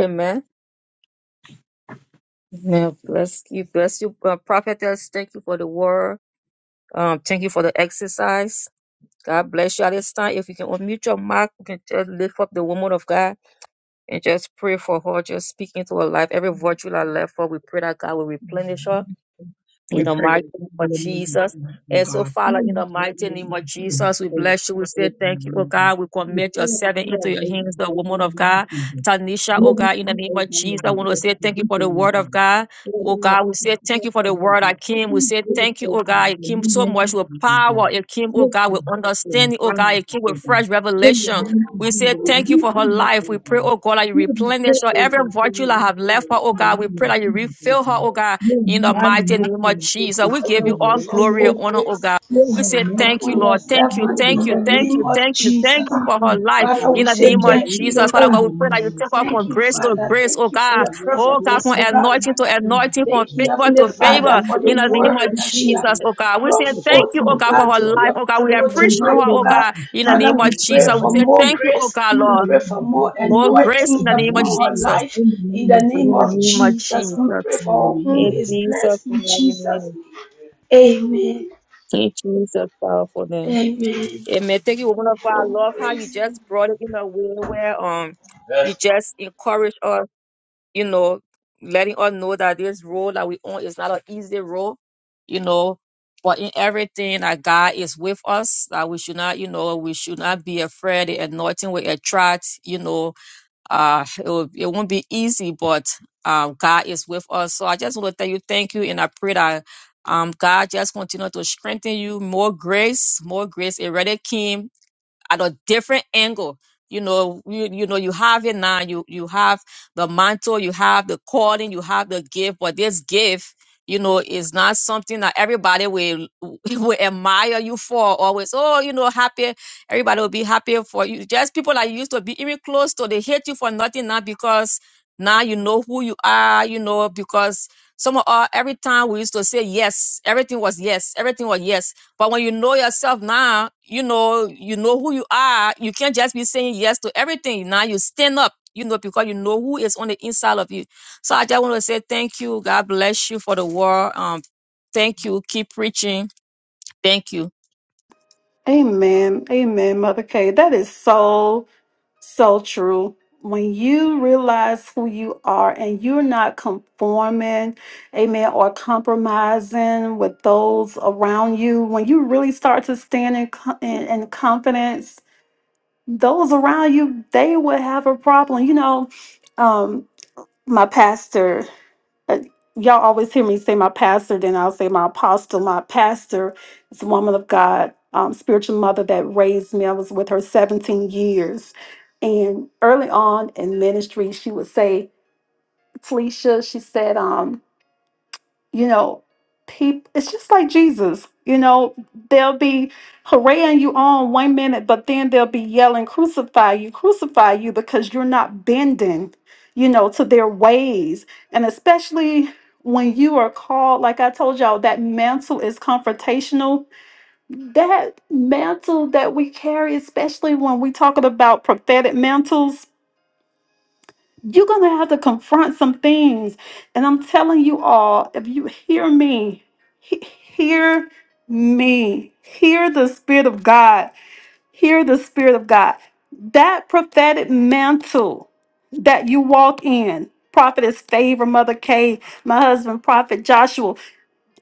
D: Amen. Amen. Bless you. Bless you, uh, prophetess. Thank you for the word. Um, thank you for the exercise. God bless you at this time. If you can unmute your mic, you can just lift up the woman of God and just pray for her, just speak into her life. Every virtue that left her, we pray that God will replenish her in
B: We
D: the
B: pray right
D: mighty name of
B: now in the name of
D: Jesus.
B: Jesus, oh
D: And so,
B: God.
D: Father,
B: Fill
D: in the
B: us
D: mighty name of Jesus, we bless you.
B: up,
D: We say
B: Lord,
D: thank you,
B: with
D: oh
B: your power, O God.
D: God. We
B: We
D: commit your
B: pray,
D: servant into
B: Lord,
D: your hands, the
B: over
D: woman
B: every
D: of God,
B: nation. We Give us, oh God, the weakening, God. Oh God,
D: Tanisha, oh God, in the name of Jesus. We want to say thank you for the word of God. Oh God, we say thank
B: bless
D: you for the
B: and make
D: word
B: me.
D: I
B: If
D: came. We
B: we
D: say
B: give,
D: thank you,
B: oh
D: oh God.
B: God,
D: It
B: the
D: came
B: new
D: so much
B: measures,
D: with
B: oh God.
D: power. It came, oh
B: Give
D: God, with
B: me health and
D: understanding, oh God. It
B: finances,
D: came
B: oh
D: with
B: God. In
D: fresh
B: the
D: revelation.
B: name of
D: We
B: Jesus,
D: say thank you
B: release
D: for her
B: in her,
D: life.
B: oh
D: We pray,
B: God.
D: oh God, that you
B: Give me
D: replenish
B: hope,
D: her.
B: oh God,
D: Every
B: to
D: virtue that have
B: release in
D: left
B: her,
D: her, oh
B: in the
D: God, we
B: name
D: pray
B: of
D: that you
B: Jesus, oh
D: refill her,
B: God.
D: oh God.
B: Your
D: In the
B: mighty
D: mighty name
B: mercy
D: of
B: and grace
D: Jesus, we
B: over her
D: give
F: Father, we
D: you
F: pray
D: all
F: for
B: life,
D: glory and
F: more
B: eh?
D: honor, oh
F: grace
D: God.
B: Give
D: We
B: her
D: say
B: mercy
D: thank you,
F: upon
D: Lord.
B: like
D: Thank
F: yourself
D: you,
F: and
B: you
D: thank
F: in
D: you,
F: the
B: before, oh
D: thank you,
F: name
B: God.
F: of
D: thank you,
B: I
D: thank you
F: Jesus.
B: want
D: for her
B: to say, oh
D: life.
F: Father, we
D: In the
B: God,
F: say
D: name of
F: thank you,
D: Jesus,
F: Lord
D: Father
F: God.
B: in
D: God,
B: the
D: we pray that you
B: name
D: take her
B: of
D: from
F: Thank you,
B: Jesus.
D: grace to
F: Father.
D: grace, oh
F: Thank you for
D: God.
F: your
D: Oh God,
F: prophetess,
D: from
F: oh God,
D: anointing to
F: Father.
D: anointing, from
F: Thank you,
D: favor
F: Heavenly
D: to
F: Father,
D: favor.
F: for the
D: In the name
F: word
D: of
F: that she has
D: Jesus, oh God. We
F: brought
D: say thank
F: forth,
D: you, oh
F: oh
D: God,
F: God,
D: for her
F: to
D: life,
F: your
D: oh God. We
F: people
D: appreciate her,
F: tonight, oh
D: oh
F: God.
D: God. In the
F: Father,
D: name of
F: we pray
D: Jesus, we
F: for
D: say
F: more
D: thank you, oh
F: grace.
D: God,
F: We
D: Lord.
F: pray for more
D: More grace
F: anointing
D: in the name of
F: upon her
D: Jesus.
F: life in the
D: In
F: name
D: the
F: of
D: name of
F: Jesus. We pray
D: Jesus.
F: for whom
D: Hey,
F: is
D: Jesus,
F: blessed in
D: mighty
F: Jesus'
D: name.
F: name. Amen.
D: Hey, Jesus, powerful name.
F: Amen.
D: Amen. Thank you, woman of God. I
F: Oh,
D: love how you
F: grace.
D: just brought it in a way where um you
F: Yes,
D: just encourage us, you know, letting us know that this road that we on is not an easy road, you know. But in everything that God is with us, that we should not, you know, we should not be afraid. The anointing will attract, you know, uh, it, will, it won't be easy, but um, God is with us. So I just want to tell you, thank you, and I pray that um, God just continue to strengthen you, more grace, more grace. It already came at a different angle. You know, you you know, you have it now. You you have the mantle, you have the calling, you have the gift. But this gift, you know, is not something that everybody will will admire you for. Always, oh, you know, happy. Everybody will be happy for you. Just people that you used to be even close to, they hate you for nothing now because now you know who you are. You know because some of our every time we used to say yes, everything was yes, everything was yes but when you know yourself now, you know, you know who you are. You can't just be saying yes to everything. Now you stand up, you know, because you know who is on the inside of you. So I just want to say thank you. God bless you for the word. Um, thank you. Keep preaching. Thank you.
A: Amen. Amen, Mother Kay. That is so, so true. When you realize who you are and you're not conforming, amen, or compromising with those around you, when you really start to stand in, co- in, in confidence those around you they would have a problem you know um my pastor uh, y'all always hear me say my pastor then i'll say my apostle my pastor is a woman of god um, spiritual mother that raised me i was with her 17 years and early on in ministry she would say Talisha, she said um, you know, people, it's just like Jesus, you know, they'll be hooraying you on one minute, but then they'll be yelling, crucify you, crucify you, because you're not bending, you know, to their ways. And especially when you are called, like I told y'all, that mantle is confrontational. That mantle that we carry, especially when we talking about prophetic mantles you're going to have to confront some things. And I'm telling you all, if you hear me, he- hear me, hear the Spirit of God, hear the Spirit of God. That prophetic mantle that you walk in, Prophetess Favor, Mother Kay, my husband, Prophet Joshua,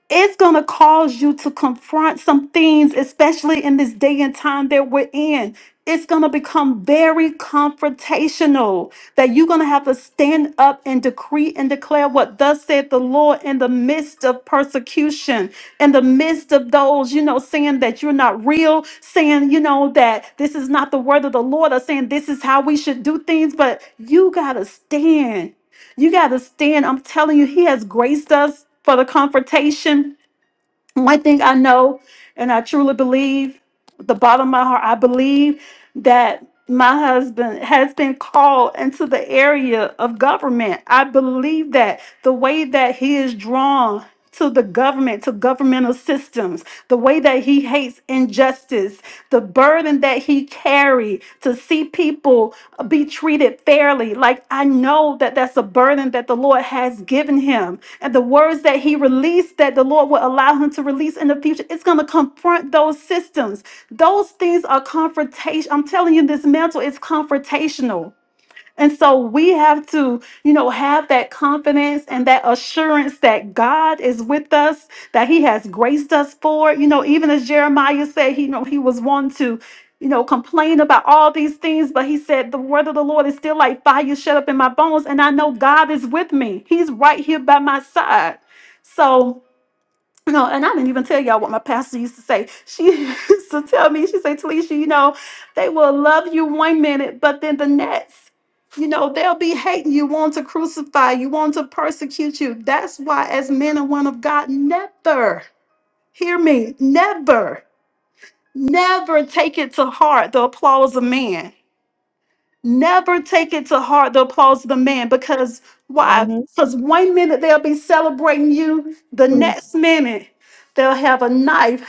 A: it's going to cause you to confront some things, especially in this day and time that we're in. It's going to become very confrontational that you're going to have to stand up and decree and declare what thus said the Lord in the midst of persecution, in the midst of those, you know, saying that you're not real, saying, you know, that this is not the word of the Lord, or saying this is how we should do things. But you got to stand. You got to stand. I'm telling you, He has graced us for the confrontation one thing I know, and I truly believe, with the bottom of my heart, I believe that my husband has been called into the area of government. I believe that the way that he is drawn to the government, to governmental systems, the way that he hates injustice, the burden that he carries glory to see people be treated fairly. Like I know that that's a burden that the Lord has given him. And the words that he released that the Lord will allow him to release in the future, it's going to confront those systems. Those things are confrontation. I'm telling you, this mantle is confrontational. And so we have to, you know, have that confidence and that assurance that God is with us, that He has graced us for. it. You know, even as Jeremiah said, he, you know, he was one to, you know, complain about all these things, but he said, The word of the Lord is still like fire shut up in my bones. And I know God is with me, He's right here by my side. So, you know, and I didn't even tell y'all what my pastor used to say. She used to tell me, she said, Talisha, you know, they will love you one minute, but then the next, you know, they'll be hating you, want to crucify you, want to persecute you. That's why, as men and women of God, never, hear me, never, never take it to heart the applause of man Never take it to heart the applause of the man because why?
D: Mm-hmm.
A: Because one minute they'll be celebrating you, the next minute they'll have a knife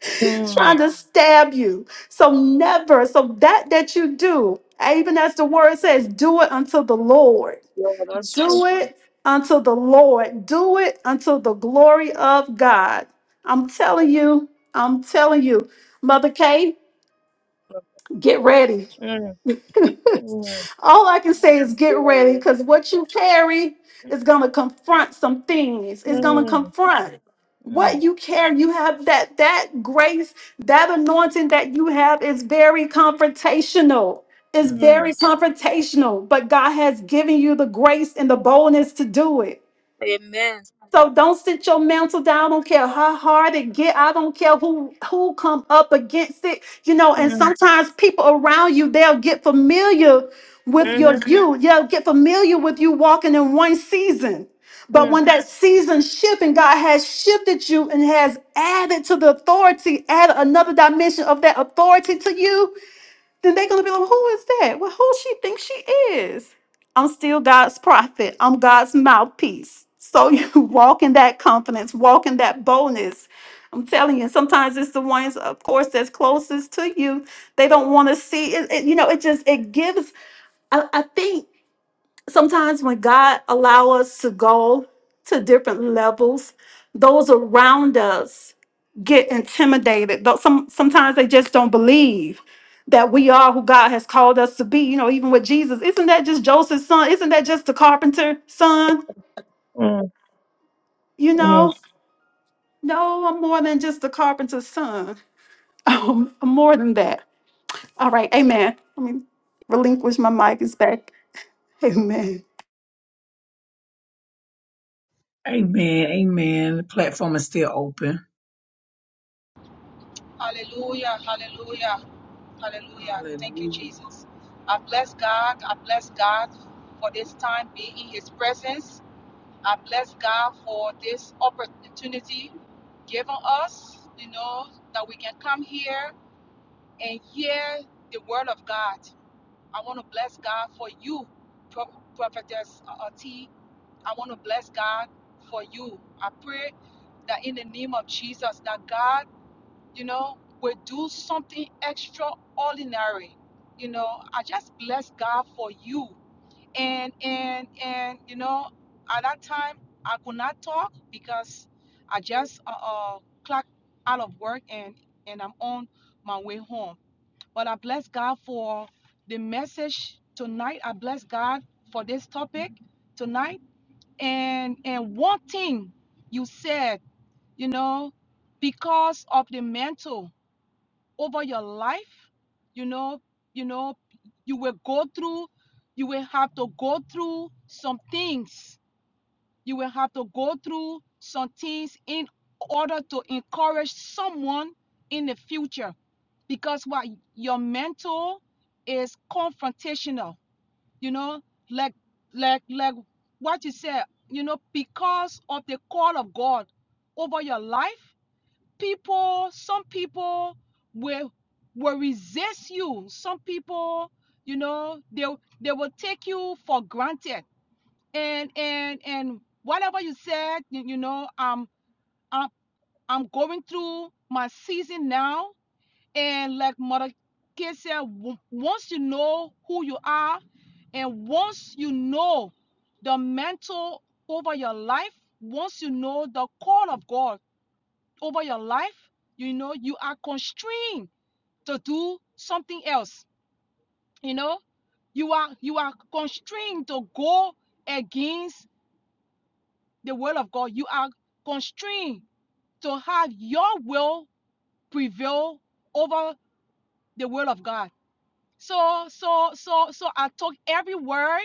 D: Mm-hmm.
A: trying to stab you. So never, so that that you do, even as the word says, do it unto the Lord.
D: Yeah, that's true.
A: Do it unto the Lord. Do it unto the glory of God. I'm telling you, I'm telling you, Mother Kay, get ready.
D: Mm-hmm. Mm,
A: All I can say is get ready because what you carry is going to confront some things. It's going to confront
D: mm,
A: what you carry. You have that that grace, that anointing that you have is very confrontational. It's
D: mm.
A: very confrontational, but God has given you the grace and the boldness to do it.
D: Amen.
A: So don't sit your mantle down. I don't care how hard it get. I don't care who who come up against it. You know, and
D: Mm-hmm.
A: sometimes people around you they'll get familiar with your you. They'll get familiar with you walking in one season. But when that season shift and God has shifted you and has added to the authority, added another dimension of that authority to you, then they're gonna be like, who is that? Well, who she thinks she is? I'm still God's prophet. I'm God's mouthpiece. So you walk in that confidence, walk in that boldness. I'm telling you, sometimes it's the ones, of course, that's closest to you. They don't want to see it, it- You know, it just it gives. I, I think sometimes when God allow us to go to different levels, those around us get intimidated. Though some sometimes they just don't believe that we are who God has called us to be. You know, even with Jesus, isn't that just Joseph's son? Isn't that just the carpenter's son? You know, no, I'm more than just the carpenter's son. I'm more than that. All right, Amen. Let me relinquish my mic. It's back. Amen.
B: Amen. Amen. The platform is still open.
I: Hallelujah, hallelujah, hallelujah. Thank you,
B: Hallelujah.
I: Jesus. I bless God. I bless God for this time being in His presence. I bless God for this opportunity given us, you know, that we can come here and hear the word of God. I want to bless God for you, Pro- Prophetess uh, uh, T. I want to bless God for you. I pray that in the name of Jesus, that God, you know, will do something extraordinary. You know, I just bless God for you. And and and you know, at that time I could not talk because I just uh, uh clocked out of work and and I'm on my way home. But I bless God for the message tonight. I bless God for this topic tonight and and one thing you said you know because of the mantle over your life you know you know you will go through you will have to go through some things you will have to go through some things in order to encourage someone in the future because what your mentor is confrontational you know like like like what you said you know because of the call of god over your life people some people will will resist you some people you know they they will take you for granted and and and whatever you said you, you know i'm i'm i'm going through my season now and like Mother K said, w- once you know who you are, and once you know the mantle over your life, once you know the call of God over your life, you know you are constrained to do something else. You know, you are you are constrained to go against the will of God. You are constrained to have your will prevail over the will of God So, so, so, so I took every word.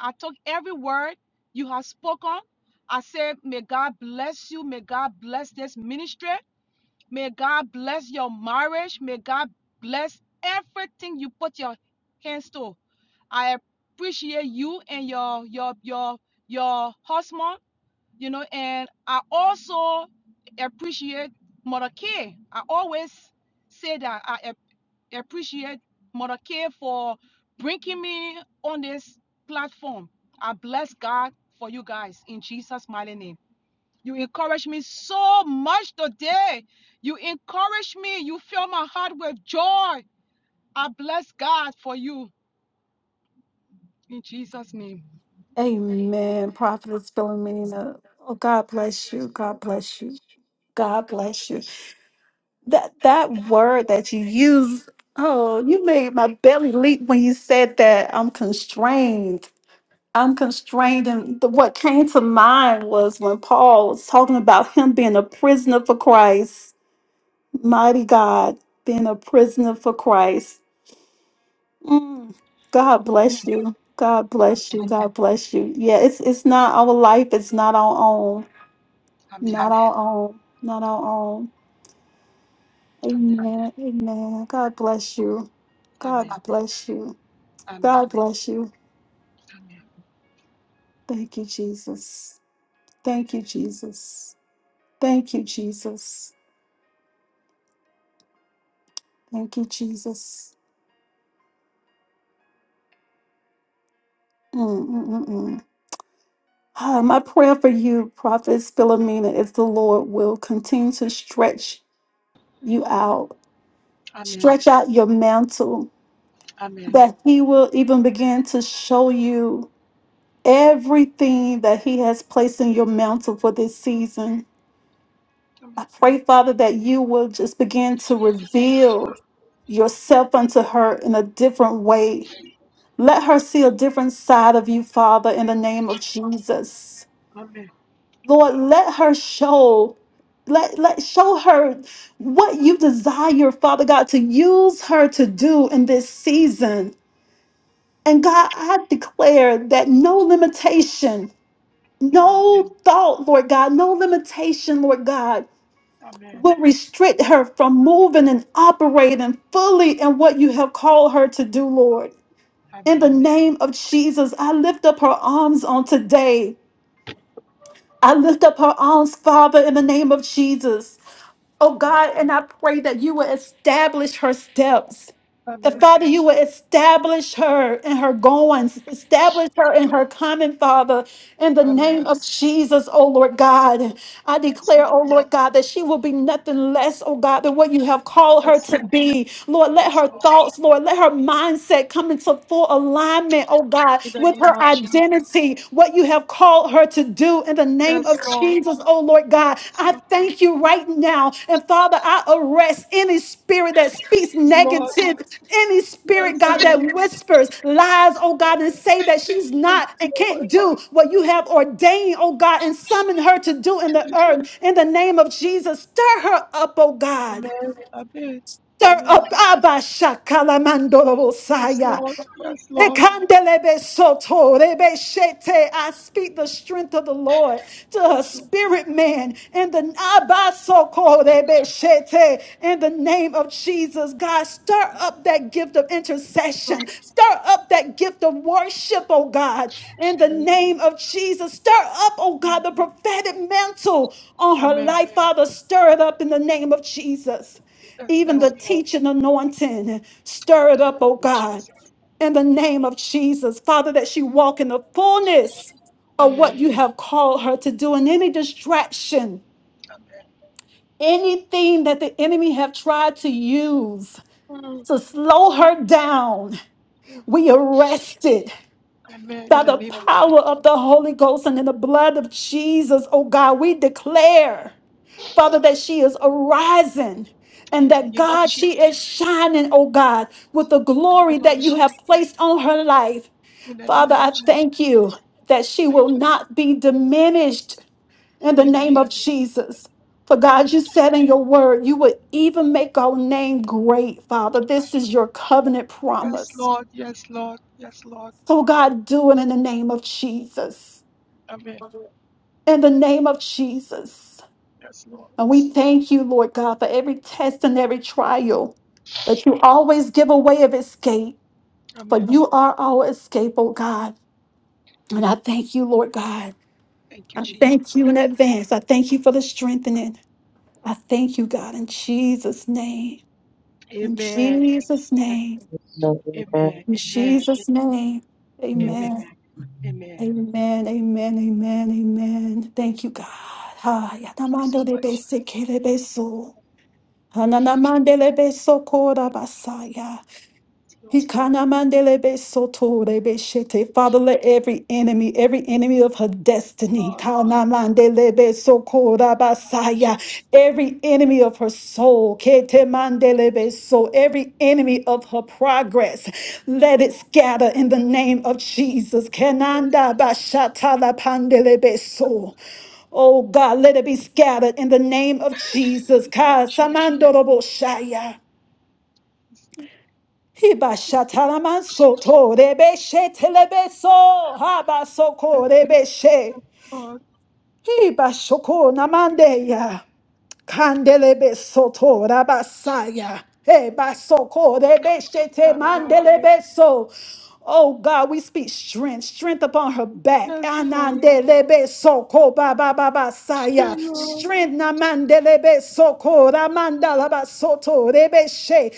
I: I took every word you have spoken. I said, may God bless you. May God bless this ministry. May God bless your marriage. May God bless everything you put your hands to. I appreciate you and your your your your husband you know, and I also appreciate Mother K. I always say that I ap- appreciate Mother K for bringing me on this platform. I bless God for you guys in Jesus' mighty name. You encourage me so much today. You encourage me. You fill my heart with joy. I bless God for you in Jesus' name.
A: Amen. Prophetess Philomena. Oh, God bless you. God bless you. God bless you. That that word that you use, oh, you made my belly leap when you said that I'm constrained. I'm constrained. And the, what came to mind was when Paul was talking about him being a prisoner for Christ. Mighty God, being a prisoner for Christ. Mm. God
I: Mm.
A: bless you. God bless
I: Amen.
A: you. God bless you. Yeah, it's it's not our life. It's not our own.
I: Amen.
A: Not our own. Not our own.
I: Amen.
A: Amen. Amen. God bless you. God
I: Amen.
A: bless you.
I: Amen.
A: God bless you.
I: Amen.
A: Thank you, Jesus. Thank you, Jesus. Thank you, Jesus. Thank you, Jesus. Mm, mm, mm, mm. Ah, my prayer for you, Prophet Philomena, is the Lord will continue to stretch you out
I: Amen.
A: Stretch out your mantle
I: Amen.
A: that He will even begin to show you everything that He has placed in your mantle for this season. I
I: Amen.
A: pray, Father, that you will just begin to reveal yourself unto her in a different way. Let her see a different side of you, Father, in the name of Jesus.
I: Amen.
A: Lord, let her show, let, let show her what you desire, Father God, to use her to do in this season. And God, I declare that no limitation,
I: Amen.
A: no thought, Lord God, no limitation, Lord God,
I: Amen.
A: will restrict her from moving and operating fully in what you have called her to do, Lord. In the
I: Amen.
A: name of Jesus, I lift up her arms on today. I lift up her arms, Father, in the name of Jesus. Oh God, and I pray that you will establish her steps. The
I: Amen.
A: Father, you will establish her in her goings, establish her in her coming, Father, in the
I: Amen.
A: name of Jesus, oh Lord God. I
I: Yes,
A: declare,
I: Lord.
A: oh Lord God, that she will be nothing less, oh God, than what you have called her
I: Yes,
A: to
I: Lord.
A: be. Lord, let
I: Yes,
A: her
I: Lord.
A: thoughts, Lord, let her mindset come into full alignment, oh God,
I: In the
A: with
I: name
A: her
I: of Jesus.
A: identity, what you have called her to do in the name of
I: Yes, Lord.
A: Jesus, oh Lord God.
I: Yes,
A: I
I: Lord.
A: thank you right now. And Father, I arrest any spirit that speaks
I: Yes, Lord.
A: negative, any spirit,
I: Yes,
A: God, that
I: Lord.
A: whispers lies, oh God, and say that she's
I: Thank
A: not and
I: you, Lord.
A: can't do what you have ordained, oh God, and summon her to do in the earth. In the name of Jesus, stir her up, oh God.
I: Amen. Amen.
A: Stir
I: Amen.
A: up Abba Shakalamando
I: Yes,
A: Bosaya.
I: Lord. Yes, Lord.
A: Ekandelebe soto, rebe shete. I speak the strength of the Lord to her
I: Yes,
A: spirit man in the abasoko, rebe shete. in the name of Jesus. God, stir up that gift of
I: Lord.
A: intercession. Stir up that gift of worship, oh God. In the
I: Amen.
A: name of Jesus. Stir up, oh God, the prophetic mantle on her
I: Amen.
A: life, Father. Stir it up in the name of Jesus.
I: Yes,
A: Even the
I: Lord.
A: teaching anointing. Stir it up, oh God
I: Jesus.
A: in the name of Jesus, Father, that she walk in the fullness of what
I: Amen.
A: you have called her to do, and any distraction, anything that the enemy have tried to use
I: Mm,
A: to slow her down,
I: mm.
A: we arrest it
I: Amen. In
A: by
I: the
A: the
I: name of
A: power
I: Jesus.
A: of the Holy Ghost and in the blood of Jesus. Oh God, we declare, Father, that she is arising. And
I: In the
A: that
I: name of
A: God,
I: Jesus.
A: she is shining, oh God, with the
I: In the
A: glory
I: name
A: that
I: of
A: you have
I: Jesus.
A: placed on her life.
I: In the
A: Father,
I: name of
A: I
I: Jesus.
A: thank you that she will
I: Thank you.
A: not be diminished in the
I: In the
A: name
I: name
A: of Jesus. For God, you said in your word, you would even make our name great, Father. This is your covenant
I: Yes,
A: promise.
I: Lord. Yes, Lord. Yes, Lord.
A: So, God, do it in the name of Jesus.
I: Amen.
A: In the name of Jesus.
I: Yes, Lord.
A: And we thank you, Lord God, for every test and every trial that you always give a way of escape. For
I: Amen.
A: you are our escape, oh God. And I thank you, Lord God.
I: Thank you,
A: I thank
I: Jesus.
A: you in advance. I thank you for the strengthening. I thank you, God, in Jesus' name. In
I: Amen.
A: Jesus' name.
I: Amen.
A: In
I: Amen.
A: Jesus' name. Amen.
I: Amen. Amen.
A: Amen. Amen. Amen. Amen. Thank you, God. Ha,
I: So
A: yatamando de
I: much. Yes,
A: bese kere beso. Hananamande le beso kora basaya.
I: Lord.
A: Ikanamandelebe sotorebe shete. Father, let every enemy, every enemy of her
I: Yes,
A: destiny,
I: Lord.
A: kanamandelebe
I: In the name
A: sokorabasaya. every enemy of her soul, ketemandelebe so, every enemy of her progress, let it scatter in the name of Jesus.
I: of Jesus.
A: Kenanda bashatalapandelebe so. Oh God, let it be scattered in the name of Jesus.
I: Lord
A: Ka
I: Jesus.
A: Kasamandoroboshaya.
I: Yes,
A: Ibashataramansoto rebeshe telebeso habasoko rebeshe
I: Lord.
A: ibashoko
I: Thank you,
A: namandeya kandelebesoto rabasaya ebasoko rebeshe te
I: Son of our Lord.
A: mandelebeso Oh God, we speak strength, strength upon her
I: Yes,
A: back.
I: Lord.
A: Anandelebe soko ba ba ba ba
I: Yes,
A: saya.
I: Lord. Yes, Lord.
A: Strength namandelebe soko ramandalaba soto rebe she.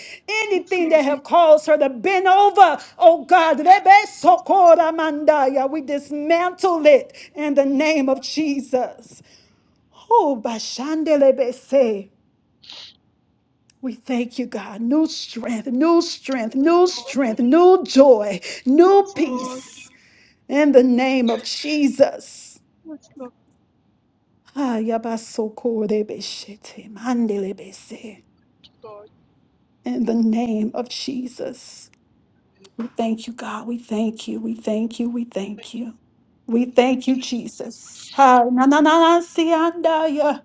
I: Yes,
A: Anything that
I: Lord.
A: have caused her to bend over, oh God, rebe soko ramandaya. We dismantle it in the name of Jesus. Oh, bashandelebe se. We thank you, God. New strength, new
I: Yes,
A: strength, new strength, new joy, new
I: Lord.
A: peace. In the name of Jesus.
I: Yes, Lord.
A: Ah, yabasokorebeshete, mandelebese.
I: Lord.
A: In the name of Jesus. We thank you, God. We thank you. We thank you. We
I: Thank
A: thank you. We thank you, Jesus. Ah, na, na, na, na, siandaya.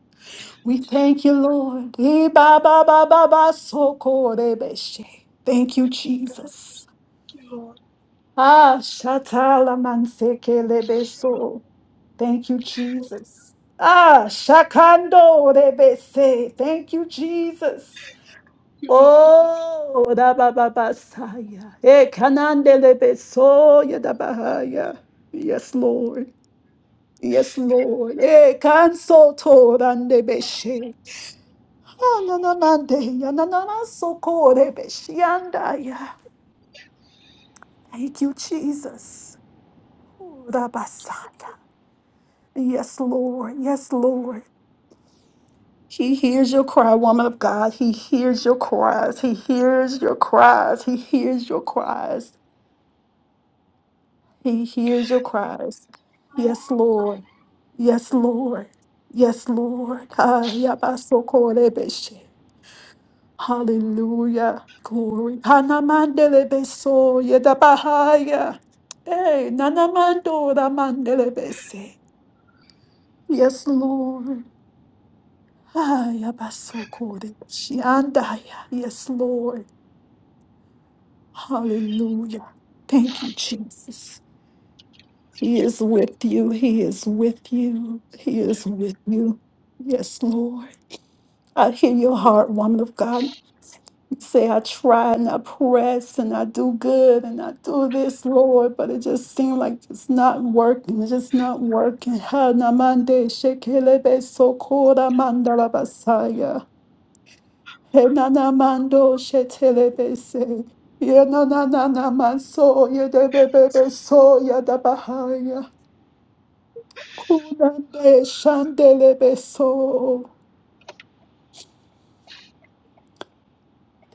A: We thank you, Lord. Eh, ba, ba, ba, ba, ba, sokorebeshe. Thank you, Jesus.
I: you, Lord.
A: Ah, shatala mansekelebeso. Thank you, Jesus. Ah, Shakando Rebese. Thank you, Jesus.
I: Thank you, Lord.
A: Oh, Rabababasaya. Eh, Kanande Lebesoya Dabahaya. Yes, Lord. Yes, Lord. Eh, Kanso Torande Beshe. Ananamande, Yananamaso Kore Beshiandaya. Thank you, Jesus. Oh, Rabasaya. Yes, Lord. Yes, Lord. He hears your cry, woman of God. He hears your cries. He hears your cries. He hears your cries. He hears your cries. Yes, Lord. Yes, Lord. Yes, Lord. Ah, yabasokorebeshe. Hallelujah. Glory. Hanamandelebeso yedabahaya. Hey, nanamandora mandelebese. Yes, Lord. Ah, yabasokorebeshe. Andaya. Yes, Lord. Hallelujah. Thank you, Jesus. He is with you. He is with you. He is with you. Yes, Lord. I hear your heart, woman of God. You say, I try and I press and I do good and I do this, Lord, but it just seems like it's not working. It's just not working. Ha, namande, shekelebe, sokora, mandalabasaya. Henanamando shetelebese. Yenananamaso yedebebebeso yadabahaya. Kunande shandelebeso.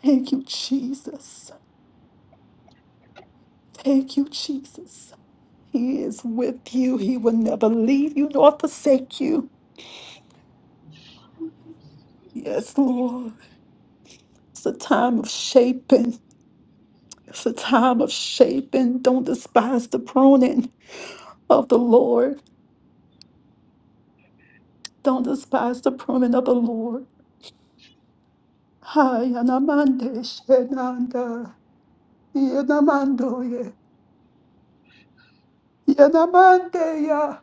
A: Thank you, Jesus. Thank you, Jesus. He is with you. He will never leave you nor forsake you. Yes, Lord. It's a time of shaping. It's a time of shaping. Don't despise the pruning of the Lord. Don't despise the pruning of the Lord. Hayanamande Shenanda Yanamandoye Yanamandeya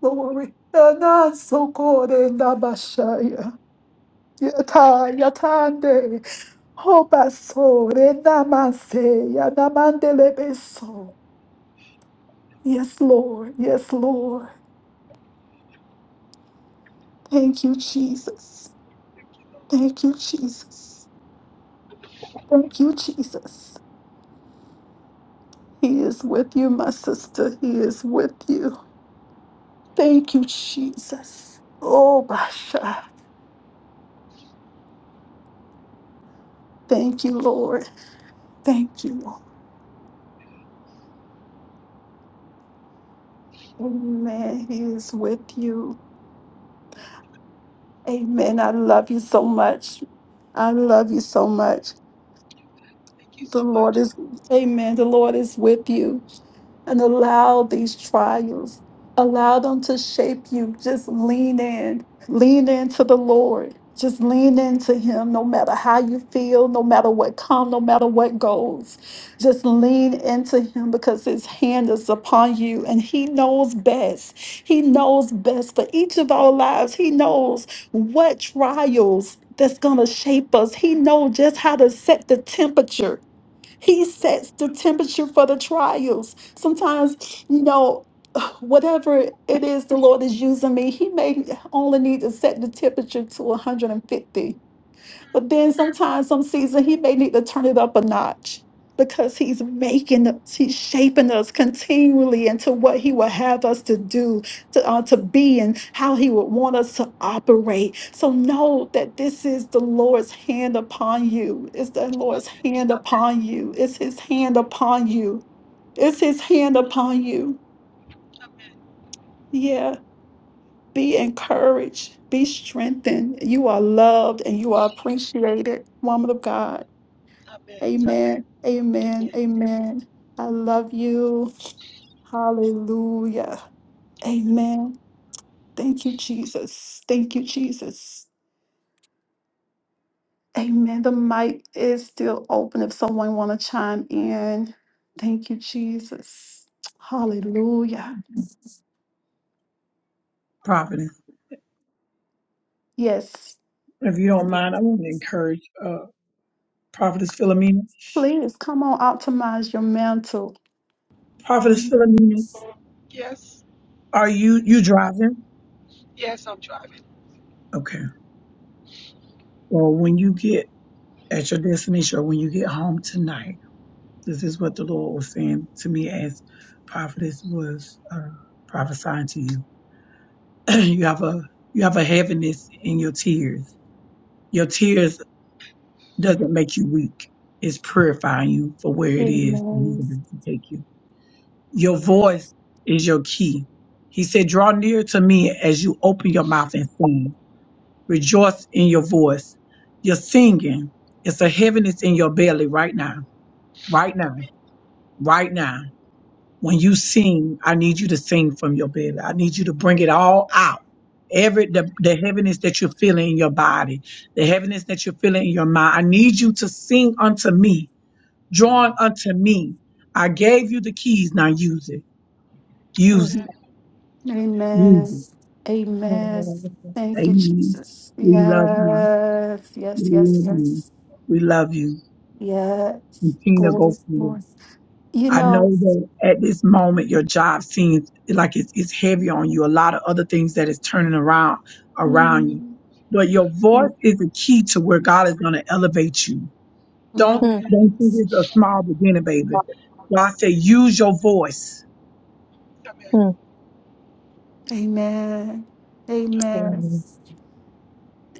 A: Glory Yanasokore Nabashaya Yata Yatande Hobasore Namase Yanamandelebeso Yes Lord, yes Lord. Thank you Jesus. Thank you Jesus. Thank you Jesus. He is with you, my sister. He is with you. Thank you, Jesus. Oh, Basha. Thank you, Lord. Thank you. Lord. Amen. He is with you. Amen. I love you so much. I love you so much.
I: Thank you so
A: The Lord
I: much.
A: is, amen. The Lord is with you. and allow these trials, allow them to shape you. Just lean in, lean into the Lord. Just lean into Him no matter how you feel, no matter what comes, no matter what goes. Just lean into Him because His hand is upon you and He knows best. He knows best for each of our lives. He knows what trials that's going to shape us. He knows just how to set the temperature he sets the temperature for the trials. Sometimes, you know, whatever it is the Lord is using me, He may only need to set the temperature to 150. But then sometimes, some season, he may need to turn it up a notch because he's making us, he's shaping us continually into what he would have us to do, to, uh, to be, and how he would want us to operate. So know that this is the Lord's hand upon you. It's the Lord's hand upon you. It's his hand upon you. It's his hand upon you.
I: Amen.
A: Yeah. Be encouraged. Be strengthened. You are loved and you are appreciated, woman of God.
I: Amen.
A: Amen. Amen.
I: Amen.
A: Amen. I love you. Hallelujah. Amen. Thank you, Jesus. Thank you, Jesus. Amen. The mic is still open if someone want to chime in. Thank you, Jesus. Hallelujah.
B: Providence.
A: Yes.
B: If you don't mind, I want to encourage uh Prophetess Philomena.
A: Please come on, optimize your mental.
B: Prophetess
A: Amen.
B: Philomena,
I: Yes.
B: are you you driving?
I: Yes, I'm driving.
B: Okay. Well, when you get at your destination or when you get home tonight. This is what the Lord was saying to me as prophetess was uh, prophesying to you. you have a you have a heaviness in your tears. Your tears doesn't make you weak. It's purifying you for where it is He's about to take you. Your
I: Amen.
B: voice is your key. He said, "Draw near to me as you open your mouth and sing. Rejoice in your voice. You're singing. It's a heaviness in your belly right now. Right now." right now. When you sing, I need you to sing from your belly. I need you to bring it all out. Every the, the heaviness that you're feeling in your body, the heaviness that you're feeling in your mind. I need you to sing unto me, drawing unto me. I gave you the keys. Now use it. Use it.
I: Amen. Amen.
B: Use
A: Amen.
B: it.
A: Amen. Thank you,
B: Amen.
A: Jesus.
B: We love you.
A: Yes.
B: We
A: Yes. Yes.
B: love you.
A: Yes.
B: We love you.
A: Yes.
B: Continue to go
A: Glory,
B: forward.
A: glory. You
B: I know
A: know,
B: that at this moment your job seems like it's it's heavy on you. A lot of other things that is turning around around you,
A: mm,
B: but your voice is the key to where God is going to elevate you. Don't
A: mm,
I: Amen.
B: don't think it's a small beginning, baby. God said, use your voice.
I: Amen.
A: amen.
I: Amen.
A: Amen.
D: Mm-hmm.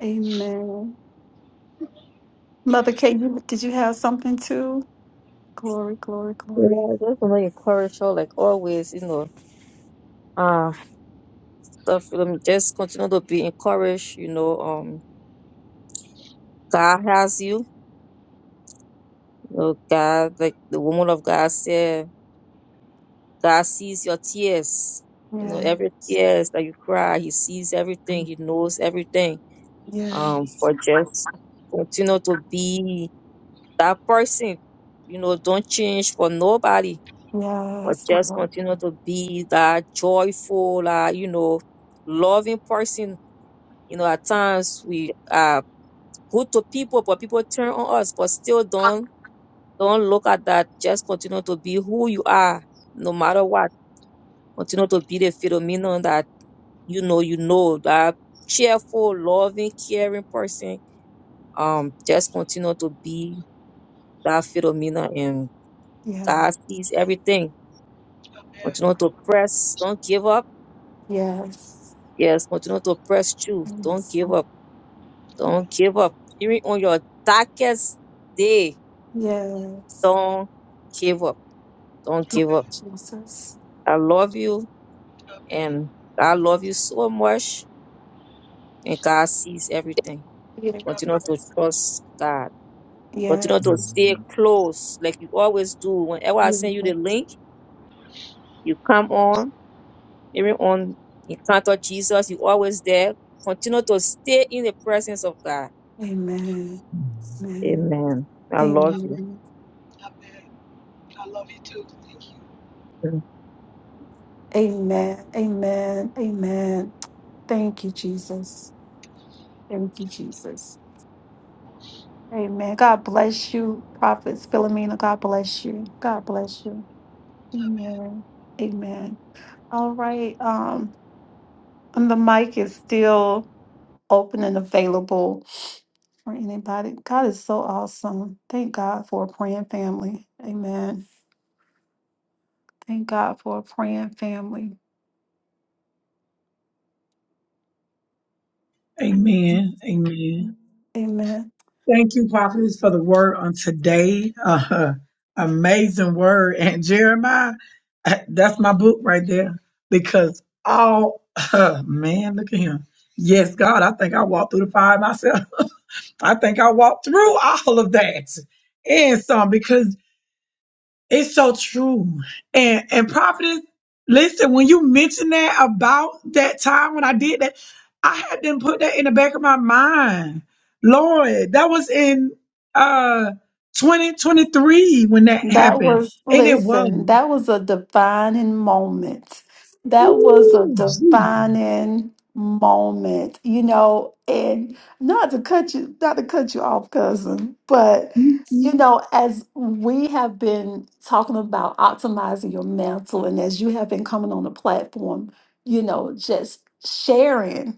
A: Amen. Mother Kate, you- did you have something too? Glory, glory,
D: Yeah,
A: glory.
D: just want to encourage her like always, you know. Uh stuff um, just continue to be encouraged, you know. Um God has you. You know, God like the woman of God said, God sees your tears. You know, every
A: Yes.
D: tears that you cry, he sees everything, he knows everything. Um,
A: Yes.
D: but just continue to be that person. You know, don't change for nobody, but
A: Yes,
D: just
A: Lord.
D: continue to be that joyful, uh, you know, loving person You know, at times we are good to people, but people turn on us, but still don't don't look at that. Just continue to be who you are, no matter what. Continue to be the phenomenon that you know you know that cheerful, loving, caring person. Um, just continue to be that phenomenon and
A: Yeah.
D: God sees everything.
I: Amen.
D: Continue to press, don't give up.
A: Yes.
D: Yes, continue to press through. Don't
A: Yes.
D: give up. Don't give up. Even on your darkest day,
A: Yes.
D: don't give up Don't give
I: Amen.
D: up.
A: Jesus.
D: I love you and I love you so much. And God sees everything.
A: Yeah.
D: Continue
I: Amen.
D: to trust God. Continue
A: Yes.
D: to stay
A: Yeah.
D: close like you always do. Whenever I send you
A: Amen.
D: the link, you come on, even on Encounter Jesus, you always there. Continue to stay in the presence of God.
A: Amen.
D: Amen. I love
I: Amen.
D: you.
A: Amen.
I: Amen. I love you too. Thank you.
D: Amen.
A: Amen. Amen. Amen. Thank you, Jesus. Thank you, Jesus. Amen. God bless you, Prophet Philomena. God bless you. God bless you. Amen. Amen. All right. Um, and the mic is still open and available for anybody. God is so awesome. Thank God for a praying family. Amen. Thank God for a praying family.
B: Amen. Amen.
A: Amen.
B: Thank you, Prophetess, for the word on today. Uh, amazing word. And Jeremiah, uh, that's my book right there. Because all, uh, man, look at him. Yes, God, I think I walked through the fire myself. I think I walked through all of that and some. because. It's so true. And and prophetess, listen, when you mentioned that about that time when I did that, I had them put that in the back of my mind. Lord, that was in uh 2023 when that
A: That
B: happened.
A: was,
B: And it was.
A: listen, that was a defining moment. That was a
B: Ooh, Jesus.
A: defining moment, you know, and not to cut you, not to cut you off, cousin, but you know, as we have been talking about optimizing your mantle, and as you have been coming on the platform, you know, just sharing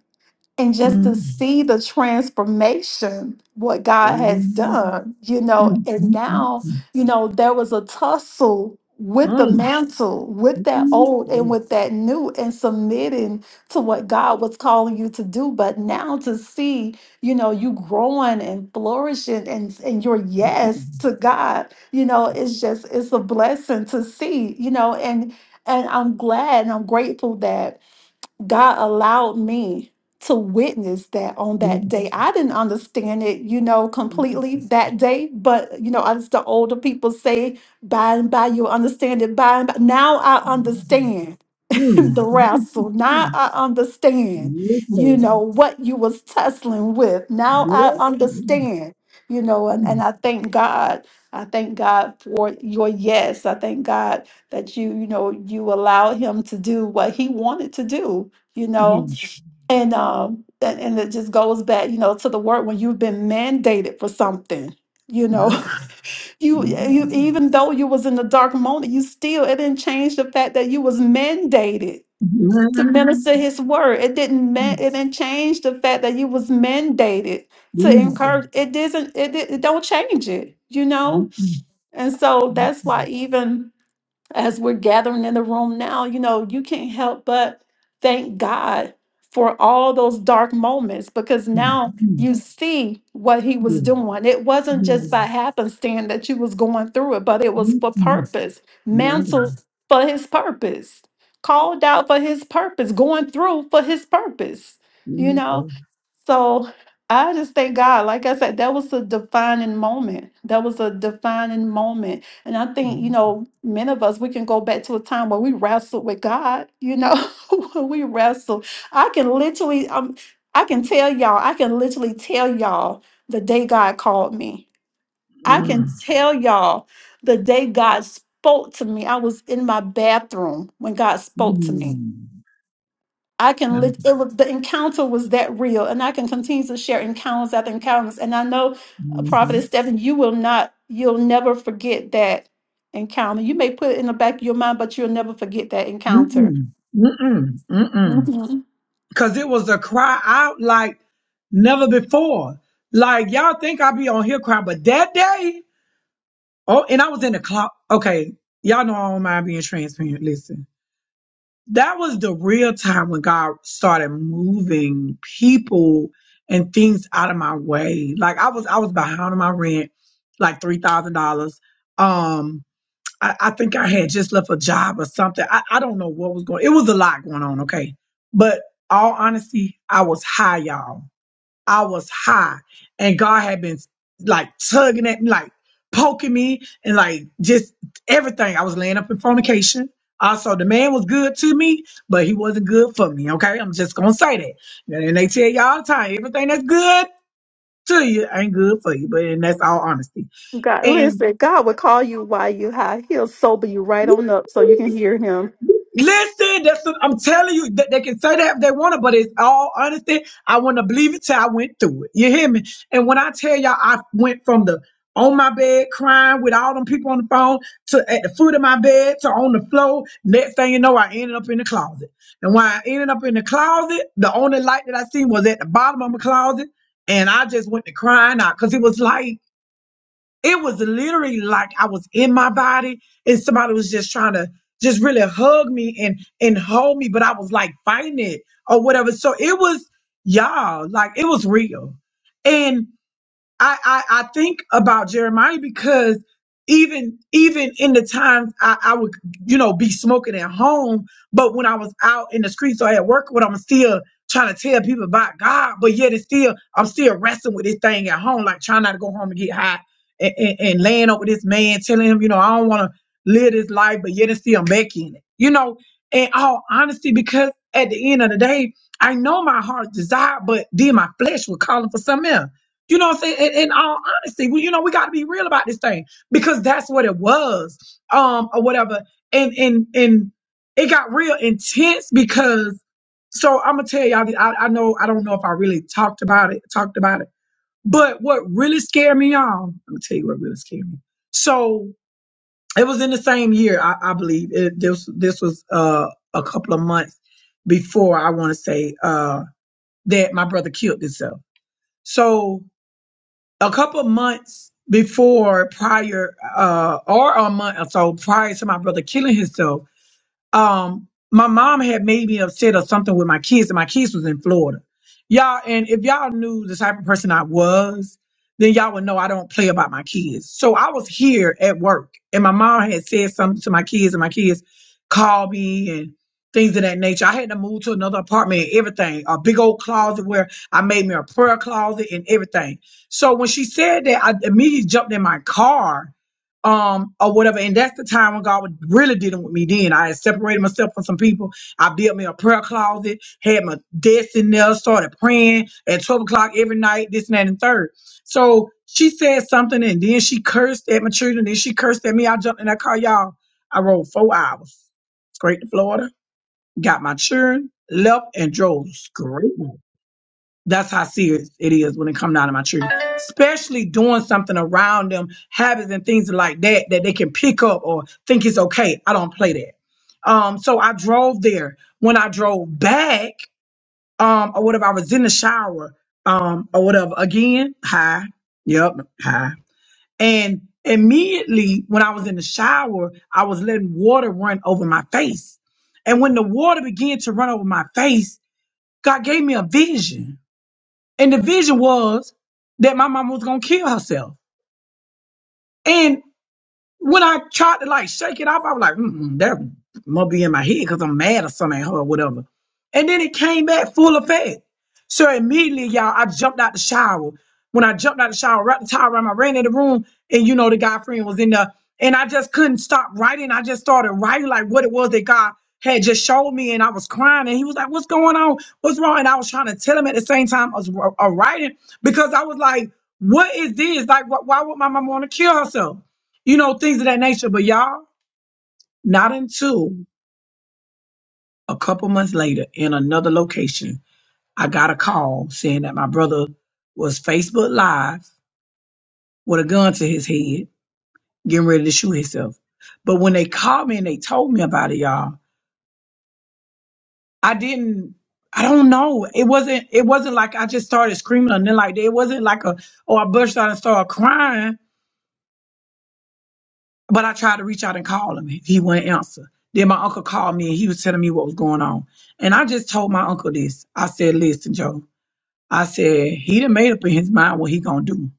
A: and just to
B: Mm,
A: see the transformation what god has
B: mm,
A: done you know
B: mm,
A: and now you know there was a tussle with the mantle with that old and with that new and submitting to what god was calling you to do but now to see you know you growing and flourishing and and your yes to god you know it's just it's a blessing to see you know and and i'm glad and i'm grateful that God allowed me to witness that on that day. I didn't understand it, you know, completely that day, but you know, as the older people say, by and by you'll understand it. By and by, now I understand
B: mm,
A: the
B: mm, mm,
A: wrestle. Now I understand, you know, what you was tussling with. Now I understand, you know, and, and I thank God. I thank God for your yes. I thank God that you, you know, you allowed him to do what he wanted to do, you
B: yeah.
A: know. And um and, and it just goes back, you know, to the word when you've been mandated for something, you know. you you even though you was in the dark moment, you still it didn't change the fact that you was mandated to
B: My
A: minister his word. It didn't ma- it didn't change the fact that you was mandated to
B: Jesus,
A: encourage. It doesn't it, di- it don't change it, you know? And so that's why even as we're gathering in the room now, you know, you can't help but thank God for all those dark moments because now you see what he
B: yeah,
A: was doing. It wasn't
B: yeah,
A: just by happenstance that you was going through it, but it was
B: yeah.
A: for purpose,
B: My
A: mantled for his purpose, called out for his purpose, going through for his purpose, you
B: God.
A: know? So I just thank God. Like I said, that was a defining moment. That was a defining moment and I think, you know, many of us, we can go back to a time where we wrestled with God, you know, when we wrestled. I can literally, um, I can tell y'all, I can literally tell y'all the day God called me. I can tell y'all the day God spoke to me. I was in my bathroom when God spoke to me.
B: Mm,
A: I can lit- it was the encounter was that real, and I can continue to share encounters after encounters. And I know, uh,
B: mm.
A: Prophet Stephen, you will not, you'll never forget that encounter. You may put it in the back of your mind, but you'll never forget that encounter.
B: Mm-mm, mm-mm, mm-mm.
A: Mhm.
B: Cause it was a cry out like never before. Like y'all think I be on here crying, but that day, oh, and I was in the clock. Okay, y'all know I don't mind being transparent. Listen, that was the real time when God started moving people and things out of my way. Like I was, I was behind on my rent, like three thousand dollars. Um. I, I think I had just left a job or something. I, I don't know what was going. It was a lot going on, okay. But all honesty, I was high, y'all. I was high, and God had been like tugging at me, like poking me, and like just everything. I was laying up in fornication. Also, the man was good to me, but he wasn't good for me. Okay, I'm just gonna say that. And they tell you all the time, everything that's good to you ain't good for you. But and that's all honesty.
A: God,
B: And
A: listen, God will call you while you high. He'll sober you right on up so you can hear Him.
B: Listen, that's what I'm telling you. That they can say that if they want to, but it's all honesty. I want to believe it till I went through it. You hear me? And when I tell y'all, I went from the on my bed crying with all them people on the phone to at the foot of my bed to on the floor. Next thing you know, I ended up in the closet. And when I ended up in the closet, the only light that I seen was at the bottom of my closet. And I just went to crying out because it was like it was literally like I was in my body and somebody was just trying to just really hug me and and hold me, but I was like fighting it or whatever. So it was y'all, like it was real. and. I, I I think about Jeremiah because even even in the times I, I would you know be smoking at home, but when I was out in the streets or at work, what I'm still trying to tell people about God, but yet it's still I'm still wrestling with this thing at home, like trying not to go home and get high and, and, and laying over this man, telling him you know I don't want to live this life, but yet it's still back in it, you know. In all honesty, because at the end of the day, I know my heart desire, but then my flesh was calling for something else you know what I'm saying? In, in all honesty, we, you know, we got to be real about this thing because that's what it was, um, or whatever. And and and it got real intense because. So I'm gonna tell y'all. the- I, I know I don't know if I really talked about it. Talked about it. But what really scared me, y'all. I'm gonna tell you what really scared me. So it was in the same year, I, I believe. It, this this was uh, a couple of months before I want to say uh, that my brother killed himself. So a couple months before prior uh or a month or so prior to my brother killing himself um my mom had made me upset or something with my kids and my kids was in florida y'all and if y'all knew the type of person i was then y'all would know i don't play about my kids so i was here at work and my mom had said something to my kids and my kids called me and things of that nature i had to move to another apartment and everything a big old closet where i made me a prayer closet and everything so when she said that i immediately jumped in my car um or whatever and that's the time when god was really dealing with me then i had separated myself from some people i built me a prayer closet had my desk in there started praying at 12 o'clock every night this and that and third so she said something and then she cursed at my children then she cursed at me i jumped in that car y'all i rode four hours straight to florida got my children left and drove straight that's how serious it is when it comes out of my tree. Especially doing something around them, habits and things like that that they can pick up or think it's okay. I don't play that. Um, so I drove there. When I drove back, um, or whatever, I was in the shower, um, or whatever. Again, hi. Yep, hi. And immediately when I was in the shower, I was letting water run over my face. And when the water began to run over my face, God gave me a vision and the vision was that my mama was gonna kill herself. And when I tried to like shake it off, I was like, mm that must be in my head because I'm mad or something at her or whatever. And then it came back full effect. So immediately, y'all, I jumped out the shower. When I jumped out the shower, wrapped the towel around, I ran in the room, and you know, the guy friend was in there. And I just couldn't stop writing. I just started writing like what it was that God had just showed me. And I was crying. And he was like, What's going on? What's wrong? And I was trying to tell him at the same time I was uh, writing because I was like, What is this? Like, wh- why would my mom want to kill herself? you know, things of that nature. But y'all, not until a couple months later in another location, I got a call saying that my brother was Facebook Live with a gun to his head, getting ready to shoot himself. But when they called me and they told me about it, y'all, I didn't. I don't know. It wasn't. It wasn't like I just started screaming or nothing like that. It wasn't like a. Oh, I burst out and started crying But I tried to reach out and call him. He wouldn't answer. Then my uncle called me and he was telling me what was going on. And I just told my uncle this. I said, listen, Joe. I said, he done made up in his mind what he gonna do.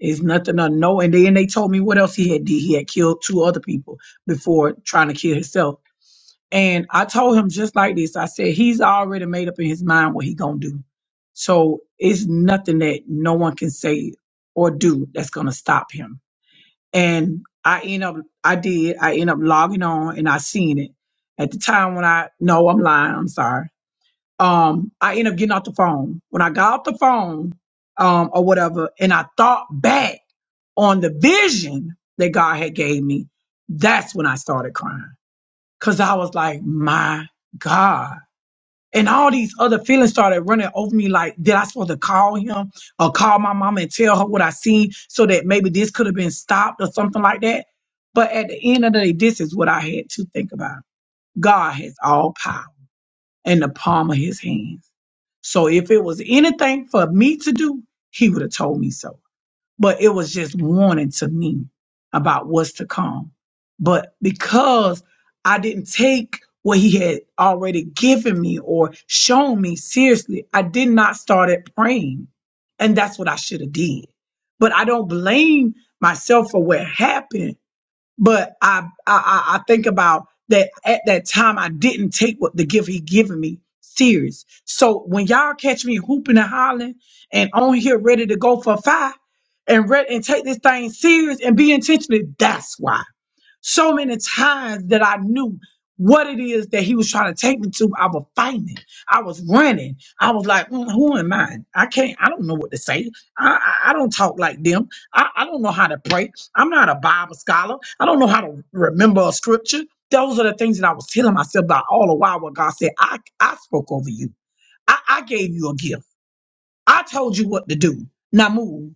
B: It's nothing to know. And then they told me what else he had did. He had killed two other people before trying to kill himself. And I told him just like this. I said, he's already made up in his mind what he gonna do. So it's nothing that no one can say or do that's gonna stop him and I end up I did I end up logging on and I seen it at the time when I no I'm lying I'm sorry um I end up getting off the phone when I got off the phone um or whatever and I thought back on the vision that God had gave me that's when I started crying cuz I was like my God and all these other feelings started running over me. Like, did I supposed to call him or call my mom and tell her what I seen so that maybe this could have been stopped or something like that? But at the end of the day, this is what I had to think about. God has all power in the palm of his hands. So if it was anything for me to do, he would have told me so but it was just warning to me about what's to come. But because I didn't take what he had already given me or shown me seriously, I did not start at praying. And that's what I should have did. But I don't blame myself for what happened but I, I I I think about that at that time I didn't take what the gift he given me serious. So when y'all catch me hooping and hollering and on here ready to go for five and ready and take this thing serious and be intentional, that's why so many times that I knew what it is that he was trying to take me to. I was fighting. I was running. I was like, "Mm, who am I? I can't, I don't know what to say. I, I, I don't talk like them. I, I don't know how to pray. I'm not a Bible scholar. I don't know how to remember a scripture. Those are the things that I was telling myself about all the while when God said, I, I spoke over you. I, I gave you a gift. I told you what to do. Now move.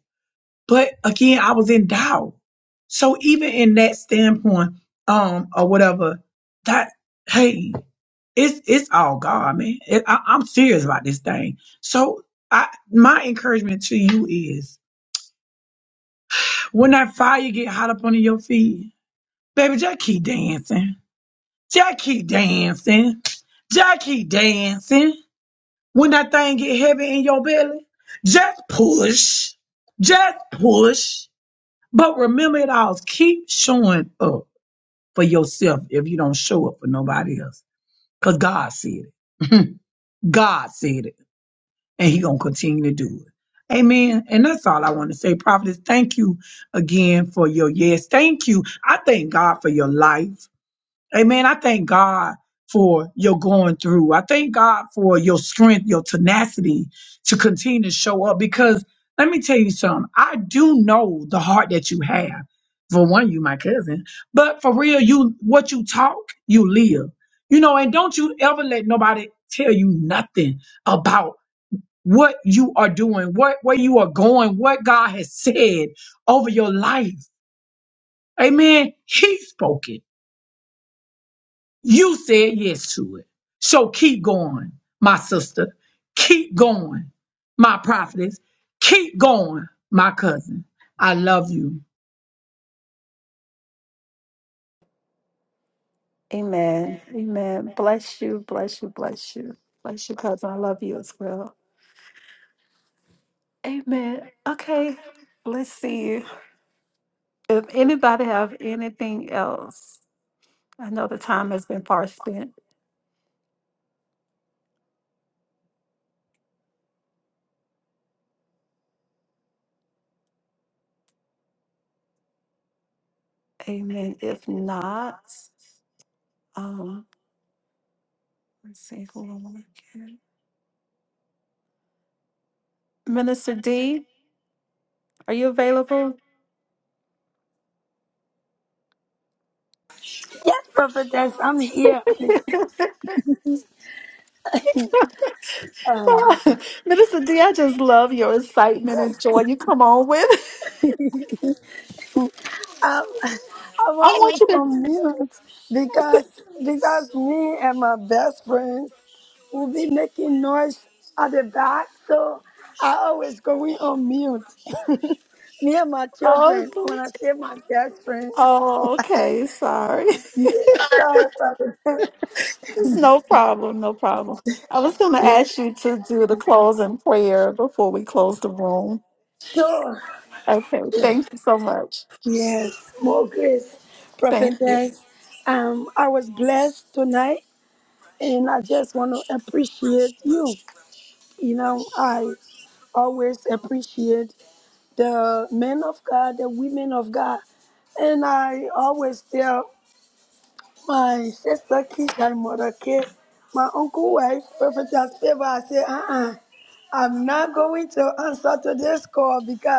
B: But again, I was in doubt. So even in that standpoint, um, or whatever, that hey, it's it's all God, man. It, I, I'm serious about this thing. So I, my encouragement to you is, when that fire get hot up under your feet, baby, just keep dancing, just keep dancing, just keep dancing. When that thing get heavy in your belly, just push, just push. But remember, it all keep showing up for yourself if you don't show up for nobody else. Because God said it. God said it. And He going to continue to do it. Amen. And that's all I want to say. Prophetess, thank you again for your yes. Thank you. I thank God for your life. Amen. I thank God for your going through. I thank God for your strength, your tenacity to continue to show up because let me tell you something. I do know the heart that you have. For one, you my cousin, but for real, you what you talk, you live. You know, and don't you ever let nobody tell you nothing about what you are doing, what where you are going, what God has said over your life. Amen. He spoke it. You said yes to it. So keep going, my sister. Keep going, my prophetess. Keep going, my cousin. I love you.
A: Amen. Amen. Bless you. Bless you. Bless you. Bless you, cousin. I love you as well. Amen. Okay. Let's see. If anybody have anything else, I know the time has been far spent. Amen. If not, um, let's see who I wanna Minister D, are you available?
F: prophetess, I'm here.
A: Minister D, I just love your excitement and joy you come on with.
F: I'm, I'm
A: I want
F: always
A: you
F: on
A: to.
F: mute because because me and my best friends will be making noise at the back. So I always
A: Oh, go- oh, okay. Sorry. It's no problem. No problem. I was going to ask you to do the closing prayer before we close the room. Okay, thank you so much. Thank you.
F: ask thank you. You know, I always appreciate the men of God, the women of God. And I always tell my sister Keisha and mother Kate, my uncle wife, as favor, I say, uh-uh, I went to this call because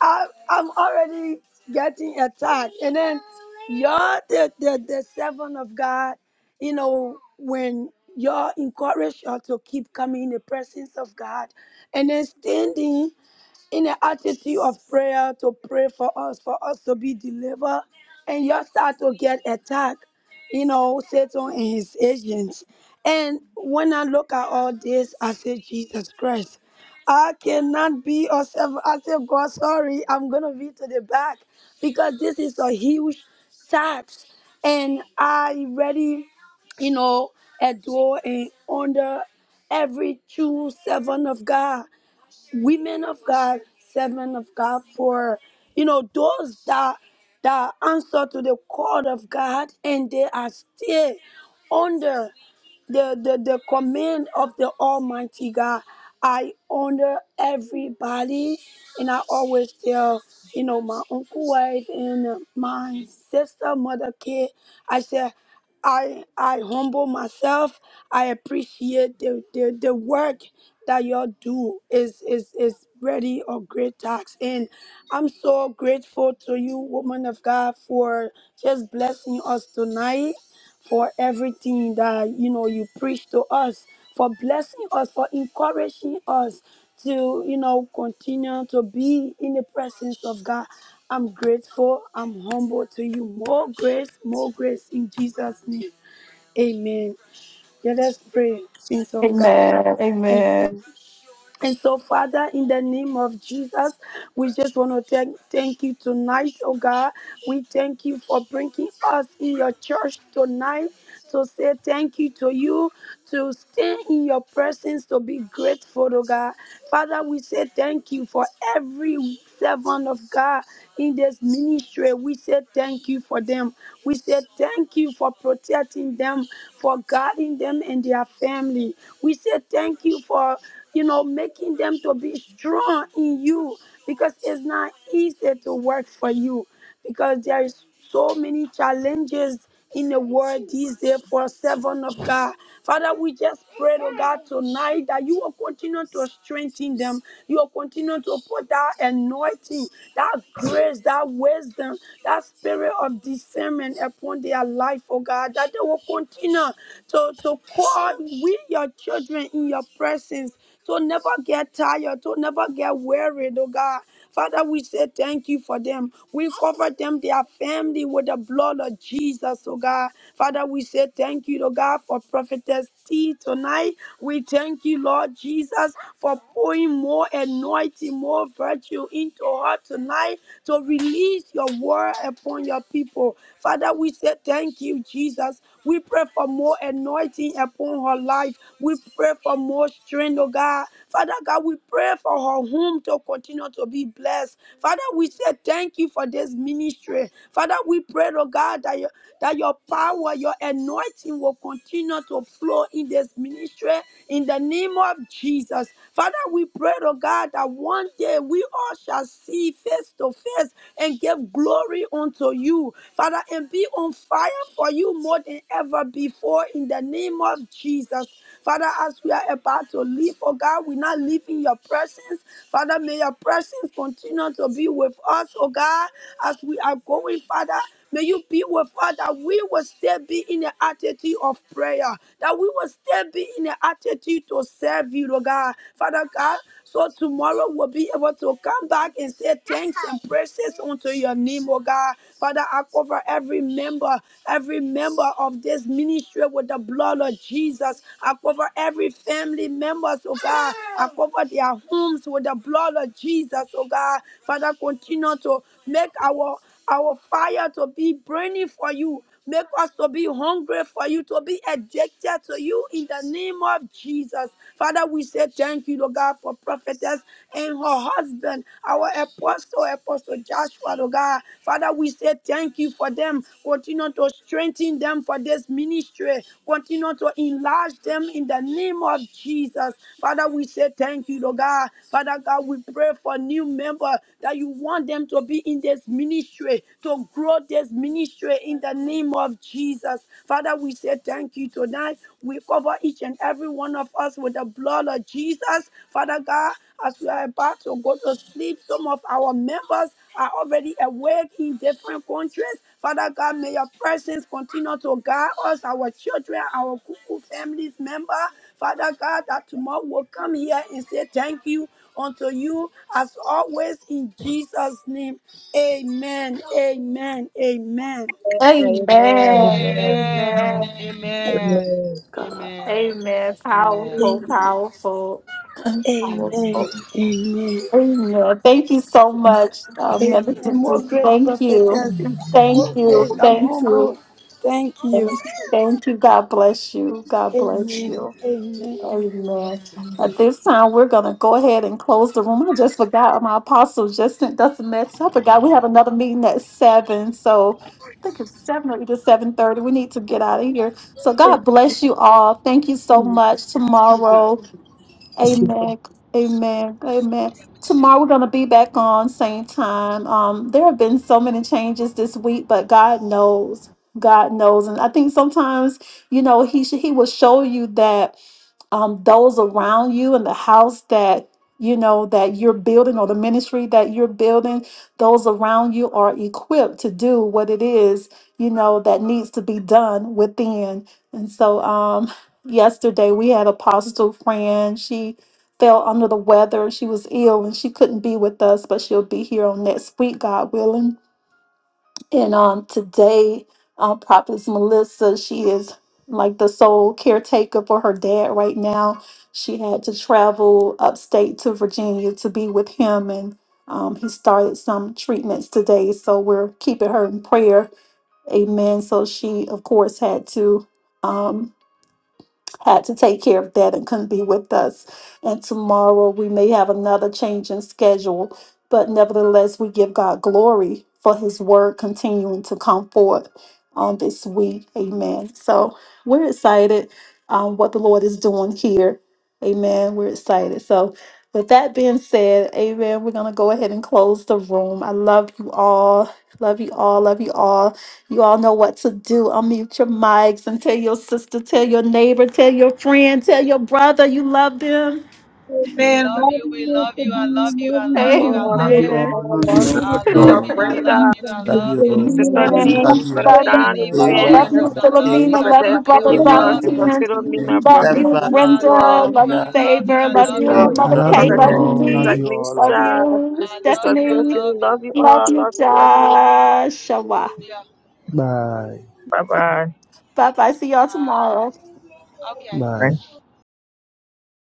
F: I, I'm already getting attacked. And then y'all, the, the, the servant of God, you know, when y'all encourage y'all to keep coming in the presence of God and then standing in an attitude of prayer to pray for us, for us to be delivered, and you start to get attacked, you know, Satan and his agents. And when I look at all this, I say, Jesus Christ, I cannot be or serve. I say, God, sorry, I'm gonna be to the back because this is a huge tax, and I already, you know, adore and under every true servant of God women of God, servant of God, for you know those that that answer to the call of God and they are still under the, the, the command of the Almighty God. I honor everybody, and I always tell, you know, my uncle wife and uh, my sister, mother, kid, I said, I I humble myself. I appreciate the, the, the work that y'all do is is is really a great task. And I'm so grateful to you, woman of God, for just blessing us tonight for everything that you know you preach to us for blessing us for encouraging us to you know continue to be in the presence of god i'm grateful i'm humble to you more grace more grace in jesus name amen let us pray saints of god
A: Amen. Amen.
F: Amen. And so, Father, in the name of Jesus, we just want to thank, thank you tonight, oh God. We thank you for bringing us in your church tonight to say thank you to you, to stay in your presence, to be grateful, oh God. Father, we say thank you for every servant of God in this ministry. We say thank you for them. We say thank you for protecting them, for guarding them and their family. We say thank you for you know, making them to be strong in you because it's not easy to work for you because there is so many challenges in the world these days for servant of God. Father, we just pray, oh God, tonight that you will continue to strengthen them. You will continue to put that anointing, that grace, that wisdom, that spirit of discernment upon their life, oh God, that they will continue to, to call with your children in your presence, to never get tired, to never get wearied, oh God. Father, we say thank you for them. We cover them, their family, with the blood of Jesus, oh God. Father, we say thank you, oh God, for prophetess T tonight. We thank you, Lord Jesus, for pouring more anointing, more virtue into her tonight to release your word upon your people. Father, we say thank you, Jesus. We pray for more anointing upon her life. We pray for more strength, oh God. Father God, we pray for her home to continue to be blessed. Father, we say thank you for this ministry. Father, we pray, oh God, that your, that your power, your anointing will continue to flow in this ministry in the name of Jesus. Father, we pray pray, oh God, that one day we all shall see face to face and give glory unto you, Father, and be on fire for you more than ever before in the name of Jesus. Father, as we are about to leave, oh God, we not leave in your presence. Father, may your presence continue to be with us, oh God, as we are going, Father. May you be with us that we will still be in the attitude of prayer, that we will still be in the attitude to serve you, Lord God. Father God, so tomorrow we'll be able to come back and say thanks and praises unto your name, oh God. Father, I cover every member, every member of this ministry with the blood of Jesus. I cover every family members, oh God. I cover their homes with the blood of Jesus, oh God. Father, continue to make our our fire to be burning for you. Make us to be hungry for you, to be addicted to you in the name of Jesus. Father, we say thank you, Lord God, for prophetess and her husband, our apostle, Apostle Joshua, Lord God. Father, we say thank you for them. Continue to strengthen them for this ministry. Continue to enlarge them in the name of Jesus. Father, we say thank you, Lord God. Father God, we pray for new member that you want them to be in this ministry, to grow this ministry in the name of Jesus. Father, we say thank you tonight. We cover each and every one of us with the blood of Jesus. Father God, as we are about to go to sleep, some of our members are already awake in different countries. Father God, may your presence continue to guide us, our children, our cuckoo families member. Father God, that tomorrow will come here and say thank you unto you as always in Jesus' name. Amen. Amen. Amen.
A: Amen.
D: Amen.
A: Amen.
I: Amen.
F: Amen.
I: Amen.
D: Amen.
F: God.
I: Amen.
A: Amen.
I: Amen.
A: Powerful,
F: Amen.
A: powerful.
F: Amen.
I: Amen.
A: powerful.
F: Amen.
A: Amen. Thank you so much, uh,
I: Mm.
F: Amen.
A: Minister
F: More
A: T.
F: grace,
A: Thank you.
F: prophetess.
A: Thank
F: More
A: you.
I: Amen.
A: Thank you. Thank you. Thank you. God bless you. God bless you. Amen.
I: Amen.
A: At this time, we're going to go ahead and close the room. I just forgot my apostle just sent us a message. I forgot we have another meeting at seven. So I think it's seven or either seven thirty. We need to get out of here. So God bless you all. Thank you so much. Tomorrow, Amen. Amen. Amen. Tomorrow we're going to be back on same time. Um, there have been so many changes this week, but God knows. God knows, and I think sometimes you know He should He will show you that um, those around you in the house that you know that you're building or the ministry that you're building those around you are equipped to do what it is you know that needs to be done within and so um yesterday we had a apostle friend she fell under the weather she was ill and she couldn't be with us but she'll be here on next week god willing and um, today, uh, Prophet Melissa, she is like the sole caretaker for her dad right now. She had to travel upstate to Virginia to be with him, and um, he started some treatments today. So we're keeping her in prayer. Amen. So she, of course, had to. Um, had to take care of that and couldn't be with us. And tomorrow we may have another change in schedule, but nevertheless, we give God glory for his word continuing to come forth on this week. Amen. So we're excited um, what the Lord is doing here. Amen. We're excited. So, with that being said, amen, we're going to go ahead and close the room. I love you all. Love you all. Love you all. You all know what to do. Unmute your mics and tell your sister, tell your neighbor, tell your friend, tell your brother you love them.
I: We
B: Amen.
I: love
B: Love
I: you. We
B: you,
I: love you.
B: Mr.
I: I love
B: Dean.
I: you.
B: Love
I: I love
B: you,
I: you. I
D: Oh, I
I: love
J: Love
B: Mr.
D: love
J: you
I: you.
D: you.
A: Amen.
J: all.
D: Oh,
J: Love
B: Love
D: I
J: you
B: you,
D: love
J: all.
D: you.
B: Mother
I: I
J: Love you
G: God
J: all.
I: love
D: Sister
I: you.
B: Tuesday.
I: I
B: Love
I: love
B: you,
D: Brenda,
I: you. I
G: love
I: love
G: you.
B: Dr.
I: you.
G: all.
H: I
B: Amen.
D: Sister
H: love
G: I
B: Love
H: you.
B: you, Dr.
D: G,
A: Amen.
G: love you.
D: Brother
A: Love
I: In
A: you,
B: Taylor.
I: the
A: you
H: Like,
I: name
G: Hey,
I: of
B: Love you,
A: Love
D: Donaldson,
B: Dr.
I: Jesus,
A: you,
G: Mother
I: I love
B: Love
G: K,
I: you.
B: you,
A: Philomena.
I: I
A: Love you,
D: Prophetess
I: love you.
B: Prophet
I: I
A: Brother
G: love
D: Favor,
I: love
B: Taylor.
I: you.
D: Sister
A: Valentine.
B: Love
G: you.
D: Philomena,
B: you,
A: Love
B: Dr.
D: Prophet
A: you,
G: Stephanie,
I: I
A: Brenda.
I: love
D: Joshua,
I: you.
A: Love
I: I
A: you,
G: Brenda.
I: love
B: Love
I: you.
A: Favor.
I: I
B: you,
A: Love
I: love
B: Dr.
I: you.
A: you,
D: Sister
J: I
A: Mother
J: love
A: Kay.
J: you
B: Love
A: Love
D: Prophetess
A: you,
J: all.
B: you,
J: Love you
A: Dee.
J: all.
A: Love
J: Love you
D: Sagnisha,
J: all.
A: you,
I: I love
D: Sister
I: you. I
A: Stephanie.
I: love
D: Stephanie,
I: you.
D: love you
A: Love
D: all,
A: you,
D: love you, love you.
A: Joshua.
I: Hallelujah.
J: Bye.
A: Bye bye. See y'all
I: God.
A: tomorrow.
I: Okay.
J: Bye.